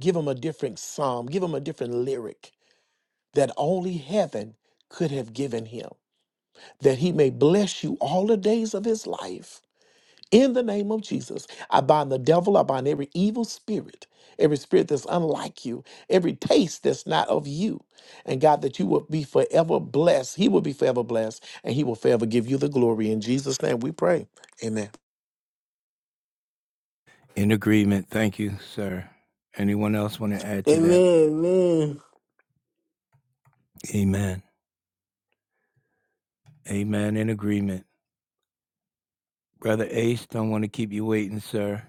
I: give him a different psalm, give him a different lyric that only heaven could have given him, that he may bless you all the days of his life. In the name of Jesus, I bind the devil, I bind every evil spirit, every spirit that's unlike you, every taste that's not of you. And God, that you will be forever blessed. He will be forever blessed, and he will forever give you the glory. In Jesus' name we pray. Amen.
A: In agreement. Thank you, sir. Anyone else want to add to that?
E: Amen, amen.
A: Amen. Amen. In agreement. Brother Ace, don't want to keep you waiting, sir.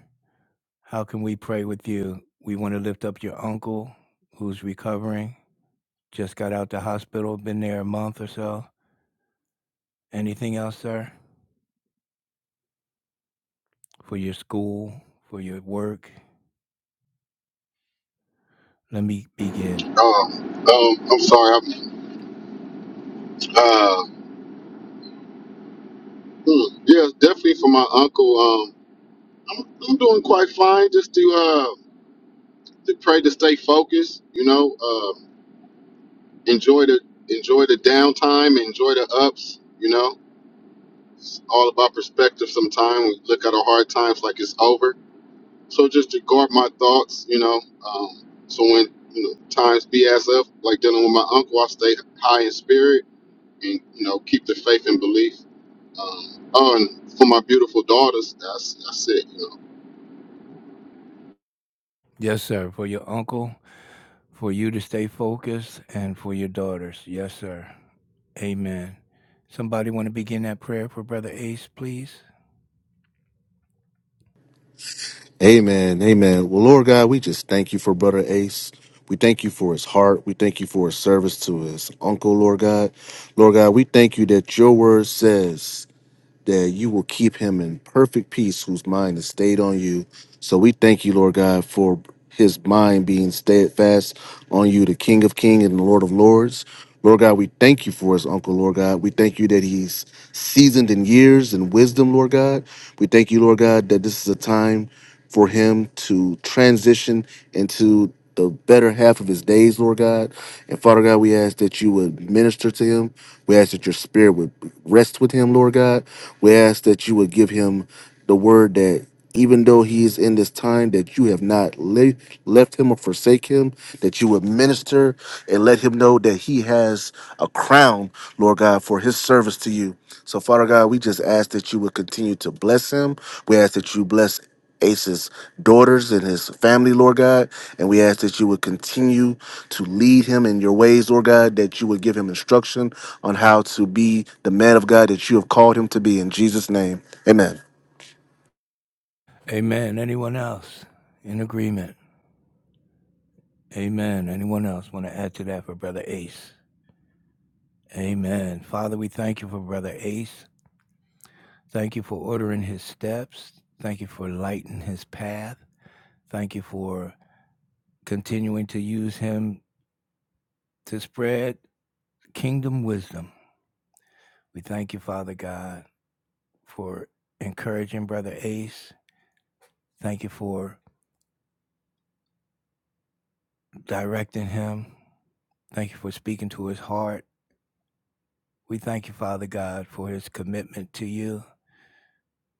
A: How can we pray with you? We want to lift up your uncle who's recovering, just got out the hospital, been there a month or so. Anything else, sir? For your school, for your work? Let me begin.
H: Um, um, I'm sorry. I'm, uh, hmm, yeah, definitely for my uncle. Um, I'm, I'm doing quite fine. Just to uh, to pray to stay focused. You know. enjoy the enjoy the downtime, enjoy the ups. You know, it's all about perspective. Sometimes we look at our hard times like it's over. So just to guard my thoughts, you know. Um, so when you know times BS up, like dealing with my uncle, I stay high in spirit and you know keep the faith and belief. Um, oh, and for my beautiful daughters, that's that's it. You know.
A: Yes, sir. For your uncle. for you to stay focused and for your daughters. Yes, sir. Amen. Somebody want to begin that prayer for Brother Ace, please?
B: Amen. Amen. Well, Lord God, we just thank you for Brother Ace. We thank you for his heart. We thank you for his service to his uncle, Lord God. Lord God, we thank you that your word says that you will keep him in perfect peace whose mind is stayed on you. So we thank you, Lord God, for his mind being steadfast on you, the King of Kings and the Lord of Lords. Lord God, we thank you for his uncle, Lord God. We thank you that he's seasoned in years and wisdom, Lord God. We thank you, Lord God, that this is a time for him to transition into the better half of his days, Lord God. And Father God, we ask that you would minister to him. We ask that your spirit would rest with him, Lord God. We ask that you would give him the word that even though he is in this time that you have not le- left him or forsake him, that you would minister and let him know that he has a crown, Lord God, for his service to you. So, Father God, we just ask that you would continue to bless him. We ask that you bless Ace's daughters and his family, Lord God. And we ask that you would continue to lead him in your ways, Lord God, that you would give him instruction on how to be the man of God that you have called him to be. In Jesus' name, amen.
A: Amen. Anyone else in agreement? Amen. Anyone else want to add to that for Brother Ace? Amen. Father, we thank you for Brother Ace. Thank you for ordering his steps. Thank you for lighting his path. Thank you for continuing to use him to spread kingdom wisdom. We thank you, Father God. for encouraging Brother Ace. Thank you for directing him. Thank you for speaking to his heart. We thank you, Father God, for his commitment to you.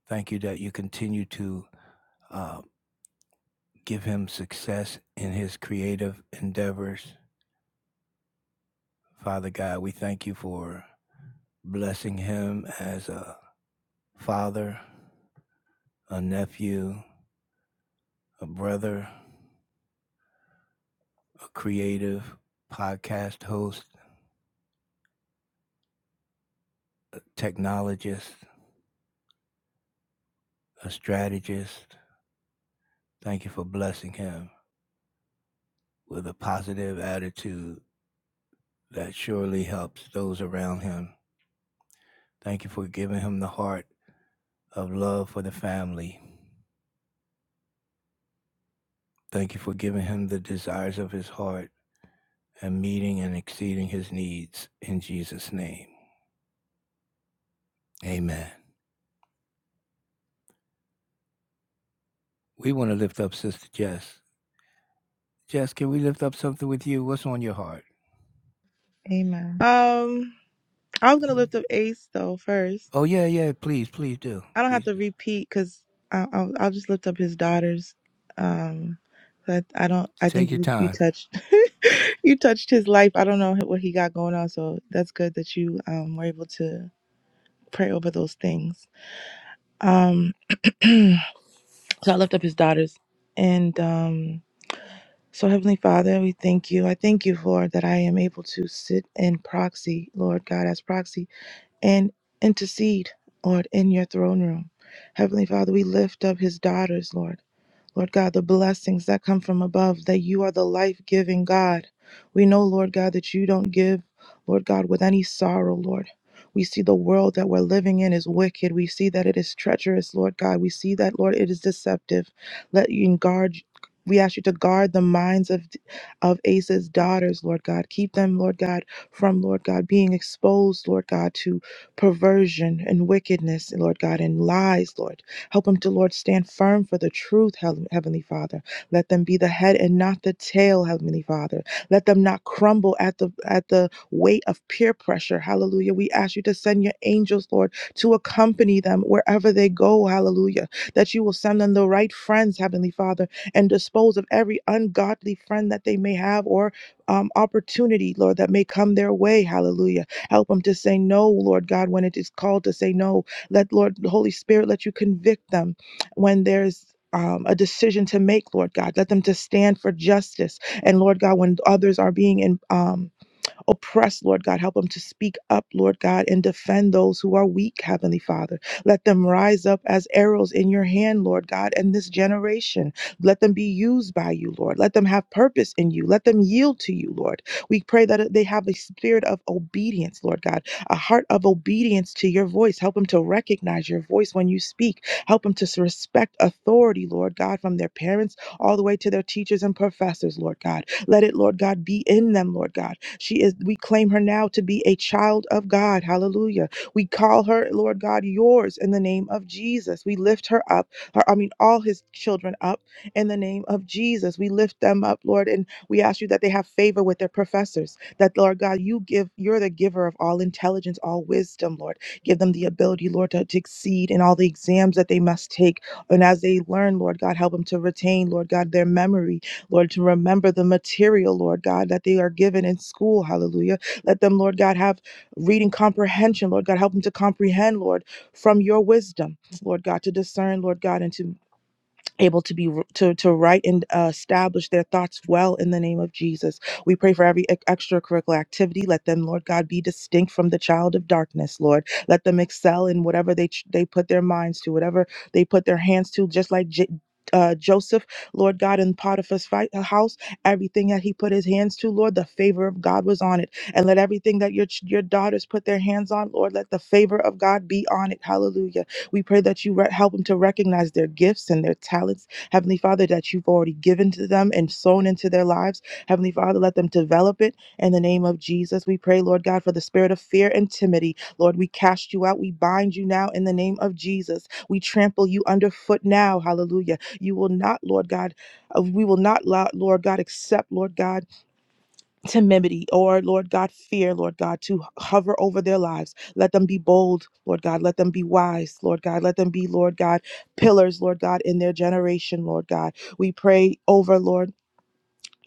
A: Thank you that you continue to uh, give him success in his creative endeavors. Father God, we thank you for blessing him as a father, a nephew, a brother, a creative podcast host, technologist, a strategist, Thank you for blessing him with a positive attitude that surely helps those around him. Thank you for giving him the heart of love for the family. Thank you for giving him the desires of his heart and meeting and exceeding his needs in Jesus' name. Amen. We want to lift up Sister Jess. Jess, can we lift up something with you? What's on your heart?
J: Amen. Um, I'm gonna lift up Ace though first.
A: Oh, yeah, yeah, please, please do.
J: I don't have
A: Please
J: to
A: do.
J: repeat because I'll, I'll just lift up his daughters. Um, but I don't. I think
A: Take your
J: you you
A: time.
J: touched *laughs* you touched his life. I don't know what he got going on, so that's good that you um were able to pray over those things. Um, *clears throat* so I lift up his daughters, and um, so Heavenly Father, we thank you. I thank you, Lord, that I am able to sit in proxy, Lord God, as proxy and intercede, Lord, in your throne room. Heavenly Father, we lift up his daughters, Lord. Lord God, the blessings that come from above, that you are the life giving God. We know, Lord God, that you don't give, Lord God, with any sorrow, Lord. We see the world that we're living in is wicked. We see that it is treacherous, Lord God. We see that, Lord, it is deceptive. Let you guard. We ask you to guard the minds of of Asa's daughters, Lord God. Keep them, Lord God, from Lord God being exposed, Lord God, to perversion and wickedness, Lord God, and lies, Lord. Help them to, Lord, stand firm for the truth, Heavenly Father. Let them be the head and not the tail, Heavenly Father. Let them not crumble at the at the weight of peer pressure. Hallelujah. We ask you to send your angels, Lord, to accompany them wherever they go. Hallelujah. That you will send them the right friends, Heavenly Father, and dispose of every ungodly friend that they may have or um, opportunity, Lord, that may come their way. Hallelujah. Help them to say no, Lord God, when it is called to say no let Lord Holy Spirit let you convict them when there's um, a decision to make, Lord God. Let them to stand for justice. And Lord God, when others are being in, um, oppressed, Lord God. Help them to speak up, Lord God, and defend those who are weak, Heavenly Father. Let them rise up as arrows in your hand, Lord God, and this generation. Let them be used by you, Lord. Let them have purpose in you. Let them yield to you, Lord. We pray that they have a spirit of obedience, Lord God, a heart of obedience to your voice. Help them to recognize your voice when you speak. Help them to respect authority, Lord God, from their parents all the way to their teachers and professors, Lord God. Let it, Lord God, be in them, Lord God. She is, we claim her now to be a child of God. Hallelujah. We call her, Lord God, yours in the name of Jesus. We lift her up, her, I mean, all his children up in the name of Jesus. We lift them up, Lord, and we ask you that they have favor with their professors. That, Lord God, you give, you're the giver of all intelligence, all wisdom, Lord. Give them the ability, Lord, to, to exceed in all the exams that they must take. And as they learn, Lord God, help them to retain, Lord God, their memory Lord, to remember the material, Lord God, that they are given in school. Hallelujah. Let them, Lord God, have reading comprehension. Lord God, help them to comprehend, Lord, from your wisdom, Lord God, to discern, Lord God, and to able to be to to write and uh, establish their thoughts well in the name of Jesus. We pray for every ex- extracurricular activity. Let them, Lord God, be distinct from the child of darkness, Lord. Let them excel in whatever they ch- they put their minds to, whatever they put their hands to, just like J- uh, Joseph, Lord God, in Potiphar's fight, uh, house, everything that he put his hands to, Lord, the favor of God was on it. And let everything that your ch- your daughters put their hands on, Lord, let the favor of God be on it. Hallelujah. We pray that you re- help them to recognize their gifts and their talents, Heavenly Father, that you've already given to them and sown into their lives. Heavenly Father, let them develop it in the name of Jesus. We pray, Lord God, for the spirit of fear and timidity. Lord, we cast you out. We bind you now in the name of Jesus. We trample you underfoot now. Hallelujah. You will not, Lord God, uh, we will not, Lord God, accept, Lord God timidity or lord god fear lord god to hover over their lives let them be bold lord god let them be wise lord god let them be lord god pillars lord god in their generation lord god we pray over lord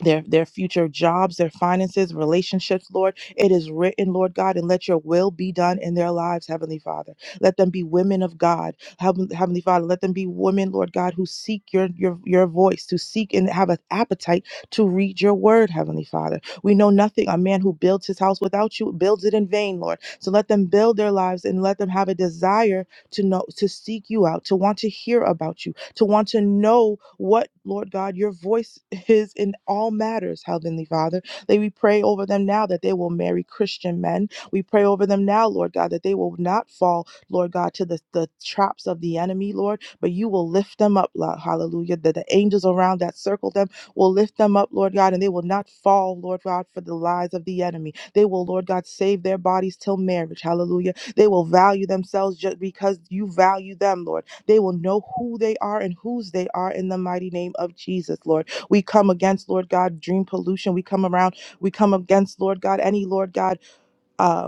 J: their their future jobs, their finances, relationships, Lord. It is written, Lord God, and let your will be done in their lives, Heavenly Father. Let them be women of God, Heaven- Heavenly Father. Let them be women, Lord God, who seek your your your voice, to seek and have an appetite to read your word, Heavenly Father. We know nothing. A man who builds his house without you builds it in vain, Lord. So let them build their lives and let them have a desire to know to seek you out, to want to hear about you, to want to know what, Lord God, your voice *laughs* is in all matters, Heavenly Father. That we pray over them now that they will marry Christian men. We pray over them now, Lord God, that they will not fall, Lord God, to the, the traps of the enemy, Lord, but you will lift them up, Lord, hallelujah. That the angels around that circle them will lift them up, Lord God, and they will not fall, Lord God, for the lies of the enemy. They will, Lord God, save their bodies till marriage, hallelujah. They will value themselves just because you value them, Lord. They will know who they are and whose they are in the mighty name of Jesus, Lord. We come against, Lord God, dream pollution. We come around, we come against, Lord God, any, Lord God, um,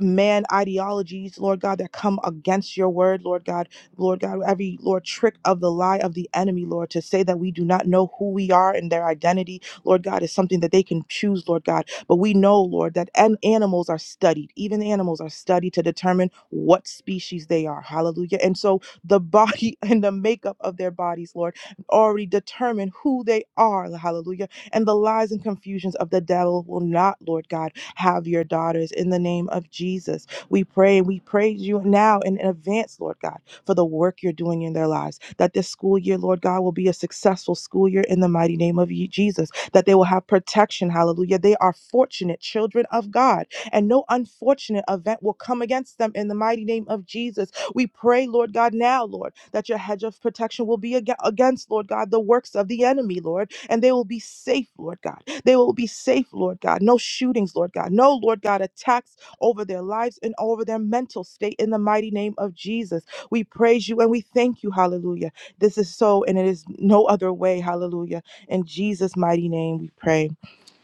J: man ideologies, Lord God, that come against your word, Lord God, Lord God, every Lord trick of the lie of the enemy, Lord, to say that we do not know who we are and their identity, Lord God, is something that they can choose, Lord God. But we know, Lord, that an- animals are studied, even animals are studied to determine what species they are. Hallelujah. And so the body *laughs* and the makeup of their bodies, Lord, already determine who they are. Hallelujah and the lies and confusions of the devil will not, Lord God, have your daughters. In the name of Jesus, we pray and we praise you now in advance, Lord God, for the work you're doing in their lives. That this school year, Lord God, will be a successful school year in the mighty name of Ye- Jesus. That they will have protection. Hallelujah. They are fortunate children of God, and no unfortunate event will come against them in the mighty name of Jesus we pray, Lord God, now, Lord, that your hedge of protection will be ag- against, Lord God, the works of the enemy, Lord, and they will be safe, Lord God. They will be safe, Lord God. No shootings, Lord God. No, Lord God, attacks over their lives and over their mental state in the mighty name of Jesus. We praise you and we thank you. Hallelujah. This is so, and it is no other way. Hallelujah. In Jesus' mighty name we pray.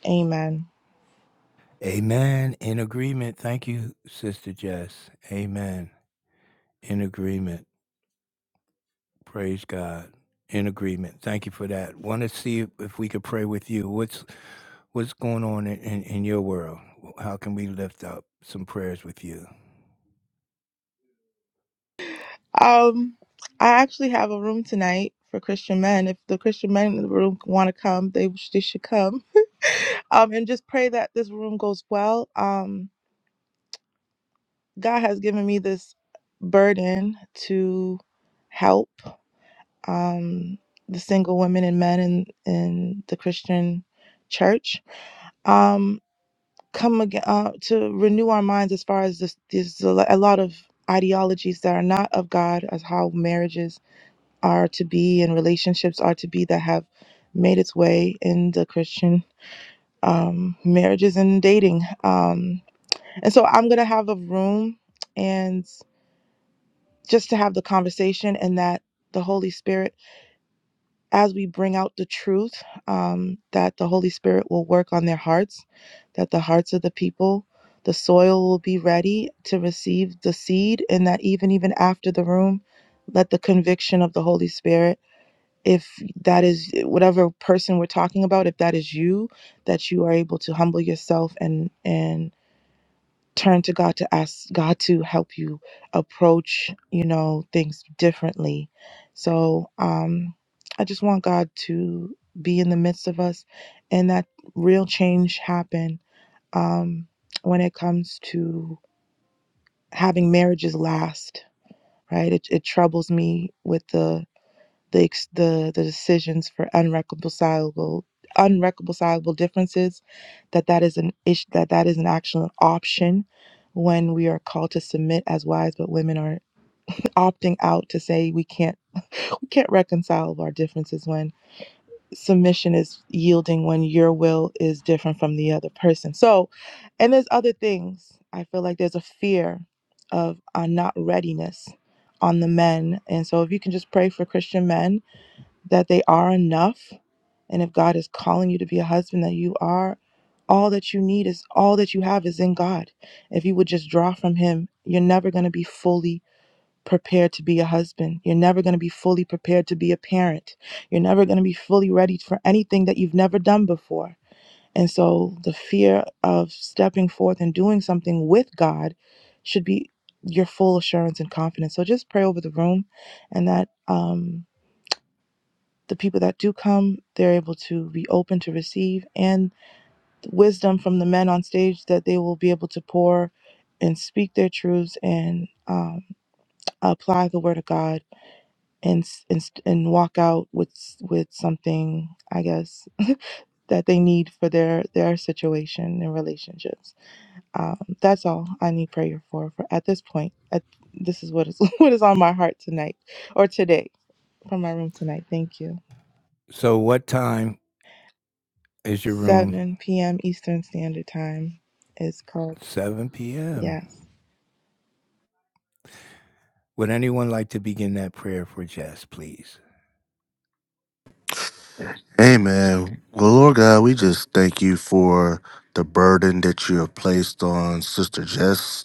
J: Amen.
A: Amen. In agreement. Thank you, Sister Jess. Amen. In agreement. Praise God. In agreement. Thank you for that. Want to see if we could pray with you. What's what's going on in, in, in your world? How can we lift up some prayers with you?
J: Um, I actually have a room tonight for Christian men. If the Christian men in the room want to come, they sh- they should come. Um, and just pray that this room goes well. Um, God has given me this burden to help um the single women and men in in the Christian church. Um, come again uh, to renew our minds as far as this. There's a lo- a lot of ideologies that are not of God as how marriages are to be and relationships are to be that have made its way in the Christian um, marriages and dating. Um, and so I'm going to have a room and just to have the conversation and that the Holy Spirit, as we bring out the truth, um, that the Holy Spirit will work on their hearts, that the hearts of the people, the soil will be ready to receive the seed, and that even even after the room, let the conviction of the Holy Spirit if that is eh, whatever person we're talking about if that is you that you are able to humble yourself and and turn to God to ask God to help you approach you know things differently so um i just want God to be in the midst of us and that real change happen um when it comes to having marriages last right it, it troubles me with the the ex- the the decisions for unreconcilable unreconcilable differences that that is an issue that that is an actual option when we are called to submit as wives but women are opting out to say we can't we can't reconcile our differences when submission is yielding when your will is different from the other person so and there's other things i feel like there's a fear of uh, not readiness on the men and so if you can just pray for christian men that they are enough. And if God is calling you to be a husband, that you are all that you need is all that you have is in God. If you would just draw from Him, you're never going to be fully prepared to be a husband. You're never going to be fully prepared to be a parent. You're never going to be fully ready for anything that you've never done before. And so the fear of stepping forth and doing something with God should be your full assurance and confidence. So just pray over the room and that. Um, the people that do come, they're able to be open to receive, and the wisdom from the men on stage that they will be able to pour and speak their truths and um, apply the word of God and and, and walk out with with something, I guess, that they need for their their situation and relationships. Um, that's all I need prayer for. For at this point, at, this is what is *laughs* what is on my heart tonight or today from my room tonight. Thank you.
A: So what time is your room?
J: 7 p.m. Eastern Standard Time. It's called
A: 7 p.m.
J: Yes.
A: Would anyone like to begin that prayer for Jess, please?
B: Amen. Well, Lord God, we just thank you for the burden that you have placed on Sister Jess.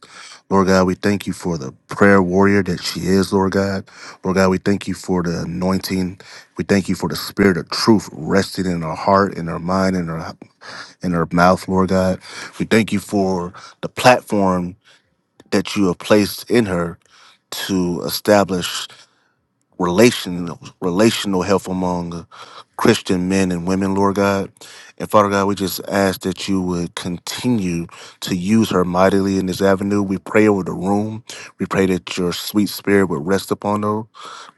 B: Lord God, we thank you for the prayer warrior that she is, Lord God. Lord God, we thank you for the anointing. We thank you for the spirit of truth resting in her heart, in her mind, in her in her mouth, Lord God. We thank you for the platform that you have placed in her to establish relational relational health among uh, Christian men and women, Lord God. And Father God, we just ask that you would continue to use her mightily in this avenue. We pray over the room. We pray that your sweet spirit would rest upon her,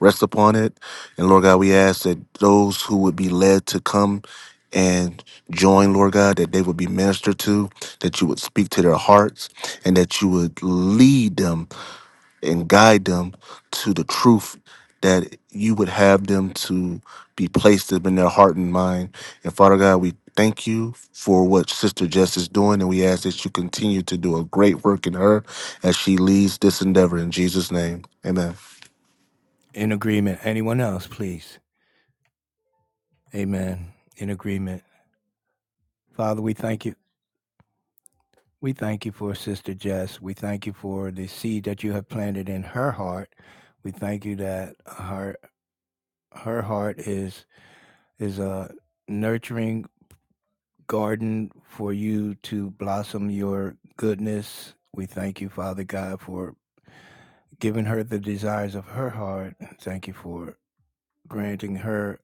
B: rest upon it. And Lord God, we ask that those who would be led to come and join, Lord God, that they would be ministered to, that you would speak to their hearts, and that you would lead them and guide them to the truth that you would have them to be placed in their heart and mind. And Father God, we thank you for what Sister Jess is doing, and we ask that you continue to do a great work in her as she leads this endeavor in Jesus' name. Amen.
A: In agreement. Anyone else, please? Amen. In agreement. Father, we thank you. We thank you for Sister Jess. We thank you for the seed that you have planted in her heart. We thank you that her her heart is is a nurturing garden for you to blossom your goodness. We thank you, Father God, for giving her the desires of her heart. Thank you for granting her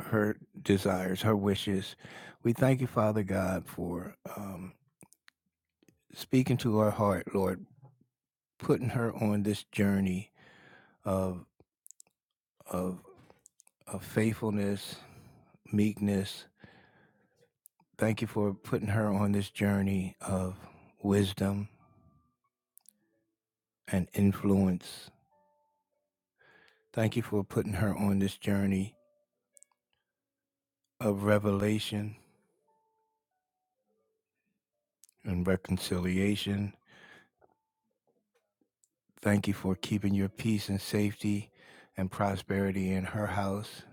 A: her desires, her wishes. We thank you, Father God, for um, speaking to her heart, Lord, putting her on this journey of of of faithfulness, meekness. Thank you for putting her on this journey of wisdom and influence. Thank you for putting her on this journey of revelation and reconciliation. Thank you for keeping your peace and safety and prosperity in her house.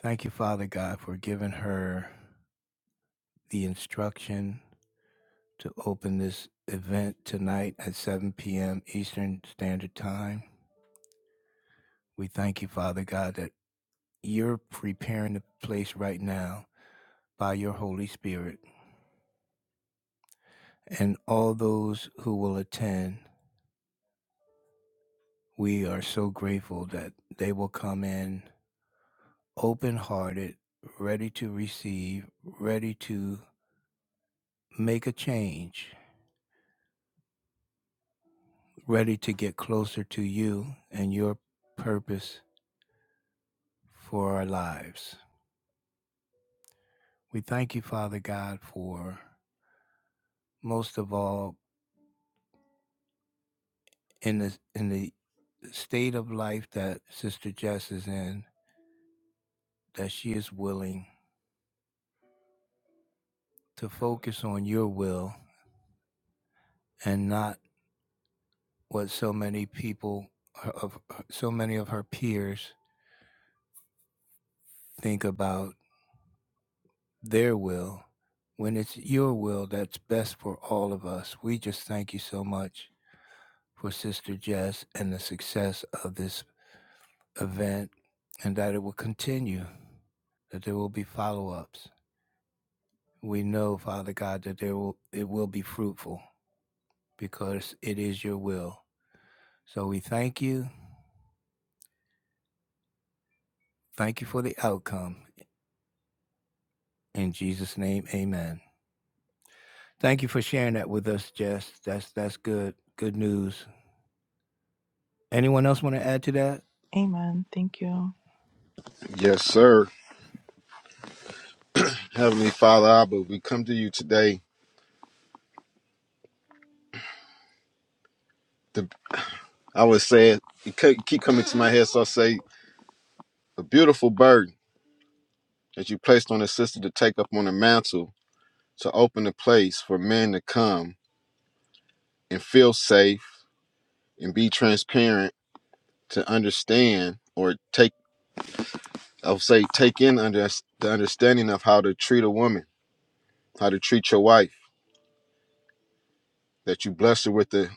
A: Thank you, Father God, for giving her the instruction to open this event tonight at 7 p.m. Eastern Standard Time. We thank you, Father God, that you're preparing the place right now by your Holy Spirit. And all those who will attend, we are so grateful that they will come in open hearted, ready to receive, ready to make a change, ready to get closer to you and your purpose for our lives. We thank you, Father God, for most of all in the in the state of life that Sister Jess is in, that she is willing to focus on your will and not what so many people of so many of her peers think about their will when it's your will that's best for all of us. We just thank you so much for Sister Jess and the success of this event and that it will continue, that there will be follow-ups. We know, Father God, that there will it will be fruitful because it is your will. So we thank you. Thank you for the outcome. In Jesus' name, amen. Thank you for sharing that with us, Jess. That's that's good. Good news. Anyone else want to add to that?
J: Amen. Thank you.
H: Yes, sir. Heavenly Father, Abba, we come to you today. The, I would say it, it keep keep coming to my head, so I say, a beautiful burden. that you placed on the sister to take up on the mantle to open a place for men to come and feel safe and be transparent to understand or take I'll say take in under the understanding of how to treat a woman, how to treat your wife, that you bless her with the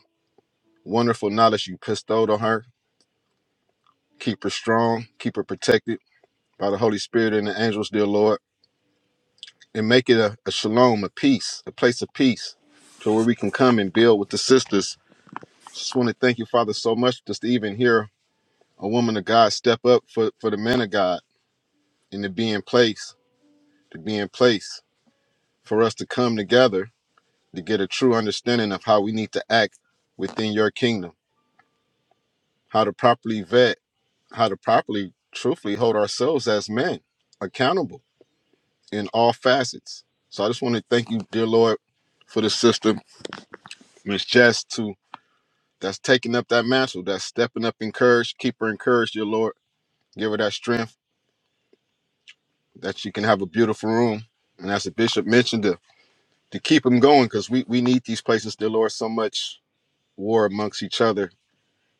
H: wonderful knowledge you bestowed on her, keep her strong, keep her protected by the Holy Spirit and the angels, dear Lord, and make it a, a shalom, a peace, a place of peace, to where we can come and build with the sisters Just want to thank you, Father, so much just to even hear a woman of God step up for, for the man of God and to be in place, to be in place for us to come together to get a true understanding of how we need to act within your kingdom, how to properly vet, how to properly, truthfully hold ourselves as men accountable in all facets. So I just want to thank you, dear Lord, for the sister, Miss Jess, too, that's taking up that mantle, that's stepping up in courage. Keep her encouraged, dear Lord. Give her that strength that you can have a beautiful room. And as the bishop mentioned, to, to keep them going, because we, we need these places. There, Lord, so much war amongst each other.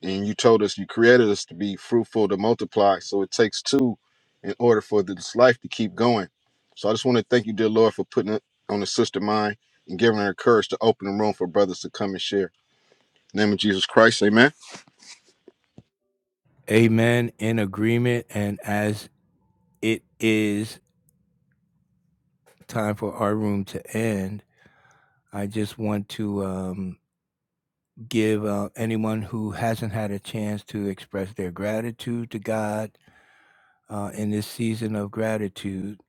H: And you told us, you created us to be fruitful, to multiply. So it takes two in order for this life to keep going. So I just want to thank you, dear Lord, for putting it on the sister mind and giving her courage to open the room for brothers to come and share. In the name of Jesus Christ, amen.
A: Amen. In agreement and as it is time for our room to end, I just want to um, give uh, anyone who hasn't had a chance to express their gratitude to God uh, in this season of gratitude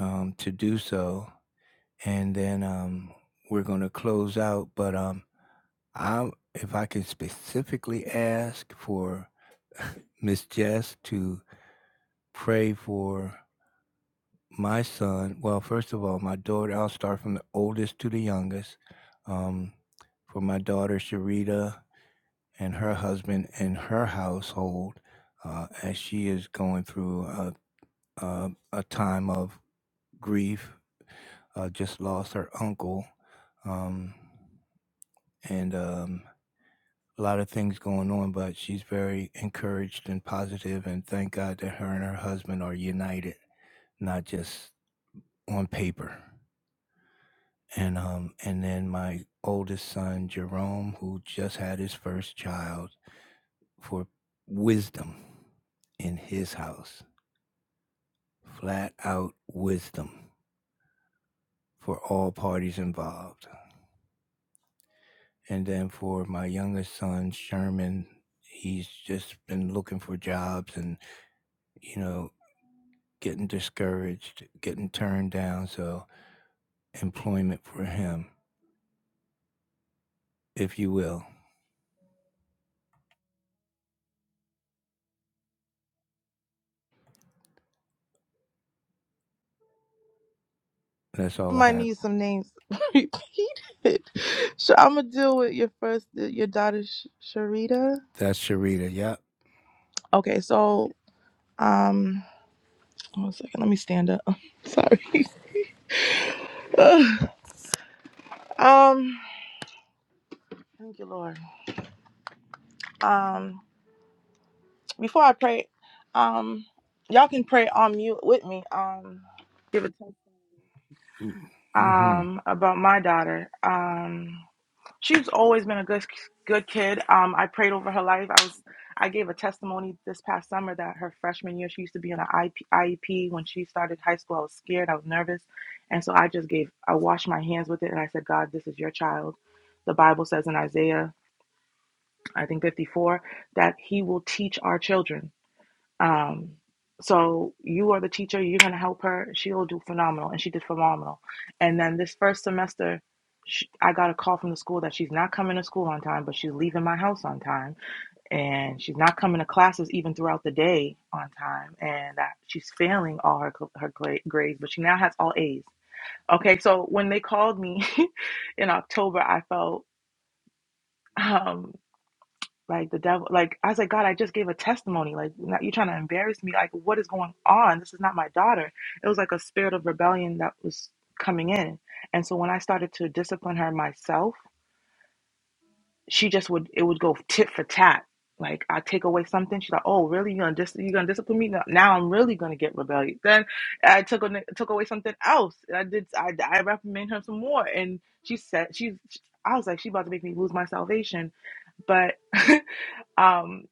A: um, to do so. And then um, we're going to close out. But um, I, if I could specifically ask for Miss Jess to pray for My son, well, first of all, my daughter, I'll start from the oldest to the youngest. Um, for my daughter, Sharita, and her husband and her household, uh, as she is going through a, a, a time of grief, uh, just lost her uncle, um, and um, a lot of things going on, but she's very encouraged and positive, and thank God that her and her husband are united, not just on paper. and um and then my oldest son Jerome who just had his first child for wisdom in his house flat out wisdom for all parties involved and then for my youngest son Sherman he's just been looking for jobs and you know getting discouraged getting turned down so employment for him if you will that's
J: I
A: all I
J: might
A: have
J: need some names *laughs* repeated. So I'm gonna deal with your first, your daughter Sh- Sharita.
A: that's Sharita yep
J: Okay, so um, one second. Let me stand up. *laughs* Sorry. *sighs* Ugh. um, thank you, Lord. Um, before I pray, um, y'all can pray on mute with me. Um, give a testimony.
A: mhm
J: Um, about my daughter. Um. she's always been a good good kid. Um, I prayed over her life. I was I gave a testimony this past summer that her freshman year she used to be in an IEP. When she started high school, I was scared. I was nervous, and so I just gave I washed my hands with it and I said, God, this is your child. The Bible says in Isaiah, I think 54, that He will teach our children. Um, so you are the teacher. You're gonna help her. She'll do phenomenal, and she did phenomenal. And then this first semester, she, I got a call from the school that she's not coming to school on time, but she's leaving my house on time, and she's not coming to classes even throughout the day on time, and that she's failing all her cl- her gra- grades, but she now has all A's. Okay, so when they called me *laughs* in October, I felt. um. Like the devil, like I was like, God, I just gave a testimony. Like not, you're trying to embarrass me. Like what is going on? This is not my daughter. It was like a spirit of rebellion that was coming in. And so when I started to discipline her myself, she just would it would go tit for tat. Like I take away something, she's like, "Oh, really? You are gonna dis- you gonna discipline me? Now now I'm really gonna get rebellious." Then I took a- took away something else. And I did I I reprimanded her some more, and she said she's I was like, "She about to make me lose my salvation," but. *laughs* um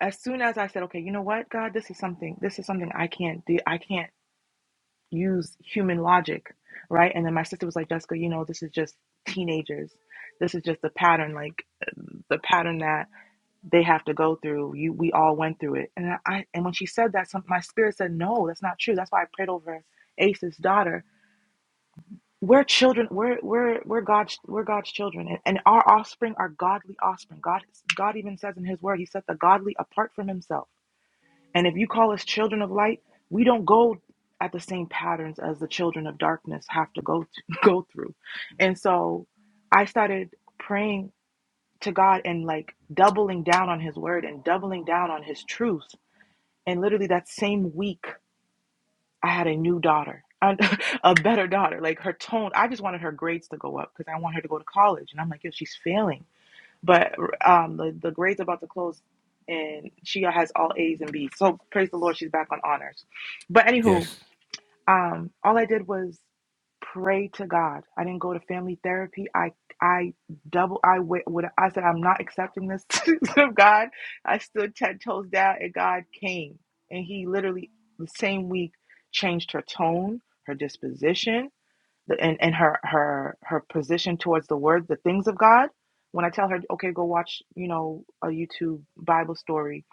J: as soon as I said, okay, you know what, God, this is something, this is something I can't do. I can't use human logic, right? And then my sister was like, Jessica, you know, this is just teenagers. This is just the pattern, like the pattern that they have to go through. You, we all went through it. And I, and when she said that, some, my spirit said, no, that's not true. That's why I prayed over Ace's daughter. We're children. We're we're we're God's we're God's children, and, and our offspring are godly offspring. God God even says in His Word, He set the godly apart from Himself And if you call us children of light, we don't go at the same patterns as the children of darkness have to go to, *laughs* go through. And so I started praying to God and like doubling down on his word and doubling down on his truth. And literally that same week, I had a new daughter. and *laughs* A better daughter, like her tone. I just wanted her grades to go up because I want her to go to college, and I'm like, yo, she's failing but um, the, the grade's about to close and she has all A's and B's. So praise the Lord, she's back on honors. But anywho,
A: yes
J: um, all I did was pray to God. I didn't go to family therapy. I I double I wait what I said I'm not accepting this *laughs* of God. I stood ten toes down and God came. And he literally the same week changed her tone, her disposition, the- and and her her her position towards the word the things of god when i tell her okay go watch you know a youtube bible story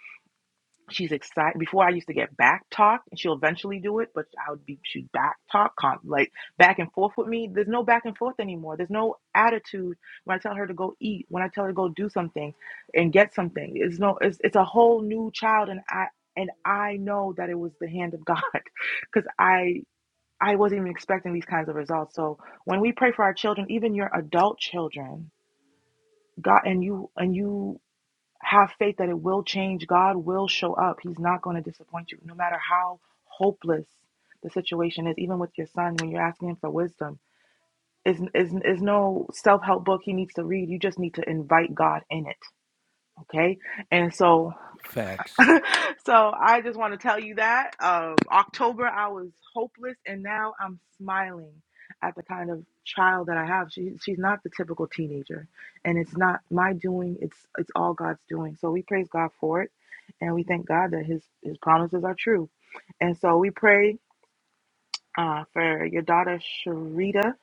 J: she's excited before i used to get back talk and she'll eventually do it but i would be she back talk like back and forth with me there's no back and forth anymore there's no attitude when i tell her to go eat when i tell her to go do something and get something it's no it's, it's a whole new child and i and i know that it was the hand of god because *laughs* i I wasn't even expecting these kinds of results. So when we pray for our children, even your adult children, God and you and you have faith that it will change, God will show up. He's not going to disappoint you no matter how hopeless the situation is. Even with your son when you're asking him for wisdom, is is is no self-help book he needs to read. You just need to invite God in it, okay? And so
A: Facts.
J: *laughs* so I just want to tell you that um, October I was hopeless, and now I'm smiling at the kind of child that I have. She she's not the typical teenager, and it's not my doing. It's it's all God's doing. So we praise God for it, and we thank God that His His promises are true. And so we pray uh, for your daughter Sharita,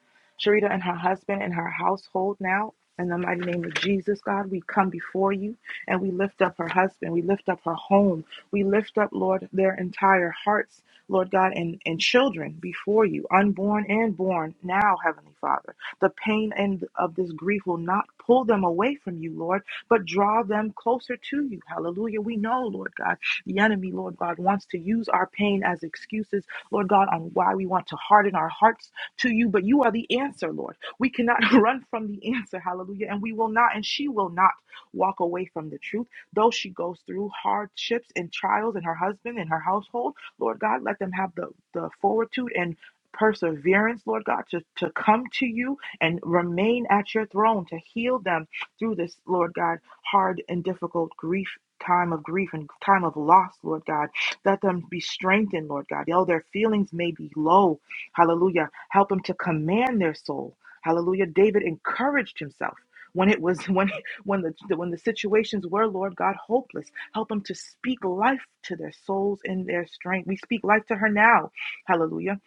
J: Sharita and her husband and her household now. In the mighty name of Jesus, God, we come before you and we lift up her husband. We lift up her home. We lift up, Lord, their entire hearts, Lord God, and, and children before you, unborn and born now, Heavenly Father. The pain and of this grief will not pull them away from you, Lord, but draw them closer to you. Hallelujah. We know, Lord God, the enemy, Lord God, wants to use our pain as excuses Lord God, on why we want to harden our hearts to you. But you are the answer, Lord. We cannot *laughs* run from the answer. Hallelujah. And we will not, and she will not walk away from the truth. Though she goes through hardships and trials in her husband and her household, Lord God, let them have the, the fortitude and perseverance, Lord God, to, to come to you and remain at your throne to heal them through this, Lord God, hard and difficult grief. Time of grief and time of loss, Lord God. Let them be strengthened, Lord God. Though their feelings may be low, hallelujah. Help them to command their soul. Hallelujah. David encouraged himself. When it was *laughs* when when the when the situations were, Lord God, hopeless, help them to speak life to their souls in their strength. We speak life to her now, Hallelujah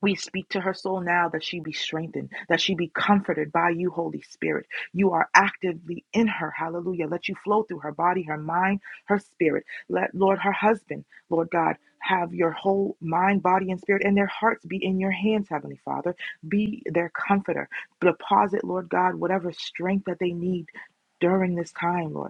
J: we speak to her soul now that she be strengthened, that she be comforted by you, Holy Spirit. You are actively in her. Hallelujah. Let you flow through her body, her mind, her spirit. Let, Lord, her husband, Lord God, have your whole mind, body, and spirit, and their hearts be in your hands, Heavenly Father. Be their comforter. Deposit, Lord God, whatever strength that they need during this time, Lord.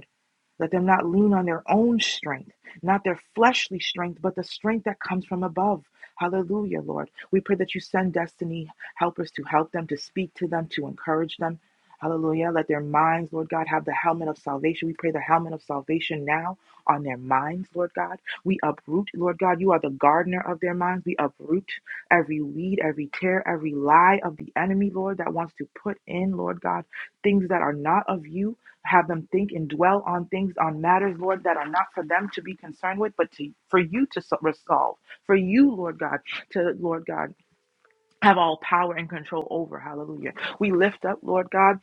J: Let them not lean on their own strength, not their fleshly strength, but the strength that comes from above. Hallelujah, Lord. We pray that you send destiny helpers to help them, to speak to them, to encourage them. Hallelujah. Let their minds, Lord God, have the helmet of salvation. We pray the helmet of salvation now on their minds, Lord God. We uproot, Lord God, you are the gardener of their minds. We uproot every weed, every tear, every lie of the enemy, Lord, that wants to put in, Lord God, things that are not of you have them think and dwell on things on matters lord that are not for them to be concerned with but to for you to so- resolve for you lord god to lord god have all power and control over. Hallelujah. We lift up, Lord God,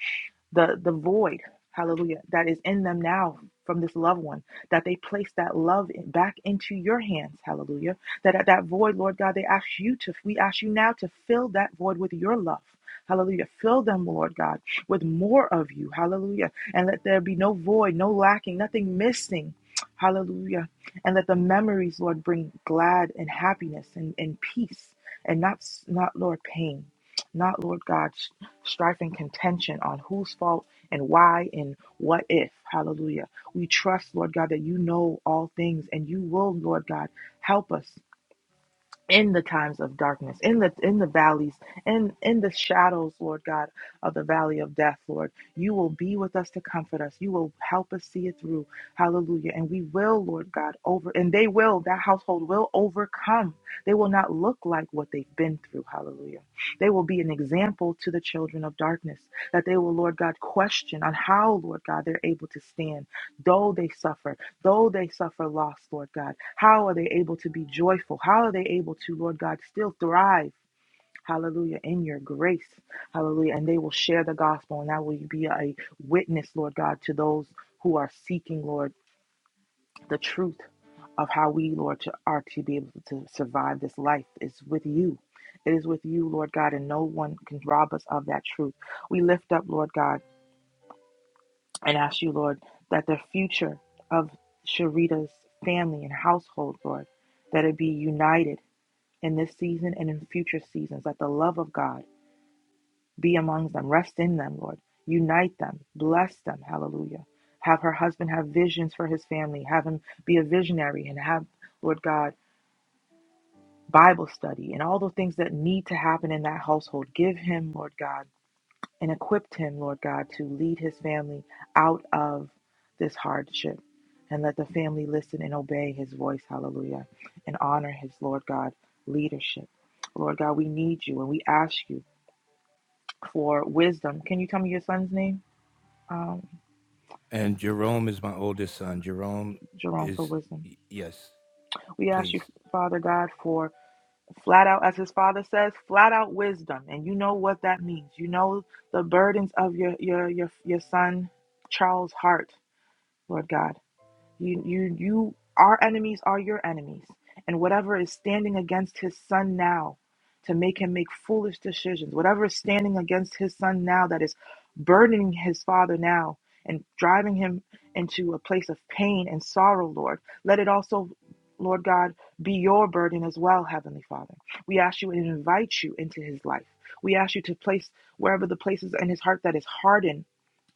J: the, the void, hallelujah, that is in them now from this loved one, that they place that love in- back into your hands, hallelujah. That at that void, Lord God, they ask you to, we ask you now to fill that void with your love. Hallelujah. Fill them, Lord God, with more of you. Hallelujah. And let there be no void, no lacking, nothing missing. Hallelujah. And let the memories, Lord, bring glad and happiness and, and peace and not not Lord pain, not Lord God s- strife and contention on whose fault and why and what if. Hallelujah. We trust Lord God that you know all things and you will Lord God help us in the times of darkness in the in the valleys in in the shadows lord god of the valley of death lord you will be with us to comfort us you will help us see it through hallelujah and we will lord god over and they will that household will overcome they will not look like what they've been through hallelujah they will be an example to the children of darkness that they will lord god question on how lord god they're able to stand though they suffer though they suffer loss, Lord God, how are they able to be joyful? How are they able to, Lord God, still thrive? Hallelujah, in your grace. Hallelujah. And they will share the gospel, and that will be a witness, Lord God, to those who are seeking, Lord, the truth of how we, Lord, to, are to be able to survive this life is with you. It is with you, Lord God, and no one can rob us of that truth. We lift up, Lord God and ask you, Lord, that the future of Sharita's family and household, Lord, that it be united in this season and in future seasons, that the love of God be amongst them, rest in them, Lord. Unite them, bless them, hallelujah. Have her husband have visions for his family, have him be a visionary, and have, Lord God, Bible study and all the things that need to happen in that household. Give him, Lord God and equipped him, Lord God, to lead his family out of this hardship. And let the family listen and obey his voice, hallelujah, and honor his, Lord God, leadership. Lord God, we need you and we ask you for wisdom. Can you tell me your son's name? Um,
A: And Jerome is my oldest son. Jerome
J: Jerome, for
A: is
J: wisdom.
A: y- yes,
J: We ask you,
A: please.
J: Father God, for flat out, as his father says, flat out wisdom. And you know what that means. You know the burdens of your your your, your son Charles' heart, Lord God. You, you, you, our enemies are your enemies. And whatever is standing against his son now to make him make foolish decisions, whatever is standing against his son now that is burdening his father now and driving him into a place of pain and sorrow, Lord, let it also, Lord God, be your burden as well, Heavenly Father. We ask you and invite you into his life. We ask you to place wherever the places in his heart that is hardened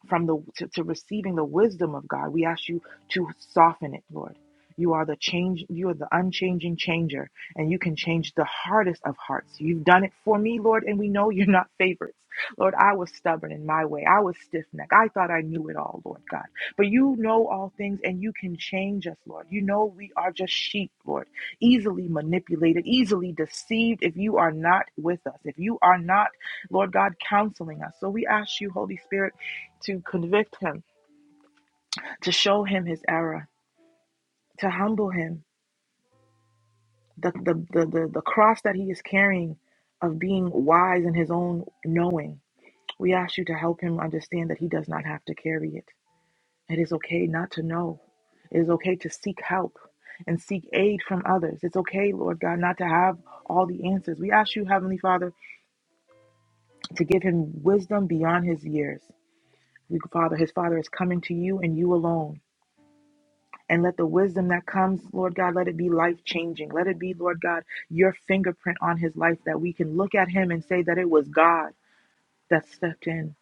J: from the to, to receiving the wisdom of God. We ask you to soften it, Lord. You are the change, you are the unchanging changer, and you can change the hardest of hearts. You've done it for me, Lord, and we know you're not *laughs* favorites. Lord, I was stubborn in my way. I was stiff necked. I thought I knew it all, Lord God. But you know all things and you can change us, Lord. You know we are just sheep, Lord, easily manipulated, easily deceived if you are not with us, if you are not, Lord God, counseling us. So we ask you, Holy Spirit to convict him, to show him his error, to humble him. The, the, the, the, the cross that he is carrying of being wise in his own knowing, we ask you to help him understand that he does not have to carry it. It is okay not to know, it is okay to seek help. And seek aid from others. It's okay, Lord God, not to have all the answers. We ask you, Heavenly Father, to give him wisdom beyond his years. We, Father, his Father is coming to you and you alone And let the wisdom that comes, Lord God, let it be life changing. Let it be, Lord God, your fingerprint on his life that we can look at him and say that it was God that stepped in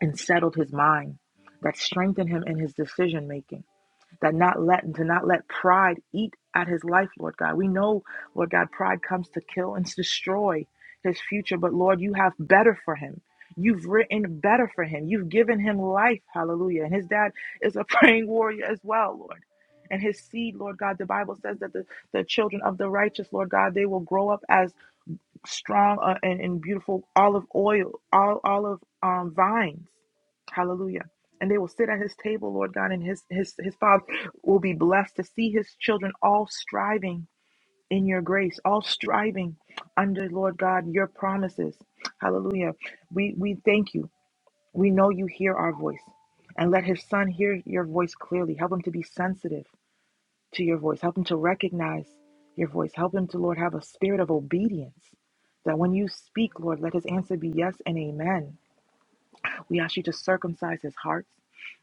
J: and settled his mind, that strengthened him in his decision making that not let to not let pride eat at his life, Lord God. We know, Lord God, pride comes to kill and to destroy his future, but Lord, you have better for him. You've written better for him. You've given him life. Hallelujah. And his dad is a *laughs* praying warrior as well, Lord. And his seed, Lord God, the Bible says that the, the children of the righteous, Lord God, they will grow up as strong uh, and, and beautiful olive oil, all olive um, vines. Hallelujah. And they will sit at his table, Lord God, and his his his father will be blessed to see his children all striving in your grace, all striving under Lord God your promises. Hallelujah. We we thank you. We know you hear our voice. And let his son hear your voice clearly. Help him to be sensitive to your voice. Help them to recognize your voice. Help them to, Lord, have a spirit of obedience that when you speak, Lord, let his answer be yes and amen. We ask you to circumcise his hearts.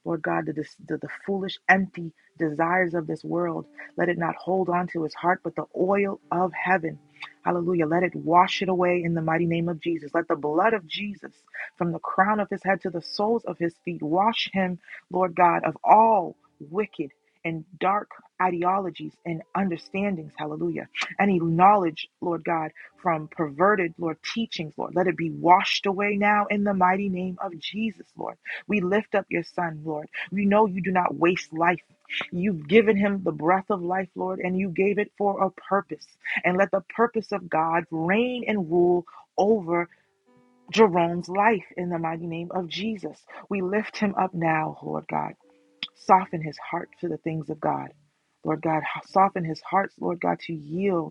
J: Lord God, the, the, the foolish, empty desires of this world, let it not hold on to his heart, but the oil of heaven. Hallelujah. Let it wash it away in the mighty name of Jesus. Let the blood of Jesus, from the crown of his head to the soles of his feet, wash him, Lord God, of all wicked and dark ideologies and understandings. Hallelujah. Any knowledge, Lord God from perverted, Lord, teachings, Lord. Let it be washed away now in the mighty name of Jesus, Lord. We lift up your son, Lord. We know you do not waste life. You've given him the breath of life, Lord, and you gave it for a purpose. And let the purpose of God reign and rule over Jerome's life in the mighty name of Jesus. We lift him up now, Lord God. Soften his heart to the things of God. Lord God, soften his hearts, Lord God, to yield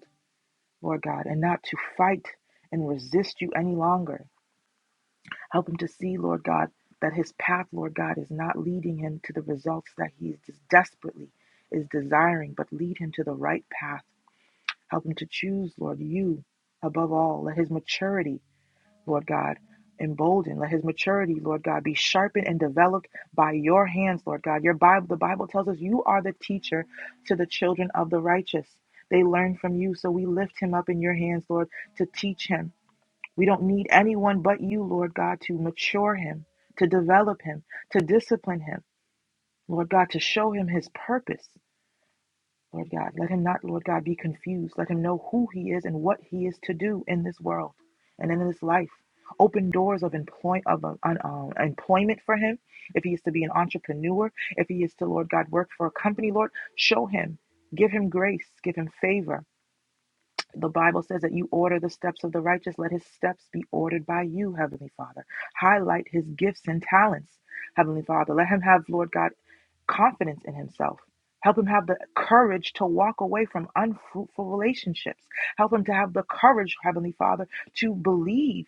J: Lord God, and not to fight and resist you any longer. Help him to see, Lord God, that his path, Lord God, is not leading him to the results that he is just desperately is desiring, but lead him to the right path. Help him to choose, Lord, you above all. Let his maturity Lord God. Emboldened, let his maturity, Lord God, be sharpened and developed by your hands, Lord God. Your Bible, the Bible tells us you are the teacher to the children of the righteous. They learn from you, so we lift him up in your hands, Lord, to teach him. We don't need anyone but you, Lord God, to mature him, to develop him, to discipline him, Lord God, to show him his purpose. Lord God. Let him not, Lord God, be confused. Let him know who he is and what he is to do in this world and in this life. Open doors of, employ- of uh, un- um, employment for him. If he is to be an entrepreneur, if he is to, Lord God, work for a company, Lord, show him. Give him grace. Give him favor. The Bible says that you order the steps of the righteous. Let his steps be ordered by you, Heavenly Father. Highlight his gifts and talents, Heavenly Father. Let him have, Lord God, confidence in himself. Help him have the courage to walk away from unfruitful relationships. Help him to have the courage, Heavenly Father, to believe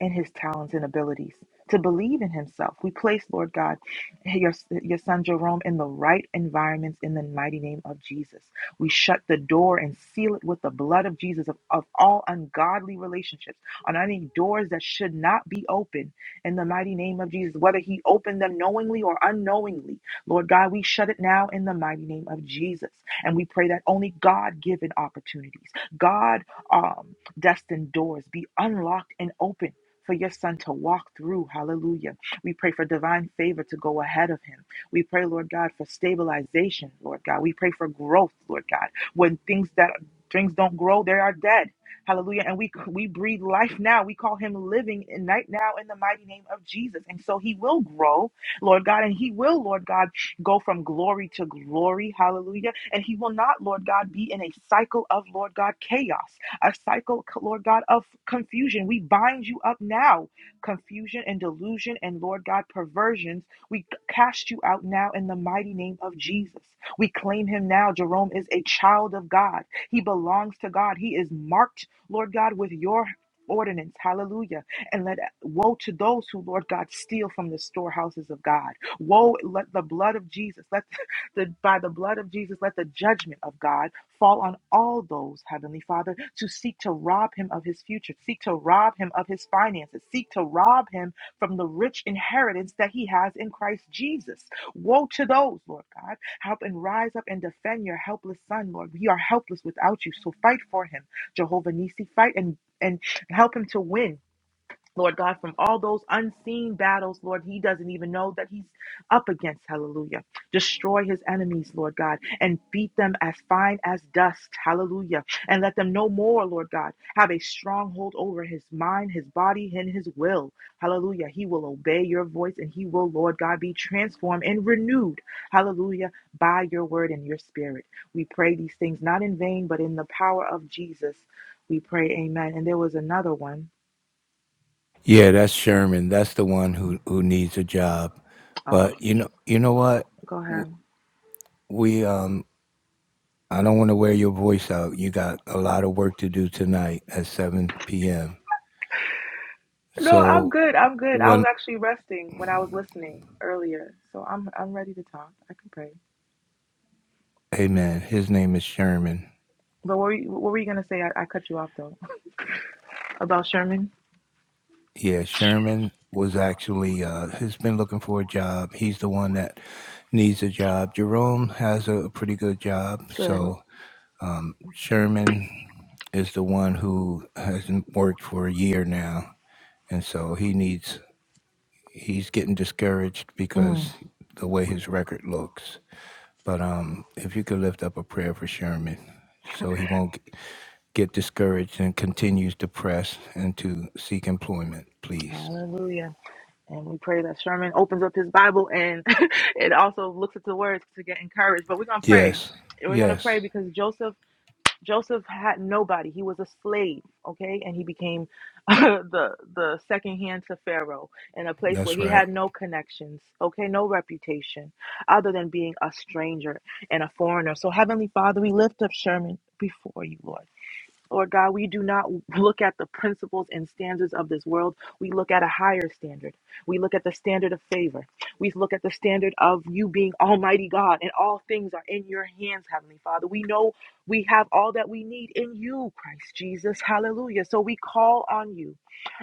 J: in his talents and abilities, to believe in himself. We place, Lord God, your, your son Jerome in the right environments in the mighty name of Jesus. We shut the door and seal it with the blood of Jesus of, of all ungodly relationships, on any doors that should not be open in the mighty name of Jesus, whether he opened them knowingly or unknowingly. Lord God, we shut it now in the mighty name of Jesus. And we pray that only God given opportunities, God um, destined doors be unlocked and open. For your son to walk through. Hallelujah. We pray for divine favor to go ahead of him. We pray, Lord God, for stabilization, Lord God. We pray for growth, Lord God. When things that things don't grow, they are dead. Hallelujah. And we we breathe life now. We call him living in night now in the mighty name of Jesus. And so he will grow Lord God, and he will, Lord God, go from glory to glory. Hallelujah. And he will not, Lord God, be in a cycle of, Lord God, chaos, a cycle, Lord God, of confusion. We bind you up now, confusion and delusion and, Lord God, perversions. We cast you out now in the mighty name of Jesus. We claim him now. Jerome is a child of God. He belongs to God. He is marked, Lord God, with your ordinance. Hallelujah. And let woe to those who, Lord God, steal from the storehouses of God. Woe, let the blood of Jesus, let *laughs* the by the blood of Jesus, let the judgment of God fall on all those, Heavenly Father, to seek to rob him of his future, seek to rob him of his finances, seek to rob him from the rich inheritance that he has in Christ Jesus. Woe to those, Lord God. Help and rise up and defend your helpless son, Lord. We are helpless without you, so fight for him, Jehovah Nissi, Fight and and help him to win Lord God, from all those unseen battles, Lord, he doesn't even know that he's up against. Hallelujah. Destroy his enemies, Lord God, and beat them as fine as dust. Hallelujah. And let them no more, Lord God, have a stronghold over his mind, his body, and his will. Hallelujah. He will obey your voice and he will, Lord God, be transformed and renewed. Hallelujah. By your word and your spirit. We pray these things not in vain, but in the power of Jesus. We pray, Amen. And there was another one.
A: Yeah, that's Sherman. That's the one who who needs a job.
J: Oh,
A: But you know, you know what?
J: Go
A: W-
J: ahead.
A: We um I don't want to wear your voice out. You got a lot of work to do tonight at 7 p.m.
J: No, I'm
A: So,
J: good. I'm good. I was
A: one
J: actually resting when I was listening earlier, so I'm I'm ready to talk. I can pray.
A: hey man, his name is Sherman.
J: But what were you, what were you gonna say? I, I cut you off though. About Sherman.
A: Yeah, Sherman was actually uh has been looking for a job. He's the one that needs a job. Jerome has a pretty good job,
J: Good.
A: so um Sherman is the one who hasn't worked for a year now, and so he needs he's getting discouraged because
J: Mm,
A: the way his record looks. But um if you could lift up a prayer for Sherman so he won't g- get discouraged and continues to press and to seek employment, please.
J: hallelujah. And we pray that Sherman opens up his Bible and *laughs* it also looks at the words to get encouraged. But we're gonna pray.
A: Yes,
J: We're gonna
A: yes,
J: pray because Joseph. Joseph had nobody. He was a slave, okay? And he became *laughs* the the second hand to Pharaoh in a place where
A: that's
J: he
A: right.
J: had no connections, okay? No reputation other than being a stranger and a foreigner. So heavenly Father, we lift up Sherman before you, Lord. Lord God, we do not look at the principles and standards of this world. We look at a higher standard. We look at the standard of favor. We look at the standard of you being Almighty God, and all things are in your hands, Heavenly Father. We know we have all that we need in you, Christ Jesus. Hallelujah. So we call on you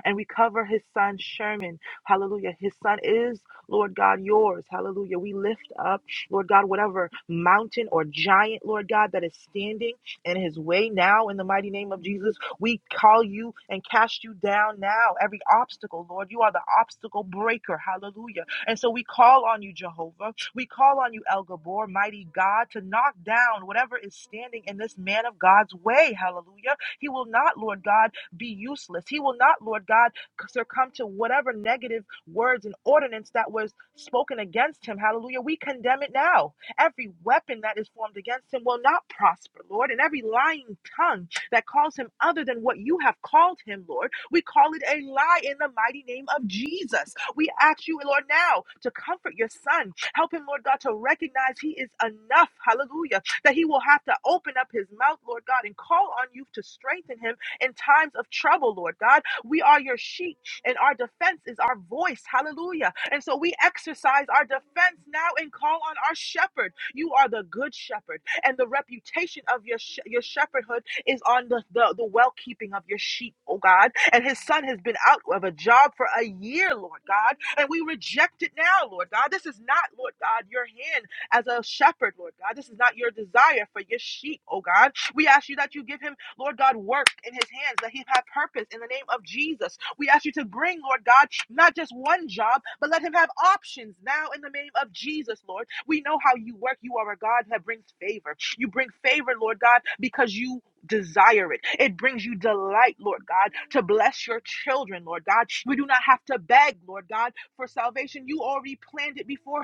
J: and we cover his son, Sherman. Hallelujah. His son is, Lord God, yours. Hallelujah. We lift up, Lord God, whatever mountain or giant, Lord God, that is standing. In his way now in the mighty name of Jesus. We call you and cast you down now. Every obstacle, Lord, you are the obstacle breaker. Hallelujah. And so we call on you, Jehovah. We call on you, El Gabor, mighty God, to knock down whatever is standing in this man of God's way. Hallelujah. He will not, Lord God, be useless. He will not, Lord God, succumb to whatever negative words and ordinance that was spoken against him. Hallelujah. We condemn it now. Every weapon that is formed against him will not prosper, Lord. And every lying tongue that calls him other than what you have called him, Lord, we call it a lie in the mighty name of Jesus. We ask you, Lord, now to comfort your son. Help him, Lord God, to recognize he is enough, hallelujah, that he will have to open up his mouth, Lord God, and call on you to strengthen him in times of trouble, Lord God. We are your sheep, and our defense is our voice. Hallelujah. And so we exercise our defense now and call on our shepherd. You are the good shepherd, and the reputation of your, sh- your shepherdhood is on the, the, the well keeping of your sheep, oh God. And his son has been out of a job for a year, Lord God. And we reject it now, Lord God. This is not, Lord God, your hand as a shepherd, Lord God. This is not your desire for your sheep, oh God. We ask you that you give him. Lord God, work in his hands that he have purpose in the name of Jesus. We ask you to bring, Lord God, not just one job, but let him have options now in the name of Jesus, Lord. We know how you work. You are a God that brings favor. You bring favor, Lord God, because you desire it. It brings you delight, Lord God, to bless your children, Lord God. We do not have to beg, Lord God, for salvation. You already planned it before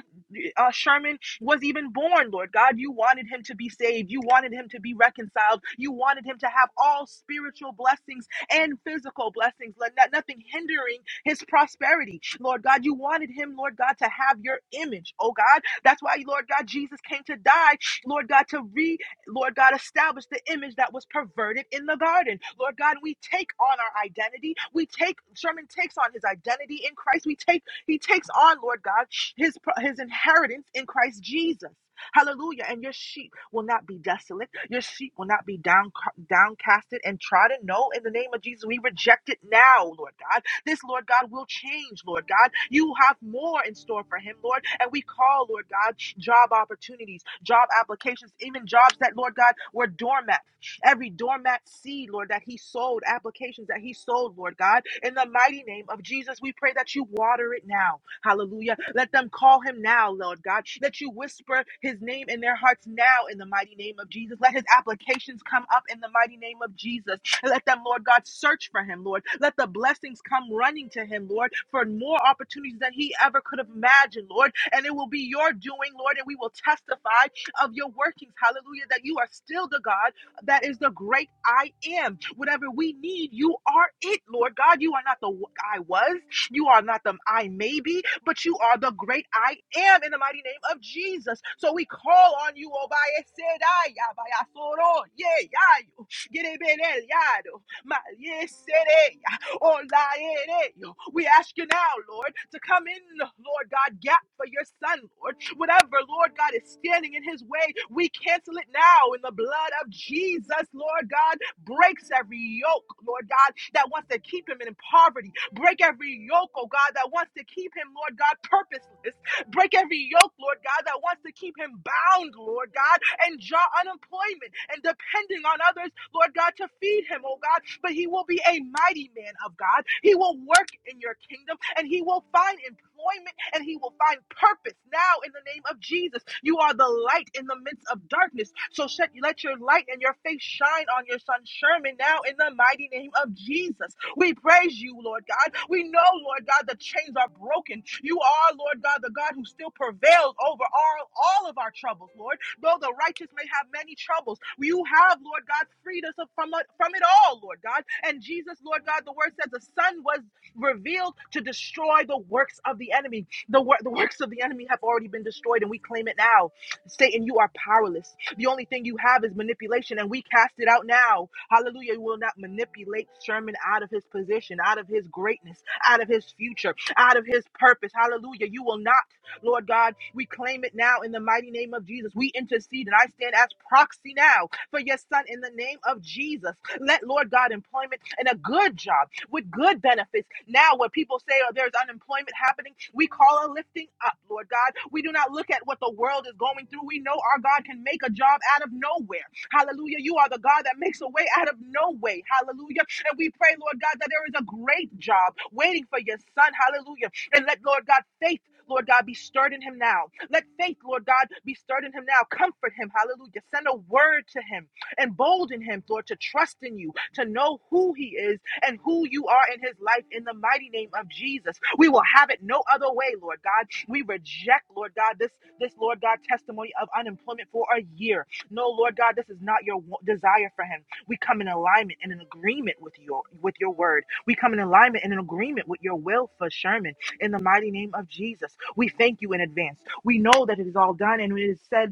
J: uh, Sherman was even born, Lord God. You wanted him to be saved. You wanted him to be reconciled. You wanted him to have all spiritual blessings and physical blessings, Lord, not, nothing hindering his prosperity. Lord God, you wanted him, Lord God, to have your image, oh God. That's why, Lord God, Jesus came to die, Lord God, to re, Lord God, establish the image that was perverted in the garden. Lord God, we take on our identity. We take, Sherman takes on his identity in Christ. We take he takes on, Lord God, his, his inheritance in Christ Jesus. Hallelujah. And your sheep will not be desolate. Your sheep will not be down, downcasted and trodden. No, in the name of Jesus, we reject it now, Lord God. This, Lord God, will change, Lord God. You have more in store for him, Lord. And we call, Lord God, job opportunities, job applications, even jobs that, Lord God, were dormant every doormat seed, Lord, that he sold, applications that he sold, Lord God. In the mighty name of Jesus, we pray that you water it now. Hallelujah. Let them call him now, Lord God. Let you whisper his name in their hearts now in the mighty name of Jesus. Let his applications come up in the mighty name of Jesus. Let them, Lord God, search for him, Lord. Let the blessings come running to him, Lord, for more opportunities than he ever could have imagined, Lord. And it will be your doing, Lord, and we will testify of your workings. Hallelujah. That you are still the God that is the great I am. Whatever we need, you are it, Lord God. You are not the I was, you are not the I may be, but you are the great I am in the mighty name of Jesus. So we call on you, Obaye Sedai, Yabaya Soro, Ye Yayo, Yerebelel Yado, Malie Sede, on thy head. eh? We ask you now, Lord, to come in, Lord God, gap for your son, Lord. Whatever, Lord God, is standing in his way, we cancel it now in the blood of Jesus, Lord God. Breaks every yoke, Lord God, that wants to keep him in poverty. Break every yoke, oh God, that wants to keep him, Lord God, purposeless. Break every yoke, Lord God, that wants to keep him bound, Lord God, and draw unemployment and depending on others, Lord God, to feed him, oh God. But he will be a mighty man of God. He will work in your kingdom and he will find employment and he will find purpose now in the name of Jesus. You are the light in the midst of darkness. So let your light and your face shine on your son Sherman now in the mighty name of Jesus. We praise you, Lord God. We know, Lord God, the chains are broken. You are, Lord God, the God who still prevails over all, all of our troubles, Lord. Though the righteous may have many troubles, you have, Lord God, freed us from, from it all, Lord God. And Jesus, Lord God, the word says the Son was revealed to destroy the works of the enemy. The, wor- the works of the enemy have already been destroyed, and we claim it now. Satan, you are powerless. The only thing you have is manipulation, and we cast it out now. Hallelujah. You will not manipulate Sherman out of his position, out of his greatness, out of his future, out of his purpose. Hallelujah. You will not, Lord God. We claim it now in the mighty name of Jesus. We intercede, and I stand as proxy now for your son in the name of Jesus. Let, Lord God, employment and a good job with good benefits. Now, when people say, oh, there's unemployment happening, we call a lifting up, Lord God. We do not look at what the world is going through. We know our God can make a job out of nowhere. Hallelujah. You are the God that makes a way out of no way. Hallelujah. And we pray, Lord God, that there is a great job waiting for your son. Hallelujah. And let, Lord God, faith. Lord God, be stirred in him now. Let faith, Lord God, be stirred in him now. Comfort him. Hallelujah. Send a word to him. Embolden him, Lord, to trust in you, to know who he is and who you are in his life in the mighty name of Jesus. We will have it no other way, Lord God. We reject, Lord God, this this Lord God testimony of unemployment for a year. No, Lord God, this is not your desire for him. We come in alignment and in agreement with your with your word. We come in alignment and in agreement with your will for Sherman in the mighty name of Jesus. We thank you in advance. We know that it is all done and it is said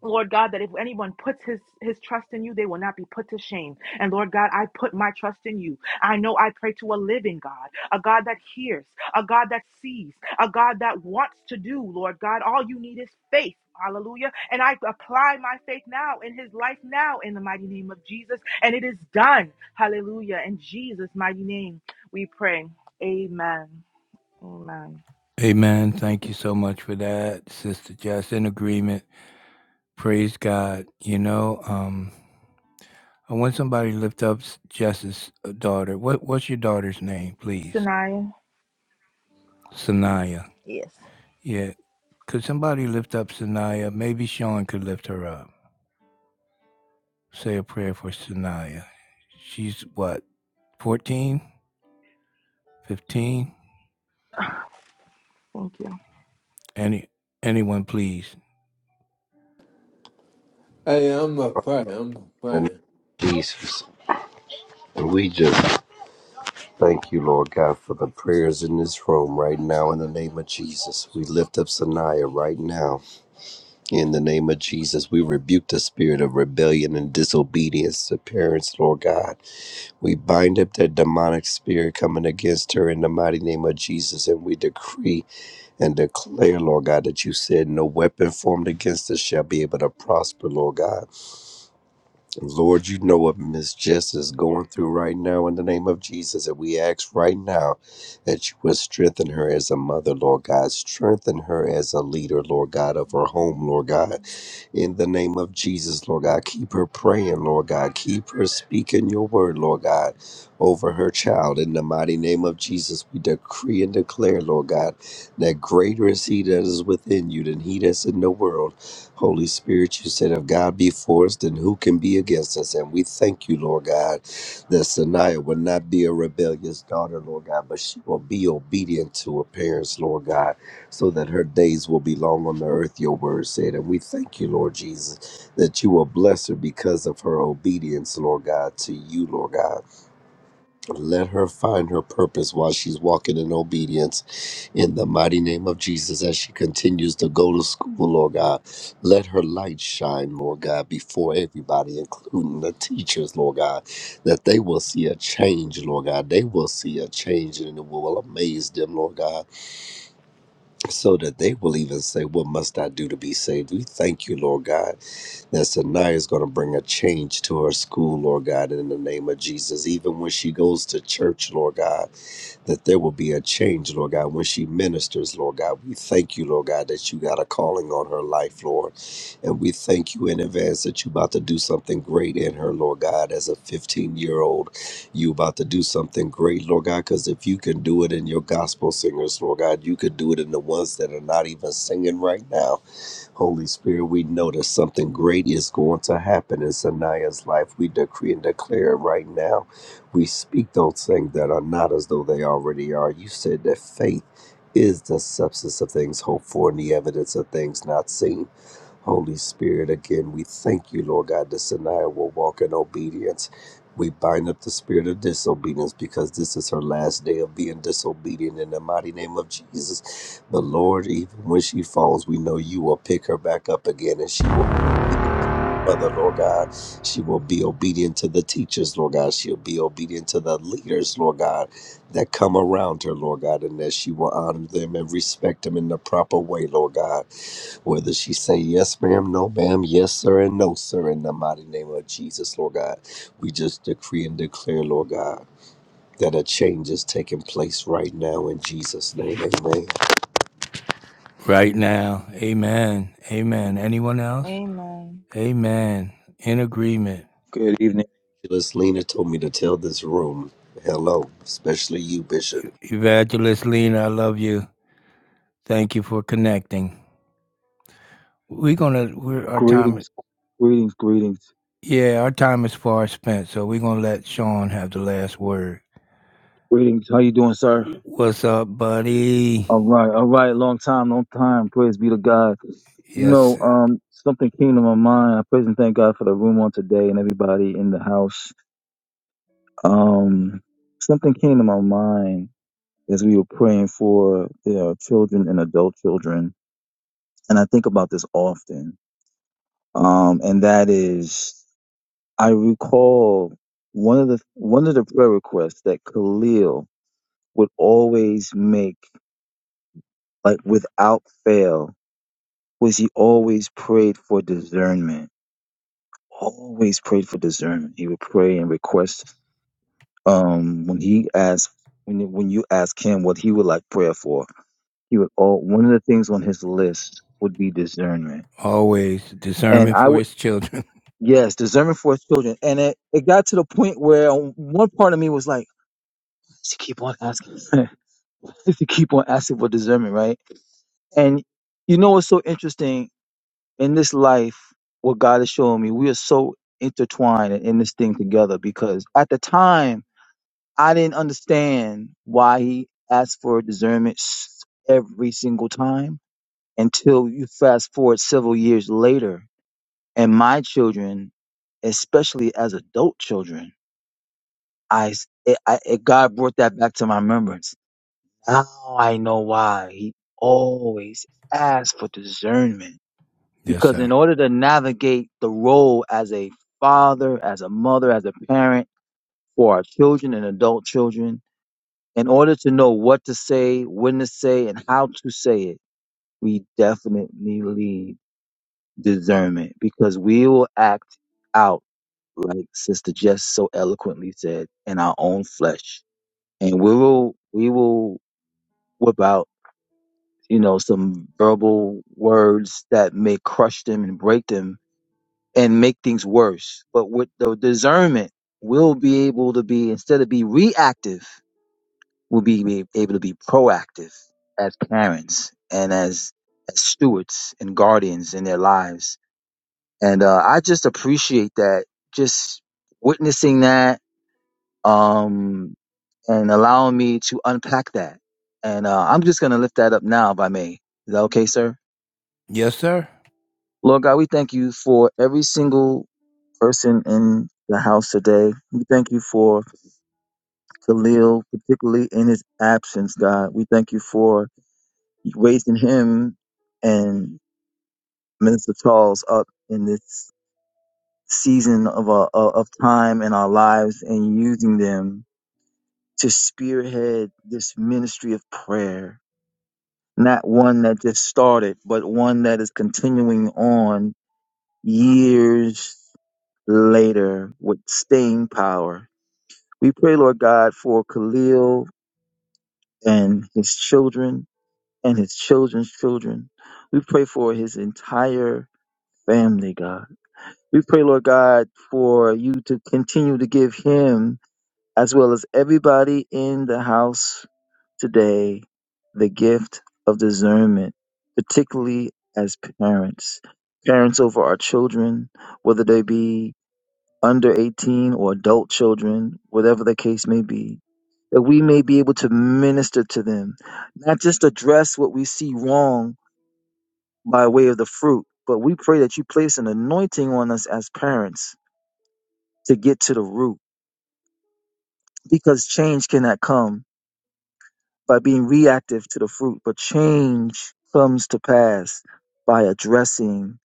J: Lord God, that if anyone puts his, his trust in you, they will not be put to shame. And Lord God, I put my trust in you. I know I pray to a living God, a God that hears, a God that sees, a God that wants to do, Lord God. All you need is faith. Hallelujah. And I apply my faith now in his life now in the mighty name of Jesus. And it is done. Hallelujah. In Jesus' mighty name, we pray. Amen. Amen.
A: Amen. Thank you so much for that, Sister Jess. In agreement. Praise God. You know, um, I want somebody to lift up S- Jess's uh, daughter. What What's your daughter's name, please?
J: Sanaya.
A: Sanaya.
J: Yes.
A: Yeah. Could somebody lift up Sanaya? Maybe Sean could lift her up. Say a prayer for Sanaya. She's what, Fourteen, fifteen.
J: Thank you.
A: Any, anyone, please.
E: Hey, I'm a pray. I'm a
C: And
E: pray.
C: Jesus. And we just thank you, Lord God, for the prayers in this room right now in the name of Jesus. We lift up Sanaya right now in the name of Jesus. We rebuke the spirit of rebellion and disobedience to parents, Lord God. We bind up that demonic spirit coming against her in the mighty name of Jesus. And we decree and declare, Lord God, that you said no weapon formed against us shall be able to prosper, Lord God. Lord, you know what Miss Jess is going through right now in the name of Jesus. And we ask right now that you would strengthen her as a mother, Lord God. Strengthen her as a leader, Lord God, of her home, Lord God in the name of Jesus, Lord God. Keep her praying, Lord God. Keep her speaking your word, Lord God, over her child. In the mighty name of Jesus, we decree and declare, Lord God, that greater is he that is within you than he that's in the world. Holy Spirit, you said, if God be for us, then who can be against us? And we thank you, Lord God, that Sanaya will not be a rebellious daughter, Lord God, but she will be obedient to her parents, Lord God so that her days will be long on the earth, your word said. And we thank you, Lord Jesus, that you will bless her because of her obedience, Lord God, to you, Lord God. Let her find her purpose while she's walking in obedience in the mighty name of Jesus as she continues to go to school, Lord God. Let her light shine, Lord God, before everybody, including the teachers, Lord God, that they will see a change, Lord God. They will see a change and it will amaze them, Lord God so that they will even say, What must I do to be saved? We thank you, Lord God, that Sanaya is going to bring a change to her school, Lord God, in the name of Jesus. Even when she goes to church, Lord God, that there will be a change, Lord God, when she ministers, Lord God. We thank you, Lord God, that you got a calling on her life, Lord. And we thank you in advance that you're about to do something great in her, Lord God, as a 15 year old. you about to do something great, Lord God, because if you can do it in your gospel singers, Lord God, you could do it in the ones that are not even singing right now. Holy Spirit, we know that something great is going to happen in Sanaya's life. We decree and declare it right now. We speak those things that are not as though they already are. You said that faith is the substance of things hoped for and the evidence of things not seen. Holy Spirit, again, we thank you, Lord God, that Sanaya will walk in obedience. We bind up the spirit of disobedience because this is her last day of being disobedient in the mighty name of Jesus. But Lord, even when she falls, we know you will pick her back up again and she will be obedient to her mother, Lord God. She will be obedient to the teachers, Lord God. She'll be obedient to the leaders, Lord God, that come around her, Lord God, and that she will honor them and respect them in the proper way, Lord God. Whether she say yes, ma'am, no, ma'am, yes, sir, and no, sir, in the mighty name of Jesus, Lord God, we just decree and declare, Lord God, that a change is taking place right now in Jesus' name, amen.
A: Right now. Amen. Amen. Anyone else?
J: Amen.
A: Amen. In agreement.
K: Good evening.
C: Evangelist Lena told me to tell this room, hello, especially you, Bishop.
A: Evangelist Lena, I love you. Thank you for connecting. We're gonna we're our time
K: Greetings, greetings, greetings,
A: yeah, our time is far spent, so we're gonna let Sean have the last word.
K: greetings. How you doing, sir?
A: What's up, buddy?
K: All right, all right. Long time, long time. Praise be to God. You
A: Yes,
K: know, um, something came to my mind. I praise and thank God for the room on today and everybody in the house. Um, something came to my mind as we were praying for you children and adult children, and I think about this often. Um, and that is, I recall one of the one of the prayer requests that Khalil would always make, like without fail, was he always prayed for discernment. Always prayed for discernment. He would pray and request. Um, when he asked, when when you ask him what he would like prayer for, he would all one of the things on his list would be discernment.
A: always
K: And
A: discernment
K: I
A: for
K: would
A: his children.
K: yes, discernment for his children. And it, it got to the point where on- one part of me was like, "Why does he keep on asking? *laughs* Why does he keep on asking for discernment, right? And you know what's so interesting in this life, what God is showing me, we are so intertwined and in this thing together because at the time, I didn't understand why he asked for discernment s- every single time until you fast forward several years later. And my children, especially as adult children, I, s- it, I it, God brought that back to my remembrance. Now I know why he always asked for discernment
A: *laughs* yes,
K: Because
A: sir.
K: in order to navigate the role as a father, as a mother, as a parent for our children and adult children, in order to know what to say, when to say, and how to say it, we definitely need discernment because we will act out, like Sister Jess so eloquently said, in our own flesh. And we will, we will whip out, you know, some verbal words that may crush them and break them and make things worse. But with the discernment, we'll be able to be instead of be reactive, we'll be be able to be proactive as parents and as, as stewards and guardians in their lives. And uh, I just appreciate that, just witnessing that um, and allowing me to unpack that. And uh, I'm just going to lift that up now, if I may. Is that okay, sir?
A: Yes, sir.
K: Lord God, we thank you for every single person in the house today. We thank you for Khalil, particularly in his absence, God. We thank you for raising him and Minister Charles up in this season of a of time in our lives and using them to spearhead this ministry of prayer. Not one that just started, but one that is continuing on years later with staying power We pray, Lord God, for Khalil and his children and his children's children. We pray for his entire family, God. We pray, Lord God, for you to continue to give him, as well as everybody in the house today, the gift of discernment, particularly as parents. Parents over our children, whether they be under 18 or adult children, whatever the case may be, that we may be able to minister to them, not just address what we see wrong by way of the fruit, but we pray that you place an anointing on us as parents to get to the root because change cannot come by being reactive to the fruit, but change comes to pass by addressing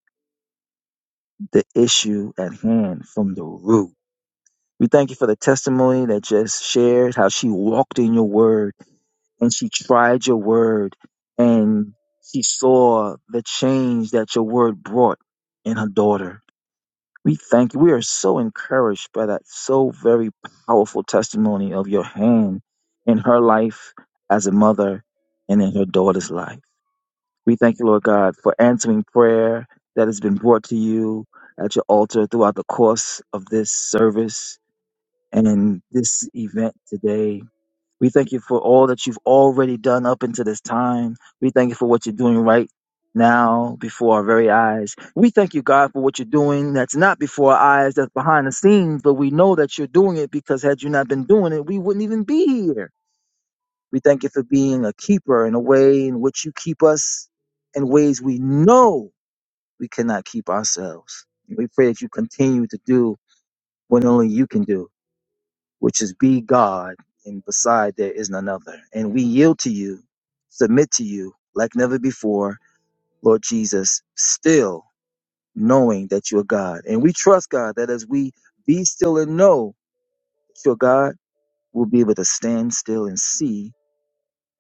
K: the issue at hand from the root. We thank you for the testimony that Jess shared, how she walked in your word and she tried your word and she saw the change that your word brought in her daughter. We thank you. We are so encouraged by that so very powerful testimony of your hand in her life as a mother and in her daughter's life. We thank you, Lord God, for answering prayer that has been brought to you at your altar throughout the course of this service and in this event today. We thank you for all that you've already done up until this time. We thank you for what you're doing right now before our very eyes. We thank you, God, for what you're doing that's not before our eyes, that's behind the scenes, but we know that you're doing it because had you not been doing it, we wouldn't even be here. We thank you for being a keeper in a way in which you keep us in ways we know we cannot keep ourselves. We pray that you continue to do what only you can do which is be God, and beside there is none other. And we yield to you, submit to you like never before, Lord Jesus, still knowing that you're God. And we trust, God, that as we be still and know that you're God, we'll be able to stand still and see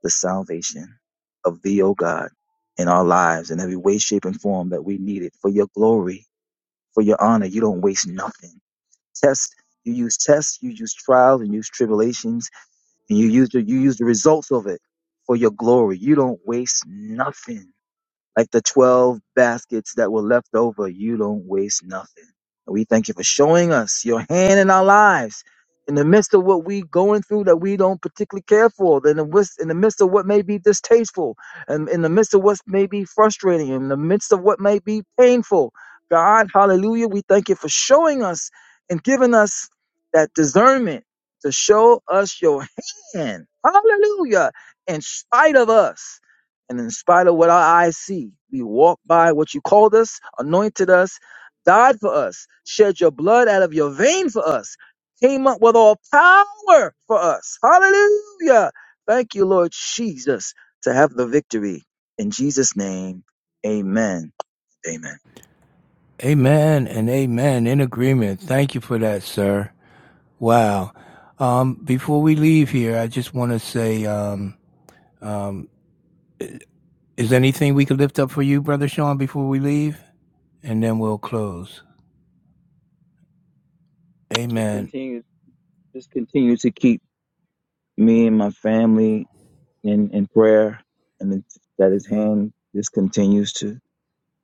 K: the salvation of thee, O God, in our lives in every way, shape, and form that we need it for your glory, for your honor. You don't waste nothing. Test. You use tests. You use trials and use tribulations, and you use the you use the results of it for your glory. You don't waste nothing like the 12 baskets that were left over, you don't waste nothing. And we thank you for showing us your hand in our lives in the midst of what we going through that we don't particularly care for, in the, wis- in the midst of what may be distasteful, and in the midst of what may be frustrating, in the midst of what may be painful. God, hallelujah, we thank you for showing us and giving us that discernment to show us your hand. Hallelujah. In spite of us. And in spite of what our eyes see, we walk by what you called us, anointed us, died for us, shed your blood out of your vein for us, came up with all power for us. Hallelujah. Thank you, Lord Jesus, to have the victory. In Jesus' name, amen. Amen.
A: Amen and amen. In agreement. Thank you for that, sir. Wow. Um, before we leave here, I just want to say, um, Is there anything we could lift up for you, Brother Sean, before we leave? And then we'll close.
K: I just
A: Amen.
K: continue, just continue to keep me and my family in, in prayer and that that his hand just continues to,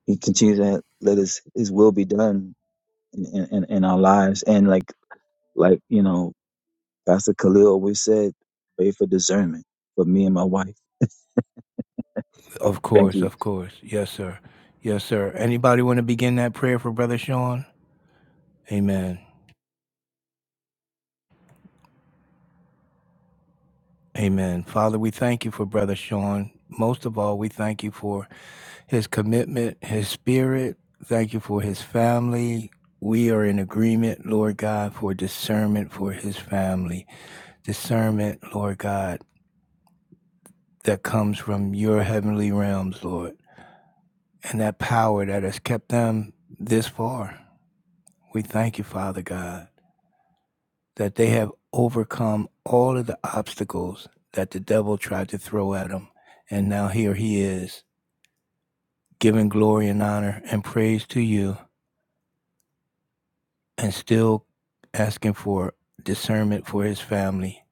K: he continues to let his, his will be done in, in, in our lives. And like like you know, Pastor Khalil always said, pray for discernment for me and my wife.
A: Of
K: Thank
A: course,
K: you.
A: of course. Yes, sir. Yes, sir. Anybody want to begin that prayer for Brother Sean? Amen. Amen. Father, we thank you for Brother Sean. Most of all, we thank you for his commitment, his spirit. Thank you for his family. We are in agreement, Lord God, for discernment for his family. Discernment, Lord God, that comes from your heavenly realms, Lord. and that power that has kept them this far. We thank you, Father God, that they have overcome all of the obstacles that the devil tried to throw at them. And now here he is, giving glory and honor and praise to you, and still asking for discernment for his family.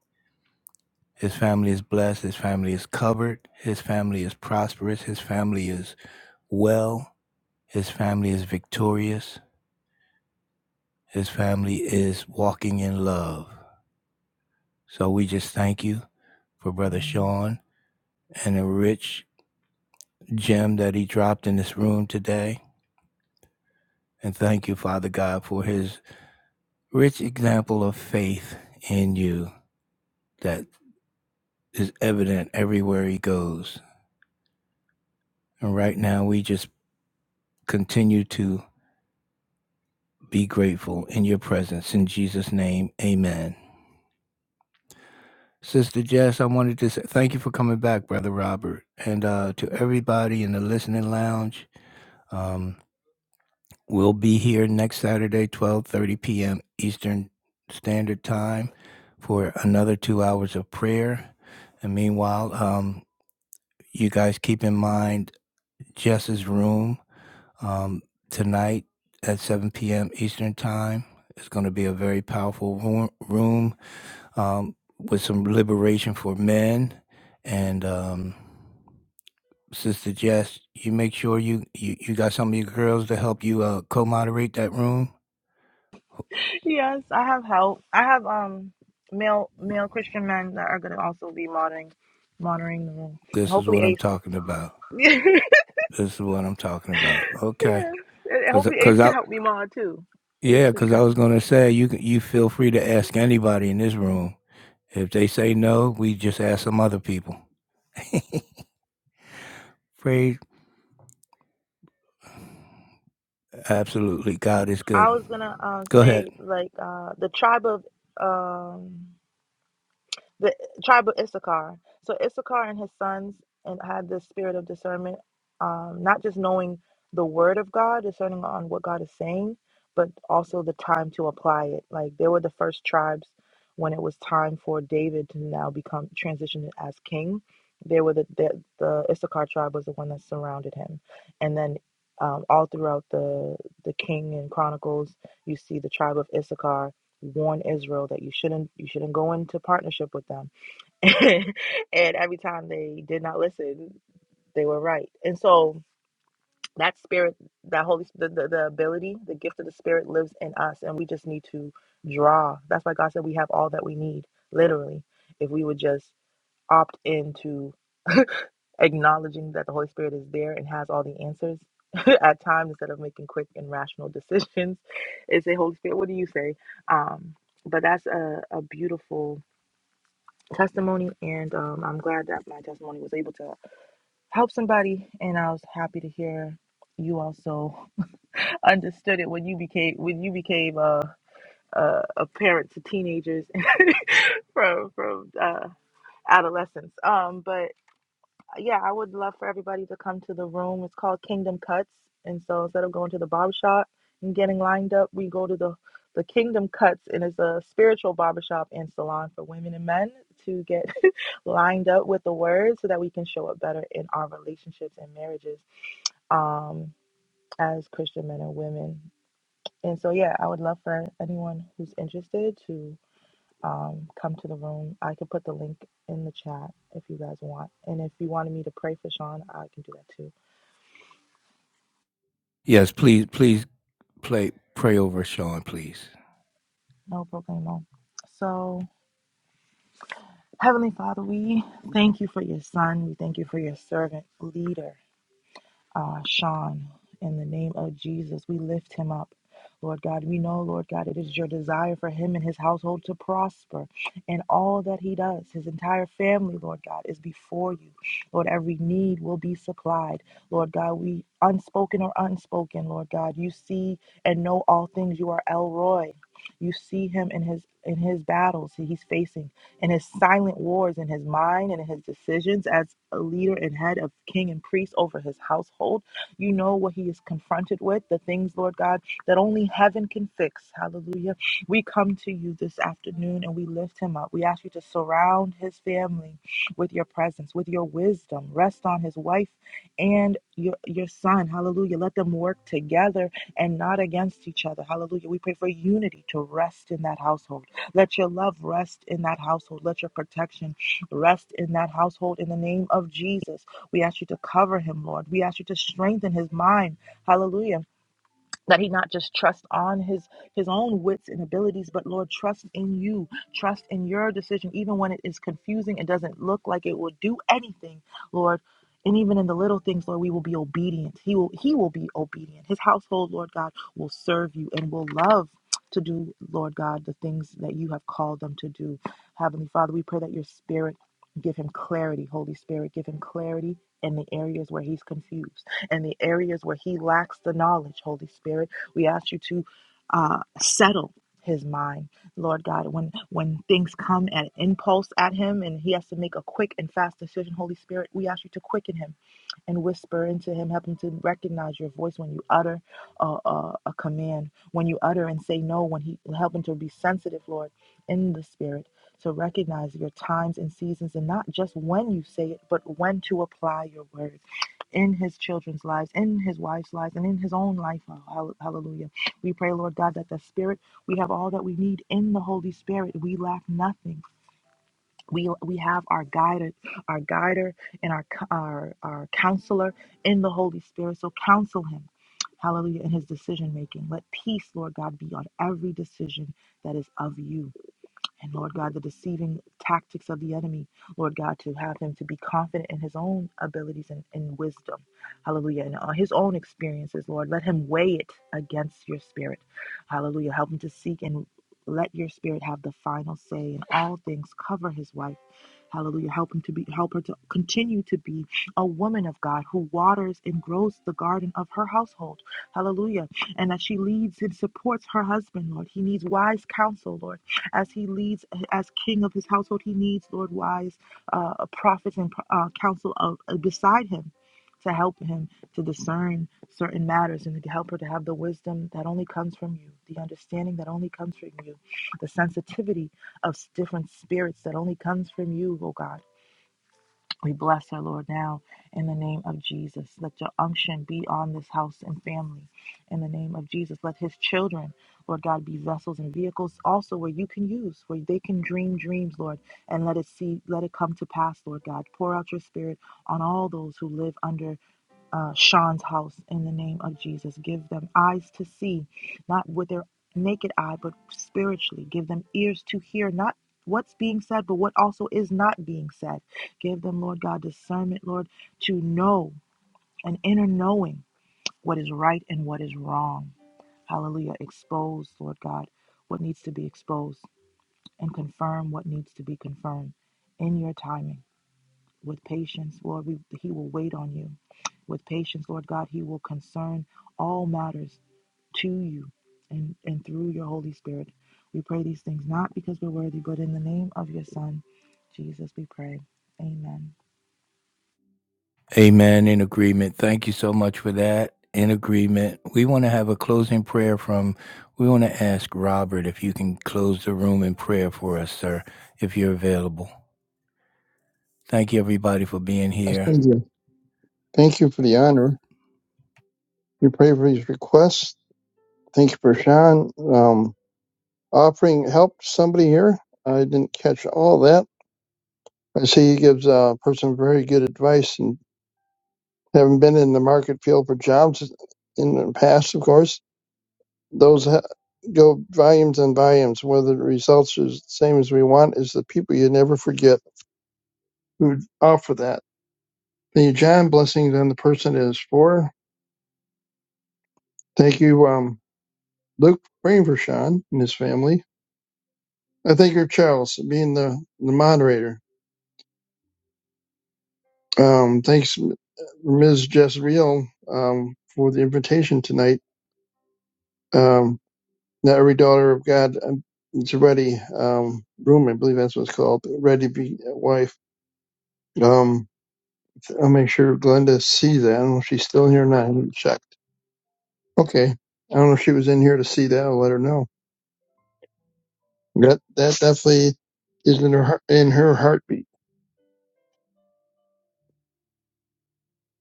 A: His family is blessed, his family is covered, his family is prosperous, his family is well, his family is victorious, his family is walking in love. So we just thank you for Brother Sean and the rich gem that he dropped in this room today. And thank you, Father God, for his rich example of faith in you that is evident everywhere he goes. And right now, we just continue to be grateful in your presence. In Jesus' name, amen. Sister Jess, I wanted to say thank you for coming back, Brother Robert. And uh, to everybody in the listening lounge, um, We'll be here next Saturday, 12:30 p.m. Eastern Standard Time for another 2 hours of prayer. And meanwhile, um, you guys keep in mind Jess's room um, tonight at 7 p.m. Eastern Time. It's going to be a very powerful room, um, with some liberation for men. And um, Sister Jess, you make sure you, you, you got some of your girls to help you uh, co moderate that room.
J: yes, I have help. I have um male male Christian men that are gonna also be monitoring, monitoring the room. And
A: This is
J: hopefully
A: what I'm
J: Ace
A: talking about.
J: *laughs* Yeah.
A: This is what I'm talking about. Okay.
J: And and
A: Cause,
J: hopefully Ace
A: cause
J: can
A: I,
J: help me mod too. Ace
A: yeah,
J: should
A: cause I
J: come.
A: was gonna say you can- you feel free to ask anybody in this room. If they say no, we just ask some other people. Free, absolutely. God is good.
J: I was gonna uh,
A: Go ahead.
J: say like uh the tribe of um the tribe of Issachar. So Issachar and his sons and had this spirit of discernment, um, not just knowing the word of God, discerning on what God is saying, but also the time to apply it. Like they were the first tribes when it was time for David to now become transitioned as king. They were the the, the Issachar tribe was the one that surrounded him, and then. Um, all throughout the the King and Chronicles, you see the tribe of Issachar warn Israel that you shouldn't you shouldn't go into partnership with them. *laughs* and every time they did not listen, they were right. And so that spirit, that holy, the, the the ability, the gift of the spirit lives in us, and we just need to draw. That's why God said we have all that we need, literally, if we would just opt into acknowledging that the Holy Spirit is there and has all the answers. *laughs* at times instead of making quick and rational decisions *laughs* and a holy spirit what do you say um but that's a, a beautiful testimony, and um, I'm glad that my testimony was able to help somebody. And I was happy to hear you also *laughs* understood it when you became when you became a a, a parent to teenagers *laughs* from from uh, adolescents. Um, but yeah, I would love for everybody to come to the room. It's called Kingdom Cuts. And so instead of going to the barbershop and getting lined up, we go to the, the Kingdom Cuts, and it's a spiritual barbershop and salon for women and men to get *laughs* lined up with the word so that we can show up better in our relationships and marriages um, as Christian men and women. And so, yeah, I would love for anyone who's interested to um, come to the room. I can put the link in the chat if you guys want. And if you wanted me to pray for Sean, I can do that too.
A: Yes, please, please play, pray over Sean, please.
J: No problemo. So, Heavenly Father, we thank you for your son. We thank you for your servant leader. uh, Sean, in the name of Jesus, we lift him up. Lord God, we know, Lord God, it is your desire for him and his household to prosper in all that he does. His entire family, Lord God, is before you. Lord, every need will be supplied. Lord God, we, unspoken or unspoken, Lord God, you see and know all things. You are Elroy. You see him in his in his battles that he's facing and his silent wars in his mind and in his decisions as a leader and head of king and priest over his household. You know what he is confronted with, the things, Lord God, that only heaven can fix. Hallelujah. We come to you this afternoon and we lift him up. We ask you to surround his family with your presence, with your wisdom. Rest on his wife and your, your son. Hallelujah. Let them work together and not against each other. Hallelujah. We pray for unity to rest in that household. Let your love rest in that household. Let your protection rest in that household in the name of Jesus. We ask you to cover him, Lord. We ask you to strengthen his mind. Hallelujah that he not just trust on his his own wits and abilities but lord trust in you trust in your decision even when it is confusing it doesn't look like it will do anything lord and even in the little things lord we will be obedient he will he will be obedient his household lord god will serve you and will love to do lord god the things that you have called them to do heavenly father we pray that your spirit give him clarity holy spirit give him clarity in the areas where he's confused and the areas where he lacks the knowledge, Holy Spirit. We ask you to uh, settle his mind, Lord God. When when things come at impulse at him and he has to make a quick and fast decision, Holy Spirit, we ask you to quicken him and whisper into him. Help him to recognize your voice when you utter uh, uh, a command, when you utter and say no, when he help him to be sensitive, Lord, in the spirit, to recognize your times and seasons and not just when you say it, but when to apply your word in his children's lives, in his wife's lives, and in his own life. Oh, hall- Hallelujah. We pray, Lord God, that the spirit, we have all that we need in the Holy Spirit. We lack nothing we we have our guider our guider and our our our counselor in the holy spirit so counsel him hallelujah in his decision making let peace lord god be on every decision that is of you and Lord God, the deceiving tactics of the enemy, Lord God, to have him to be confident in his own abilities and, and wisdom, hallelujah, and uh, his own experiences, Lord. Let him weigh it against your spirit, hallelujah. Help him to seek and let your spirit have the final say in all things. Cover his wife. Hallelujah. Help him to be help her to continue to be a woman of God who waters and grows the garden of her household. Hallelujah. And that she leads and supports her husband, Lord. He needs wise counsel, Lord as he leads as king of his household. He needs, Lord, wise uh, prophets and uh, counsel of, uh, beside him to help him to discern certain matters and to help her to have the wisdom that only comes from you, the understanding that only comes from you, the sensitivity of different spirits that only comes from you, oh God. We bless our Lord, now in the name of Jesus. Let your unction be on this house and family in the name of Jesus. Let his children, Lord God, be vessels and vehicles also where you can use, where they can dream dreams, Lord, and let it see, let it come to pass, Lord God. Pour out your spirit on all those who live under uh, Sean's house in the name of Jesus. Give them eyes to see, not with their naked eye, but spiritually. Give them ears to hear, not what's being said, but what also is not being said. Give them, Lord God, discernment, Lord, to know an inner knowing what is right and what is wrong. Hallelujah. Expose, Lord God, what needs to be exposed and confirm what needs to be confirmed in your timing with patience, Lord. We, he will wait on you with patience, Lord God. He will concern all matters to you and, and through your Holy Spirit. We pray these things not because we're worthy, but in the name of your Son, Jesus, we pray. Amen.
A: Amen. In agreement. Thank you so much for that. In agreement. We want to have a closing prayer from, we want to ask Robert if you can close the room in prayer for us, sir, if you're available. Thank you, everybody, for being
D: Yes,
A: here.
D: Thank you. Thank you for the honor. We pray for these requests. Thank you for Sean um, offering help to somebody here. I didn't catch all that. I see he gives uh, a person very good advice and having been in the market field for jobs in the past, of course, those ha- go volumes and volumes. Whether the results are the same as we want is the people you never forget who offer that. The John blessings on the person it is for. Thank you, um, Luke, for praying for Sean and his family I thank you, Charles, for being the, the moderator. Um, thanks, M- Ms. Jezreel, um, for the invitation tonight. Um, not every daughter of God um, is ready. Um, room, I believe that's what it's called. Ready to be a wife. Um, I'll make sure Glenda sees that. I don't know if she's still in here or not. I haven't checked. Okay. I don't know if she was in here to see that. I'll let her know. That that definitely is in her heart- in her heartbeat.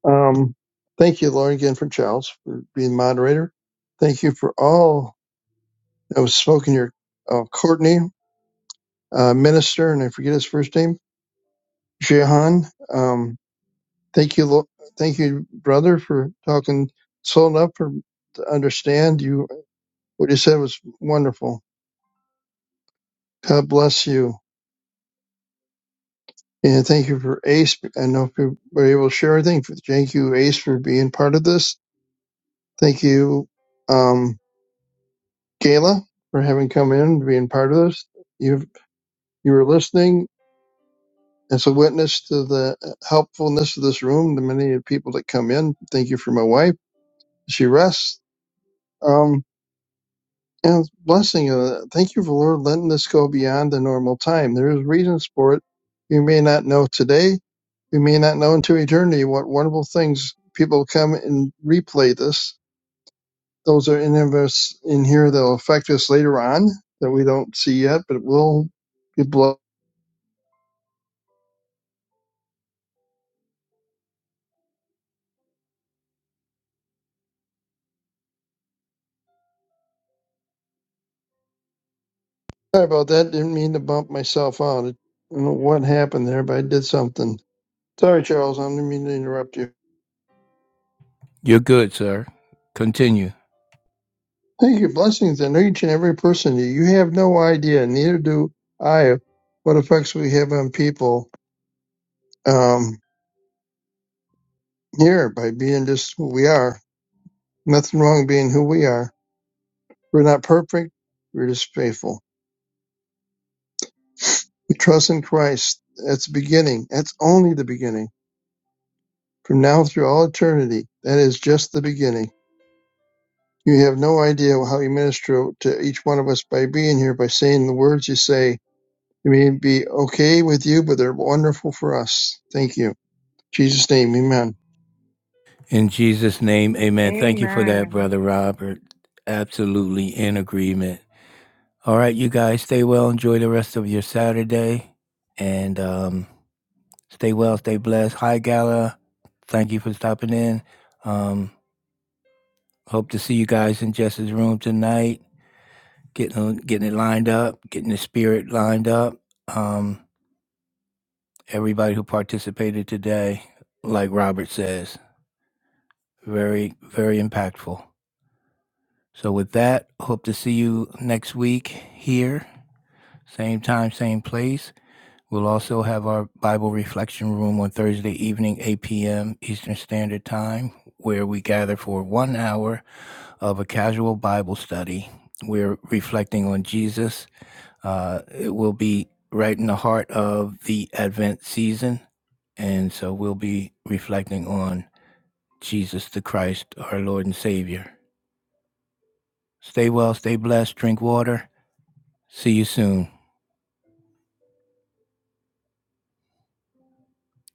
D: Um, thank you, Lauren, again for Giles for being moderator. Thank you for all that was spoken here. Uh, Courtney, uh, minister, and I forget his first name, Jehan. Um, thank you, Lo- thank you, brother, for talking slow enough for to understand you. What you said was wonderful. God bless you, and thank you for Ace. I know if you were able to share anything. Thank you, Ace, for being part of this. Thank you. Um, Gayla, for having come in and being part of this. You you were listening as a witness to the helpfulness of this room, the many people that come in. Thank you for my wife. She rests. Um, and it's a blessing. Uh, thank you for Lord letting this go beyond the normal time. There is reasons for it. We may not know today. We may not know into eternity what wonderful things people come and replay this. Those are in of us in here that will affect us later on that we don't see yet, but will be blessed Sorry about that. Didn't mean to bump myself out. I don't know what happened there, but I did something. Sorry, Charles. I didn't mean to interrupt you.
A: You're good, sir. Continue.
D: Thank you. Blessings on each and every person. You have no idea, neither do I, what effects we have on people um, here by being just who we are. Nothing wrong being who we are. We're not perfect. We're just faithful. We trust in Christ. That's the beginning. That's only the beginning. From now through all eternity, that is just the beginning. You have no idea how you minister to each one of us by being here, by saying the words you say. They may be okay with you, but they're wonderful for us. Thank you. In Jesus' name, amen.
A: In Jesus' name, amen. Thank you for that,
J: Amen.
A: Brother Robert. Absolutely in agreement. All right, you guys, stay well. Enjoy the rest of your Saturday. And, um, Stay well, stay blessed. Hi, Gala. Thank you for stopping in. Um, hope to see you guys in Jess's room tonight. Getting getting it lined up, getting the spirit lined up. Um, everybody who participated today, like Robert says, very very impactful. So with that, hope to see you next week here, same time, same place. We'll also have our Bible reflection room on Thursday evening, 8 p.m. Eastern Standard Time, where we gather for one hour of a casual Bible study. We're reflecting on Jesus. Uh, it will be right in the heart of the Advent season. And so we'll be reflecting on Jesus the Christ, our Lord and Savior. Stay well, stay blessed, drink water. See you soon.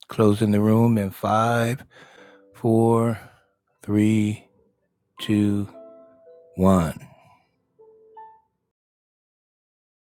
A: Closing the room in five, four, three, two, one.